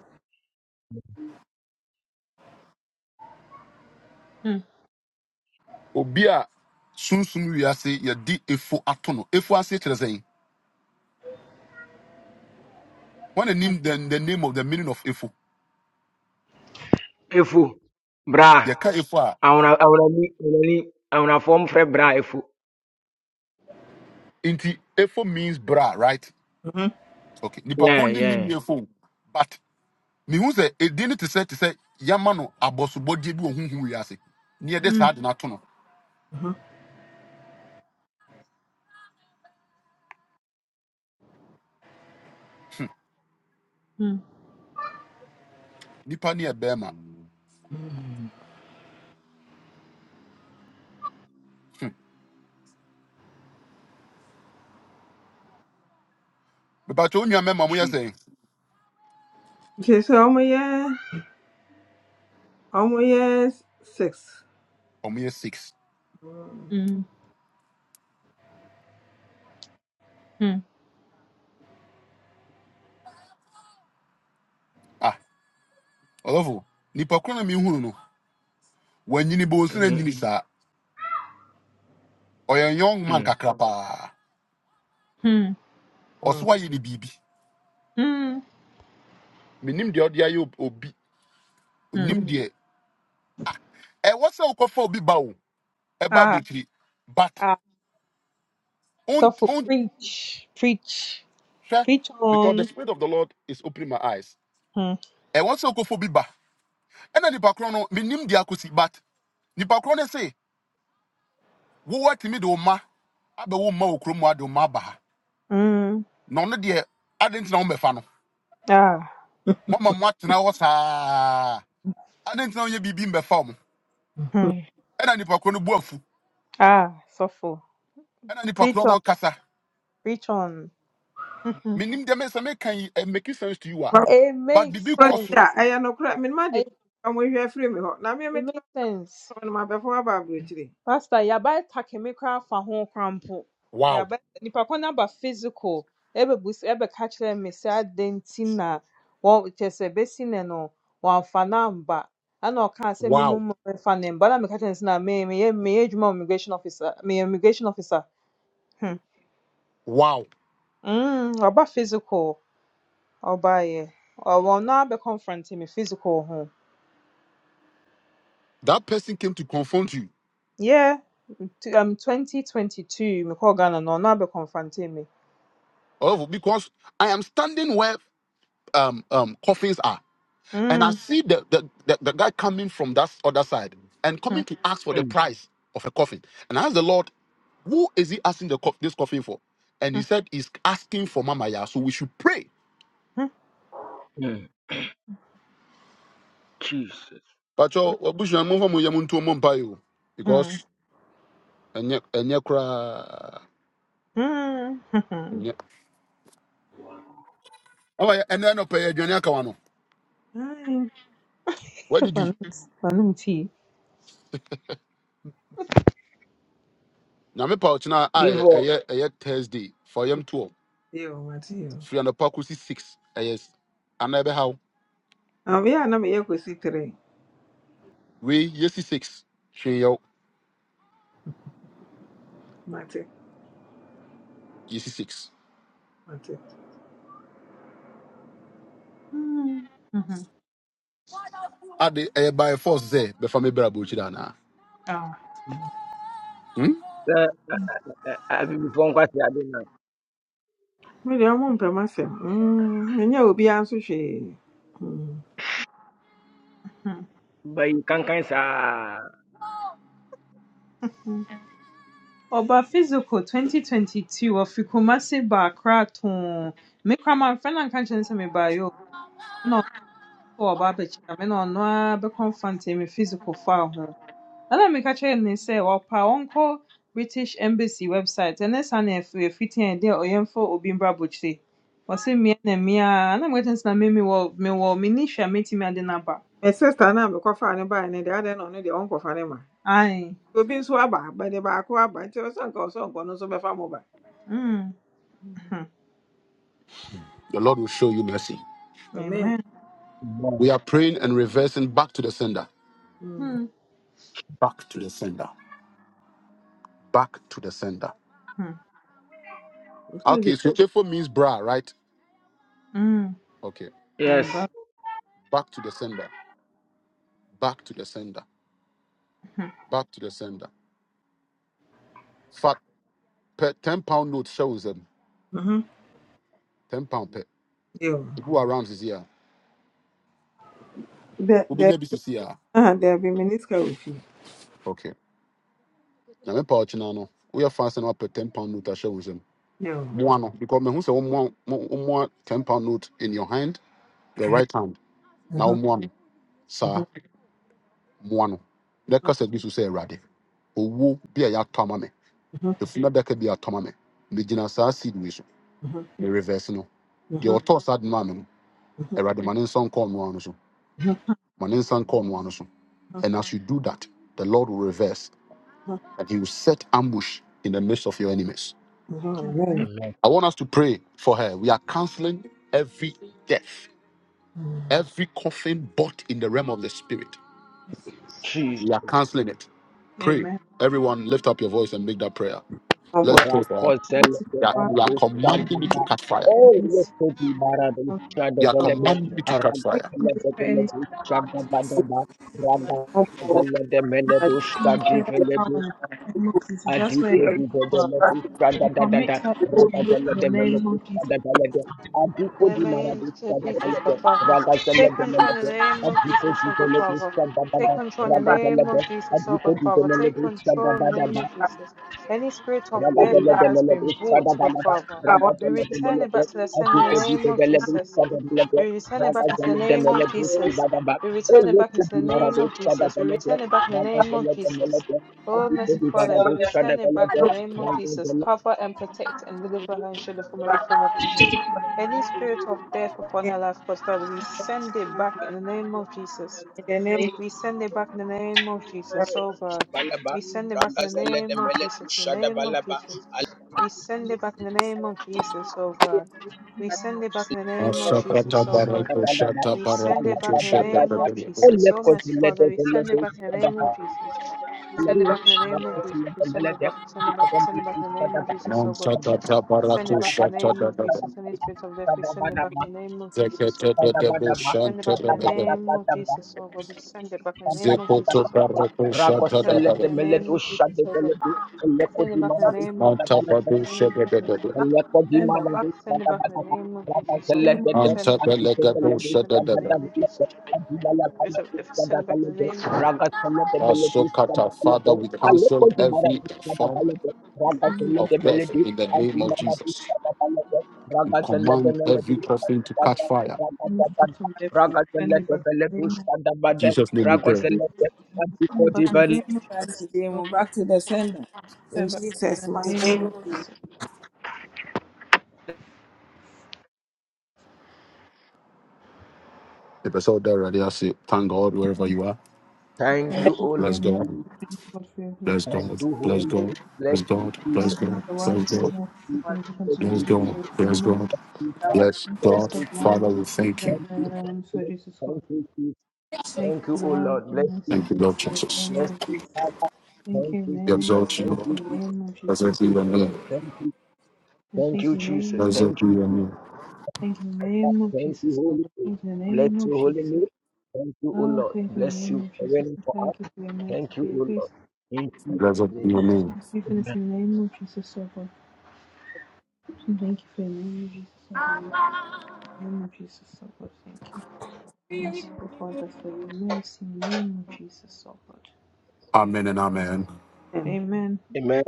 S1: obi a sunsum wiase yɛde efo ato no efo ase kyerɛ sɛn wɔn anim the the name of the meaning of efo
S6: Efu, bra,
S1: yɛka efo a
S6: I wanna, I wanna, meet- I wanna, meet- I wanna form Fred bra, Efu.
S1: Inti efo means bra, right?
S2: Mm-hmm.
S1: Okay. Nipa
S6: Yeah,
S1: kondi ni ni
S6: yeah.
S1: efo. But me who say it didn't say to say yamano abosubodi bi ohun hu yase. Ni e de saa de na to no.
S2: Mm-hmm.
S5: mm,
S1: Nipa ni e bema. But only a member we are
S6: Jeez.
S1: saying
S2: She say Oh my yeah. Oh my yes. Six.
S1: or Me pa to nwa mema mo yase. Omo ye 6.
S5: mm,
S1: Ah, olofo. Nipa kono mi hu no. Wanyini bo nsi na
S6: Mm-hmm.
S1: nyini saa. Oye young
S6: mm-hmm,
S1: man
S6: mm-hmm.
S1: kakra pa.
S5: mm,
S1: Oso
S2: Mm.
S1: ye ni bibi.
S5: mm.
S1: Me nim de odi aye obi.
S5: Hmm.
S1: Nim de. E wose ukofo obi ba wo. E ba
S5: Ah,
S1: botiri. But
S5: ah, tough. Preach, preach,
S1: hwɛ
S5: preach
S1: because the
S5: on.
S1: spirit of the lord is opening my eyes
S5: Hmm.
S1: ɛwɔ sɛ okofo bi ba ɛna nipa korɔ no menim deɛ akosi but nipa korɔ no se wowɔ timi de wo what me do ma abɛwo ma wɔ kurom a de wo ma aba ha
S5: Mm.
S1: na ɔno deɛ adɛn nti na wommɛfa no
S5: Ah,
S1: moama mo atena hɔ saa adɛn nti na wonyɛ biribi mmɛfa mo
S5: hmm.
S1: ɛna nipa korɔ no bu afu
S5: ah, suffer.
S1: ɛna nipa
S5: Preach
S1: korɔ
S5: on,
S1: no kasa
S5: preach on. Hmm.
S1: menim deɛ mesɛ meka yi eh, make sense to you a
S2: But
S5: It
S1: but
S5: makes
S1: biribi kɔ
S5: sense.
S1: so
S2: yeah, I am no crap in magic.
S5: It,
S2: I'm with free me. Now me me
S5: it makes sense.
S2: tell you my before about you.
S5: Pastor, yɛaba take me fa afa ho koraa mpo.
S1: wow
S5: Yɛaba nipa ko ba physical Ebe bus ɛbɛbus- catch them. me say dentina. nti chese besine no sɛ besi nɛ no wɔamfa no amba. Ɛna ɔkaa sɛ me mmom mɛmfa no mba. Na me kyerɛ no sɛ na me meyɛ meyɛ adwuma wɔ immigration officer me immigration officer. Hmm.
S1: wow
S5: Mm, ɔba physical ɔbaeɛ. Ɔwɔ na abɛ confront me physical ho.
S1: that person came to confront you
S5: Yeah, t- um, 2022 me mekɔɔ Ghana no na abɛ confront me.
S1: oh because i am standing where um, um, coffins are. And I
S5: Mm.
S1: see the, the, the, the guy coming from that other side and
S5: Hmm.
S1: coming to ask for the price of a coffin. And I asked the Lord, who is he asking the cof- this coffin for? And he
S5: hmm.
S1: said he's asking for Mama Ya, so we should pray.
S6: Mm, Jesus.
S1: But your bush and move on with your moon to Mumbai,
S5: Hmm.
S1: because and yet and yet cry.
S5: Hmm. Hmm.
S1: And yet- Oh, yeah, and then up a Johnny Akawano.
S2: Aye.
S1: What did he?
S5: Vanity.
S1: Now me pouch now I
S6: Therefore,
S1: a Thursday for him two
S2: Yo, Matthew.
S1: three and a park six. Yes, and I how.
S2: abịa na m yɛkɔsi three.
S1: We yɛsi six hwee yɛw
S2: mate
S1: yɛsi six
S2: mate
S5: Hmm. Hmm.
S1: At the ɛyɛ by force there, before me brɛ abɔkyiri anaa
S5: Ah.
S1: Hmm?
S6: uh, uh, I be before quite a bit now.
S2: mede ɔmo mpɛ m'asɛm Mm, ɛnyɛ obia nso hwee Mm.
S5: Hmm.
S6: But you can kind of
S5: Hmm. Ọba physical 2022 ɔfi Kumasi ba Accra too. Me koraa mamfrɛ no anka nkyerɛ no sɛ mebaeɛ o. Na ɔno ɔba abɛkyerɛ me na ɔno ara bɛkɔmfa ntɛm me na ọno abẹkọ nfa ntẹmi physical faa ho. Na na meka kyerɛɛ no sɛ ɔpa ɔnkɔ British Embassy website ɛne sa na ɛf- ɛfiti a ɛde a ɔyɛmfa obi mmra abotire. Ɔse mmea na mmea a na meka kyerɛ no na me mewɔ mewɔ menni hwee a mɛtumi ade no
S2: My sister na me sista no a mekɔfaa ne bae ne deɛ adɛn na ɔno deɛ ɔnkɔfa ne ma
S5: I
S2: obi nso aba bɛde baako aba nkyerɛ sɛ nka ɔsɛ ɔnkɔ no nso bɛfa mo ba
S5: mm, mhm.
S1: the lord will show you mercy
S2: amen
S5: amen.
S1: we are praying and reversing back to the sender
S2: Mm,
S5: Mm,
S1: back to the
S6: Jesus.
S1: sender back to the sender
S5: mm,
S2: nso
S1: okay
S2: de
S1: so chefo means bra right
S5: mm.
S1: okay
S5: Yeah,
S6: Yes.
S5: brother.
S1: back to the sender back to the sender
S5: hmm,
S1: back to the sender fat pɛ 10 pound note shows them
S2: Mhm,
S1: 10 pound pet.
S2: deɛ o.
S1: Who around is here
S2: Dɛ- dɛ-
S1: wobɛnya bi sisi a
S2: ah, daabi be sika wɔ fie
S1: okay na mepɛ ɔkyena no woyɛ fa sɛ na wapɛ 10 pound note ahyɛ wo nsam
S2: Deɛ o.
S1: one because me who say one more one more ten pound note in your hand, your right hand. Now
S2: Mhm,
S1: one, sir,
S2: mhm, mhm,
S1: one. That case gives you say ready. Owo be a ya tomame.
S2: mhm,
S1: If not that could be a tomame. Me jina sa seed we so.
S2: mhm,
S1: Me reverse no. The
S2: mhm,
S1: author said man,
S2: mhm,
S1: a radimanian son call no one so. Manin son call no so. And as you do that, the Lord will reverse
S2: mhm,
S1: and He will set ambush in the midst of your enemies.
S2: mhm, amen.
S5: Amen.
S6: Amen.
S1: I want us to pray for her. We are canceling every death. Every coffin bought in the realm of the spirit, we are
S6: Jesus.
S1: canceling it. Pray.
S5: Amen.
S1: Everyone, lift up your voice and make that prayer. Let's
S2: Ɔbɔ-
S6: Wa
S1: pray for her.
S5: Lord,
S6: ko zele
S5: mercy,
S6: de
S1: We are,
S5: Father,
S6: bara
S1: we are
S6: do
S5: we
S6: sa
S5: pray
S6: da
S1: commanding it
S5: and
S1: to
S6: da.
S1: catch
S5: destroy
S1: fire.
S6: Oh,
S5: any
S6: yes,
S5: spell
S6: to be bara do sa da
S1: We are
S6: da le
S5: of
S6: de.
S1: commanding it to
S6: Ara
S1: catch
S5: break
S1: fire.
S5: and
S6: le de
S5: destroy
S6: de le
S5: any spell,
S6: do sa da da da da. Ra da
S5: Father.
S6: zele de me le do
S5: Break
S6: sa
S5: and
S6: di
S5: destroy
S6: fe
S5: that
S6: le
S5: power
S6: do.
S5: in the name of Jesus. That's where it's
S6: Adiko di
S2: ɔbɔ-
S5: Father.
S6: Vedele Usha da
S5: You
S6: da da
S5: commit
S6: da
S5: her into your hand
S6: Ragazele
S5: in the
S6: de Mele
S5: name of Jesus.
S6: Usha da da da
S5: In
S6: Adiko
S5: the
S6: di
S5: name
S6: Maradu Usha
S5: of
S6: da da
S5: Jesus, God
S6: da
S5: Father.
S6: Ragazele
S5: Take
S6: de
S5: control
S6: Mele
S5: in the
S6: de
S5: name of
S6: Adiko
S5: Jesus,
S6: di
S5: oh God
S6: Vedele
S5: Father.
S6: Usha da da
S5: Take
S6: da
S5: control in the
S6: Ragazele
S5: name
S6: de
S5: of Jesus, oh
S6: Adiko
S5: God
S6: di
S5: Father.
S6: Vedele
S5: Take
S6: Usha da
S5: control in
S6: da
S5: the name
S6: da
S5: of Jesus. Any spirit of death that
S2: back.
S5: has been brought, God Father,
S2: I want
S5: we return it back to the sender in the name of Jesus. We return it back into the name of Jesus. We return it back into the name of Jesus. We return it back in the name of Jesus. Oh, merciful Father, we return it back in
S2: to
S5: the
S2: look
S5: name of Jesus.
S6: Raga
S5: Cover and protect and deliver her and shield her from every
S2: back
S5: form of evil. Any spirit of death upon
S2: in
S5: her life, God, Father, we send it back in the name of Jesus.
S2: the name
S5: We send it back in the name of
S2: of
S5: Jesus, oh God. We send it back in the name of Jesus, in the name of Jesus. We send it back in the name of Jesus, oh
S2: everybody.
S5: God. We send it back in the name of Jesus,
S1: Masakata
S5: oh God.
S1: barako shata
S5: We send it
S1: barako to
S5: back in the
S1: shata da
S5: name
S1: da da
S5: of
S1: da da.
S5: Jesus. Oh, mercy, Father, we send it back in the name of Jesus. Send it back in the name of Jesus.
S6: Rako
S5: We send it back, send it back, we send it back in the name of Jesus, oh God.
S1: Mansakata
S5: We send
S1: barako
S5: it back in the
S1: shata
S5: name
S1: da
S5: of
S1: da da.
S5: Jesus. Any spirit of death, we send it back in the name of Jesus, oh
S1: Zekete
S5: God.
S1: da da bo
S5: Send it
S1: shanta
S5: back in
S1: da
S5: the
S1: da da da.
S5: name of Jesus, oh God. We send it back in the name of
S1: Zekoto
S5: Jesus, oh God.
S1: barako shata
S5: Send
S1: da
S5: it
S1: da
S5: back
S6: selede
S1: da.
S5: in the name
S6: meledu
S5: of Jesus,
S6: shade
S5: oh God.
S6: beledi,
S5: Send it back in the
S2: Back to the
S5: name of
S1: Manta
S5: Jesus, in the
S1: badu
S5: name of
S1: shata da
S5: Jesus.
S1: da da.
S6: Thank you,
S2: sender, back
S5: Send it back in the name of Jesus,
S2: to the
S5: oh
S2: name
S5: God.
S2: of
S5: Send
S1: Manta
S5: it back, send
S1: belega
S5: it back, we send it back
S1: shata da
S5: in the
S1: da.
S5: name of Jesus. Raise up death, we send it back in the name of
S1: Masokata. Father, we cancel every form
S5: Jesus everywhere.
S1: of death in the name of Jesus. We command every person to catch fire.
S5: Any fruits of death, we send it back in the name
S1: In Jesus' name we pray.
S5: of Jesus. Send it back in the name of
S2: Christ
S5: Jesus,
S2: today,
S5: oh God.
S2: we're back to the sender. In
S5: Send it back
S2: Jesus'
S5: in the
S2: mighty
S5: name of Jesus.
S1: If it's all there already, I say, thank God wherever you are.
S5: Thank you
S6: all.
S5: for your
S1: Bless
S5: mercy.
S1: God.
S5: Thank you, God, for your grace.
S1: Bless
S6: Thank
S1: God.
S6: you,
S5: for your
S1: Bless
S6: Holy
S5: faith.
S6: Spirit.
S1: God.
S6: Bless
S1: Bless
S6: you,
S1: God.
S6: Jesus.
S1: Bless
S5: Thank you for
S1: God.
S5: the
S1: Bless
S6: Bless
S5: wonderful,
S1: God.
S5: merciful
S6: you,
S5: things you
S6: bless
S5: continue to
S1: Bless
S6: you, Jesus. which
S5: do
S6: is
S1: God.
S5: for the
S1: Bless
S5: name of.
S1: God.
S6: too far,
S1: Yes,
S5: Thank you
S6: Bless
S1: God.
S5: for the
S6: you, Jesus.
S1: Father, we
S5: wonderful things
S1: thank
S5: that
S1: you.
S6: Thank you,
S5: I am so
S6: Jesus.
S5: Jesus for.
S6: Thank you, Jesus.
S5: Thank
S6: Thank
S5: you
S6: you,
S5: for the
S6: O Lord.
S5: wonderful
S6: Bless you,
S5: mercy
S1: Thank you,
S5: for
S6: Jesus.
S1: Lord
S5: the
S1: Jesus.
S5: name
S6: Bless
S5: of
S6: you,
S5: Jesus.
S6: Father.
S5: Thank
S6: Thank
S5: you, in
S6: you,
S5: the
S1: We
S5: name of
S6: Jesus.
S1: exalt you,
S5: Jesus,
S6: Thank you,
S1: Lord.
S5: in the
S6: Jesus.
S5: name of Jesus.
S1: Blessed be
S5: And
S1: your name.
S6: Thank you, Jesus. thank
S5: thank
S6: you,
S5: you, in the name
S6: Jesus.
S5: of
S6: Thank
S1: Blessed be
S6: you,
S1: your
S6: Jesus.
S1: name.
S5: Thank you, in the name of
S6: Thank you,
S5: Jesus, Lord.
S6: Holy Spirit.
S5: Thank you, in the
S6: Bless
S5: name of
S6: you, Holy
S5: Jesus.
S6: Name. Thank you, O
S5: Oh,
S6: Lord.
S5: thank you, in the
S6: Bless
S5: name
S6: you,
S5: of Jesus.
S6: heaven
S5: And
S6: for us.
S5: Thank you for your mercy,
S6: Thank
S5: for
S6: you,
S5: your
S6: O Lord.
S5: grace,
S6: In Jesus'
S1: Blessed
S6: name.
S1: be your name.
S5: and faithfulness in the name of Jesus, Lord. And thank you for your name of Jesus, Lord. In the name of Jesus, Lord. Thank you. Merciful Father, for your mercy in the name of Jesus, oh God.
S1: Amen and amen.
S2: name.
S5: Amen.
S6: Amen.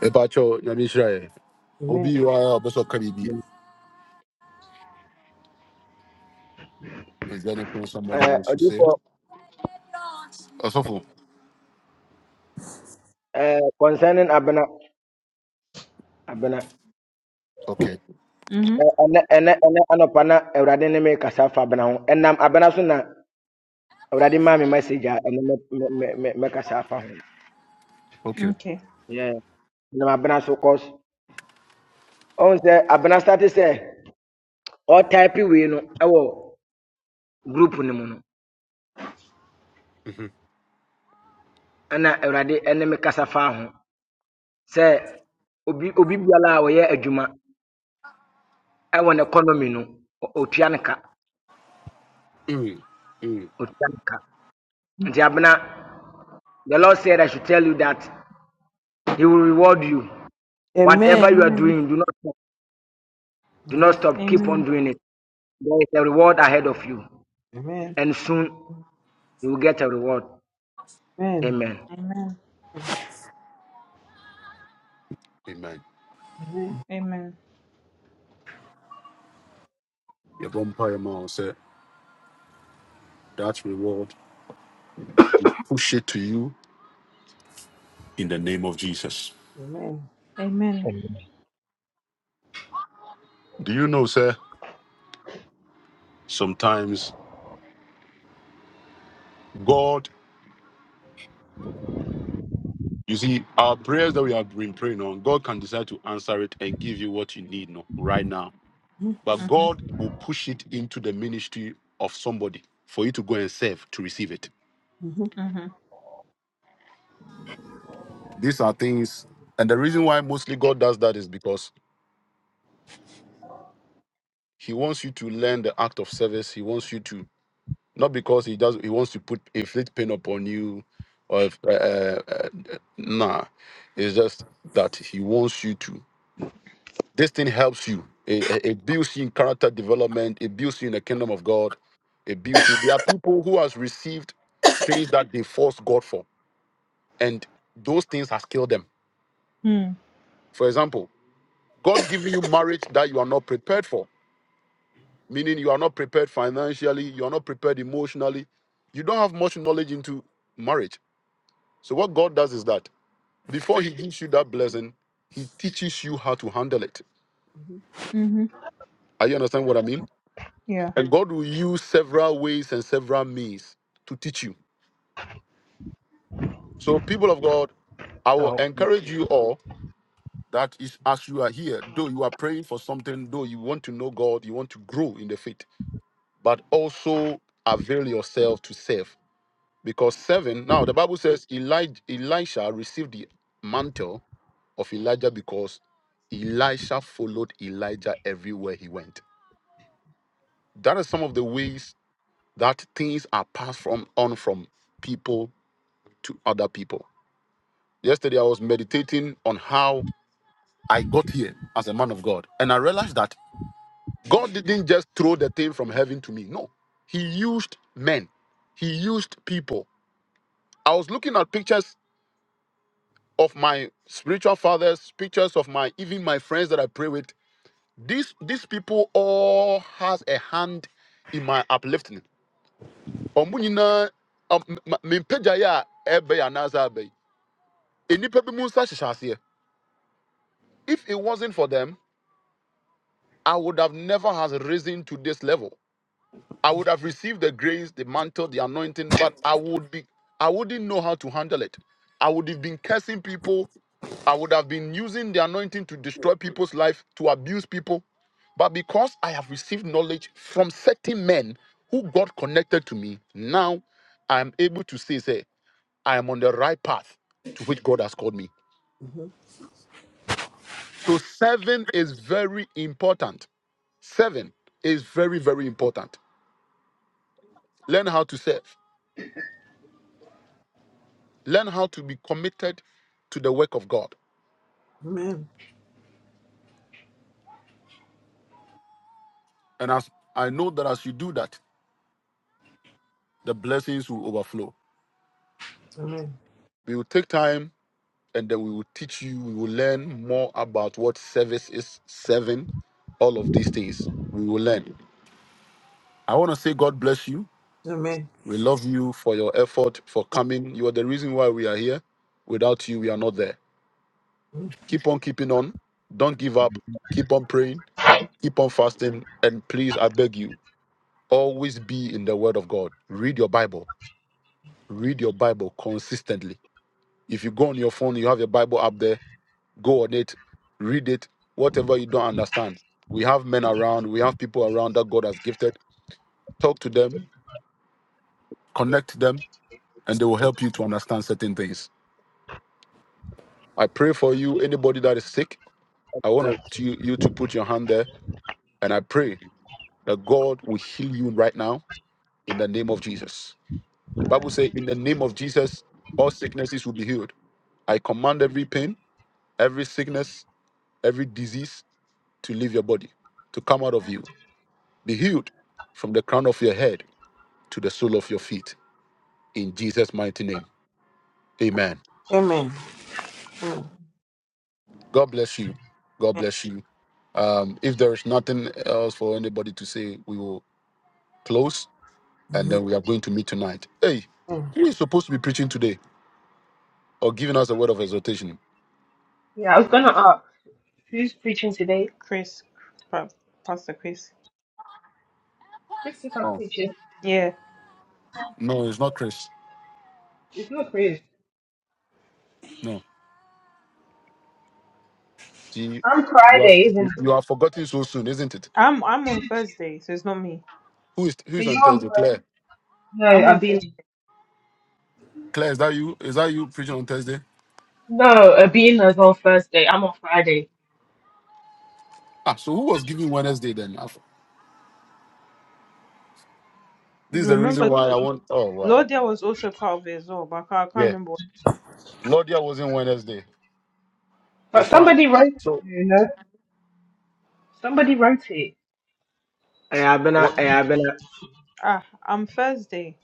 S1: Ebacho, Yamishrae. Obi,
S2: Amen.
S1: you are Bishop Kabi Is there anything somebody
S6: Uh,
S1: wants to say?
S6: Odipo,
S1: Asofo.
S6: uh, concerning Abena, Abena,
S1: Okay.
S5: Mm-hmm.
S6: ɛnɛ ɛnɛ ɛnɛ anɔpa na awurade ne me kasa fa abena ho ɛnam abena so na already maa mi message a ɛno mɛ mɛ mɛ mɛ mɛkasa afa ho
S5: Okay.
S6: yeah ɛnam abena so cause ɔn sɛ abena start sɛ ɔtaipi wei no ɛwɔ group no mu no ɛna awurade ɛne mi kasa fa ho sɛ obi obi biara a ɔyɛ i ɛwɔ n'economy no ɔ- otua ne ka otua ne ka nti abena the lord said i should tell you that he will reward you
S2: Amen.
S6: whatever you are
S5: Amen.
S6: doing do not stop do not
S2: Amen.
S6: stop keep on
S5: Amen.
S6: doing it there is a reward ahead of you
S2: Amen.
S6: and soon you will get a reward
S2: Amen.
S6: Amen.
S5: Amen.
S1: Amen.
S2: Amen.
S5: Amen.
S1: Your vampire man said that reward push it to you in the name of Jesus.
S2: Amen.
S5: Amen.
S1: Do you know, sir? Sometimes God, you see, our prayers that we have been praying on, God can decide to answer it and give you what you need no, right now.
S2: Amen.
S1: But
S5: Mm-hmm.
S1: God will push it into the ministry of somebody for you to go and serve to receive it.
S2: Mhm.
S5: Mm-hmm.
S1: These are things, and the reason why mostly God does that is because He wants you to learn the act of service. He wants you to not because he does. He wants to put inflict pain upon you, or if, uh, uh, uh, nah. It's just that he wants you to. This thing helps you. It, it it builds you in character development. It builds you in the kingdom of God. It builds you. There are people who has received things that they forced God for, and those things has killed them.
S5: Mm-hmm.
S1: For example, God giving you marriage that you are not prepared for meaning you are not prepared financially, you are not prepared emotionally, you don't have much knowledge into marriage. So, what God does is that before He gives you that blessing, He teaches you how to handle it.
S2: Mhm.
S5: Mm-hmm.
S1: Are you understand what I mean?
S5: Yeah.
S1: And God will use several ways and several means to teach you. So, people of God, I will encourage you all that is as you are here, though you are praying for something, though you want to know God, you want to grow in the faith, but also avail yourself to serve Because seven, now the Bible says Elijah, Elisha received the mantle of Elijah because Elisha followed Elijah everywhere he went. That is some of the ways that things are passed from on from people to other people. Yesterday I was meditating on how I got here as a man of God. And I realized that God didn't just throw the thing from heaven to me. No. He used men. He used people. I was looking at pictures of my spiritual fathers, pictures of my even my friends that I pray with. These these people all has a hand in my uplifting. Ɔmo nyinaa, um, m- m- mpagyae a ɛbɛyɛ anaasɛ abɛyɛ. Enipa bi mu nsa hyehyɛ aseɛ. If it wasn't for them, I would have never has risen to this level. I would have received the grace, the mantle, the anointing, but I would be I wouldn't know how to handle it. I would have been cursing people. I would have been using the anointing to destroy people's life, to abuse people. But because I have received knowledge from certain men who got connected to me, now I am able to say, say, I am on the right path to which God has called me.
S2: Mhm.
S1: So seven is very important. Seven is very, very important. Learn how to serve. Learn how to be committed to the work of God.
S2: Amen.
S1: And as I know that as you do that, the blessings will overflow.
S2: Amen.
S1: We will take time and then we will teach you, we will learn more about what service is, serving, all of these things. We will learn. I want to say God bless you.
S2: Amen.
S1: We love you for your effort, for coming. You are the reason why we are here. Without you, we are not there.
S2: Amen.
S1: Keep on keeping on. Don't give up. Keep on praying. Keep on fasting. And please, I beg you, Always be in the Word of God. Read your Bible. Read your Bible consistently. If you go on your phone, you have your Bible up there, go on it, read it, whatever you don't understand. We have men around, we have people around that God has gifted. Talk to them, connect them, and they will help you to understand certain things. I pray for you, anybody that is sick. I want to, you, you to put your hand there, and I pray that God will heal you right now in the name of Jesus. The Bible says, In the name of Jesus, all sicknesses will be healed. I command every pain, every sickness, every disease to leave your body, to come out of you. Be healed from the crown of your head to the sole of your feet. In Jesus' mighty name. Amen.
S2: Amen. Amen.
S1: God bless you. God bless you. Um, if there is nothing else for anybody to say, we will close and then we are going to meet tonight. Hey, who is supposed to be preaching today or giving us a word of exhortation?
S5: Chris, Pa- Pastor Chris.
S1: No,
S5: Yeah.
S1: no, it's not Chris.
S3: It's not crazy.
S1: No. You you are forgotten so soon, isn't it?
S5: I'm I'm on Thursday, so it's not me.
S1: Who is who is on Thursday? Claire.
S3: No,
S5: I'm on
S3: Abina.
S5: Thursday.
S1: Claire, is that you? Is that you preaching on Thursday?
S3: No, Abina's on Thursday. I'm on Friday.
S1: Ah, so who was giving Wednesday then? I f- This is the reason
S5: Remember,
S1: why I want. Oh wow,
S5: Lordia was also part of it as well, but I can't, I can't
S1: yeah.
S5: remember. what-
S1: Lordia was in Wednesday.
S3: But
S1: It's fine.
S3: somebody wrote it,
S1: So
S3: you know. Somebody wrote it.
S6: I have been, a-
S1: what?
S6: I have been, a-
S5: Ah, I'm Thursday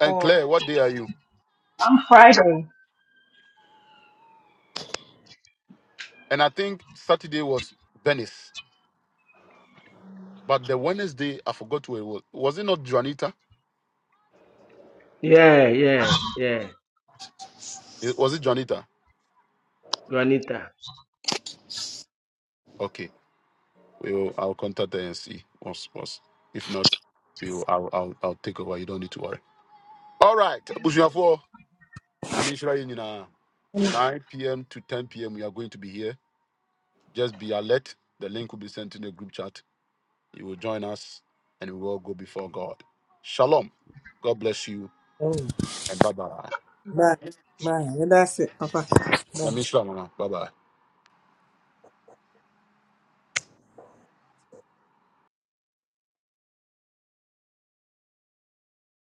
S1: And
S5: or.
S1: Claire, what day are you?
S3: I'm Friday.
S1: And I think Saturday was Venice, but the Wednesday I forgot who it was. Was it not Juanita?
S6: yeah, yeah, yeah.
S1: It- Was it Juanita?
S6: Juanita.
S1: Okay, we will, I'll contact her and see. Once, once. If not, we will, I'll, I'll I'll take over. You don't need to worry. All right, Bushia Nyamishra Yinina, 9 p.m. to 10 p.m. We are going to be here. Just be alert. The link will be sent in the group chat. You will join us and we will all go before God. Shalom. God bless you
S2: Amen.
S1: and bye bye.
S2: Bye. Bye. And That's it, Papa.
S1: Nyamishra Mama. Bye bye.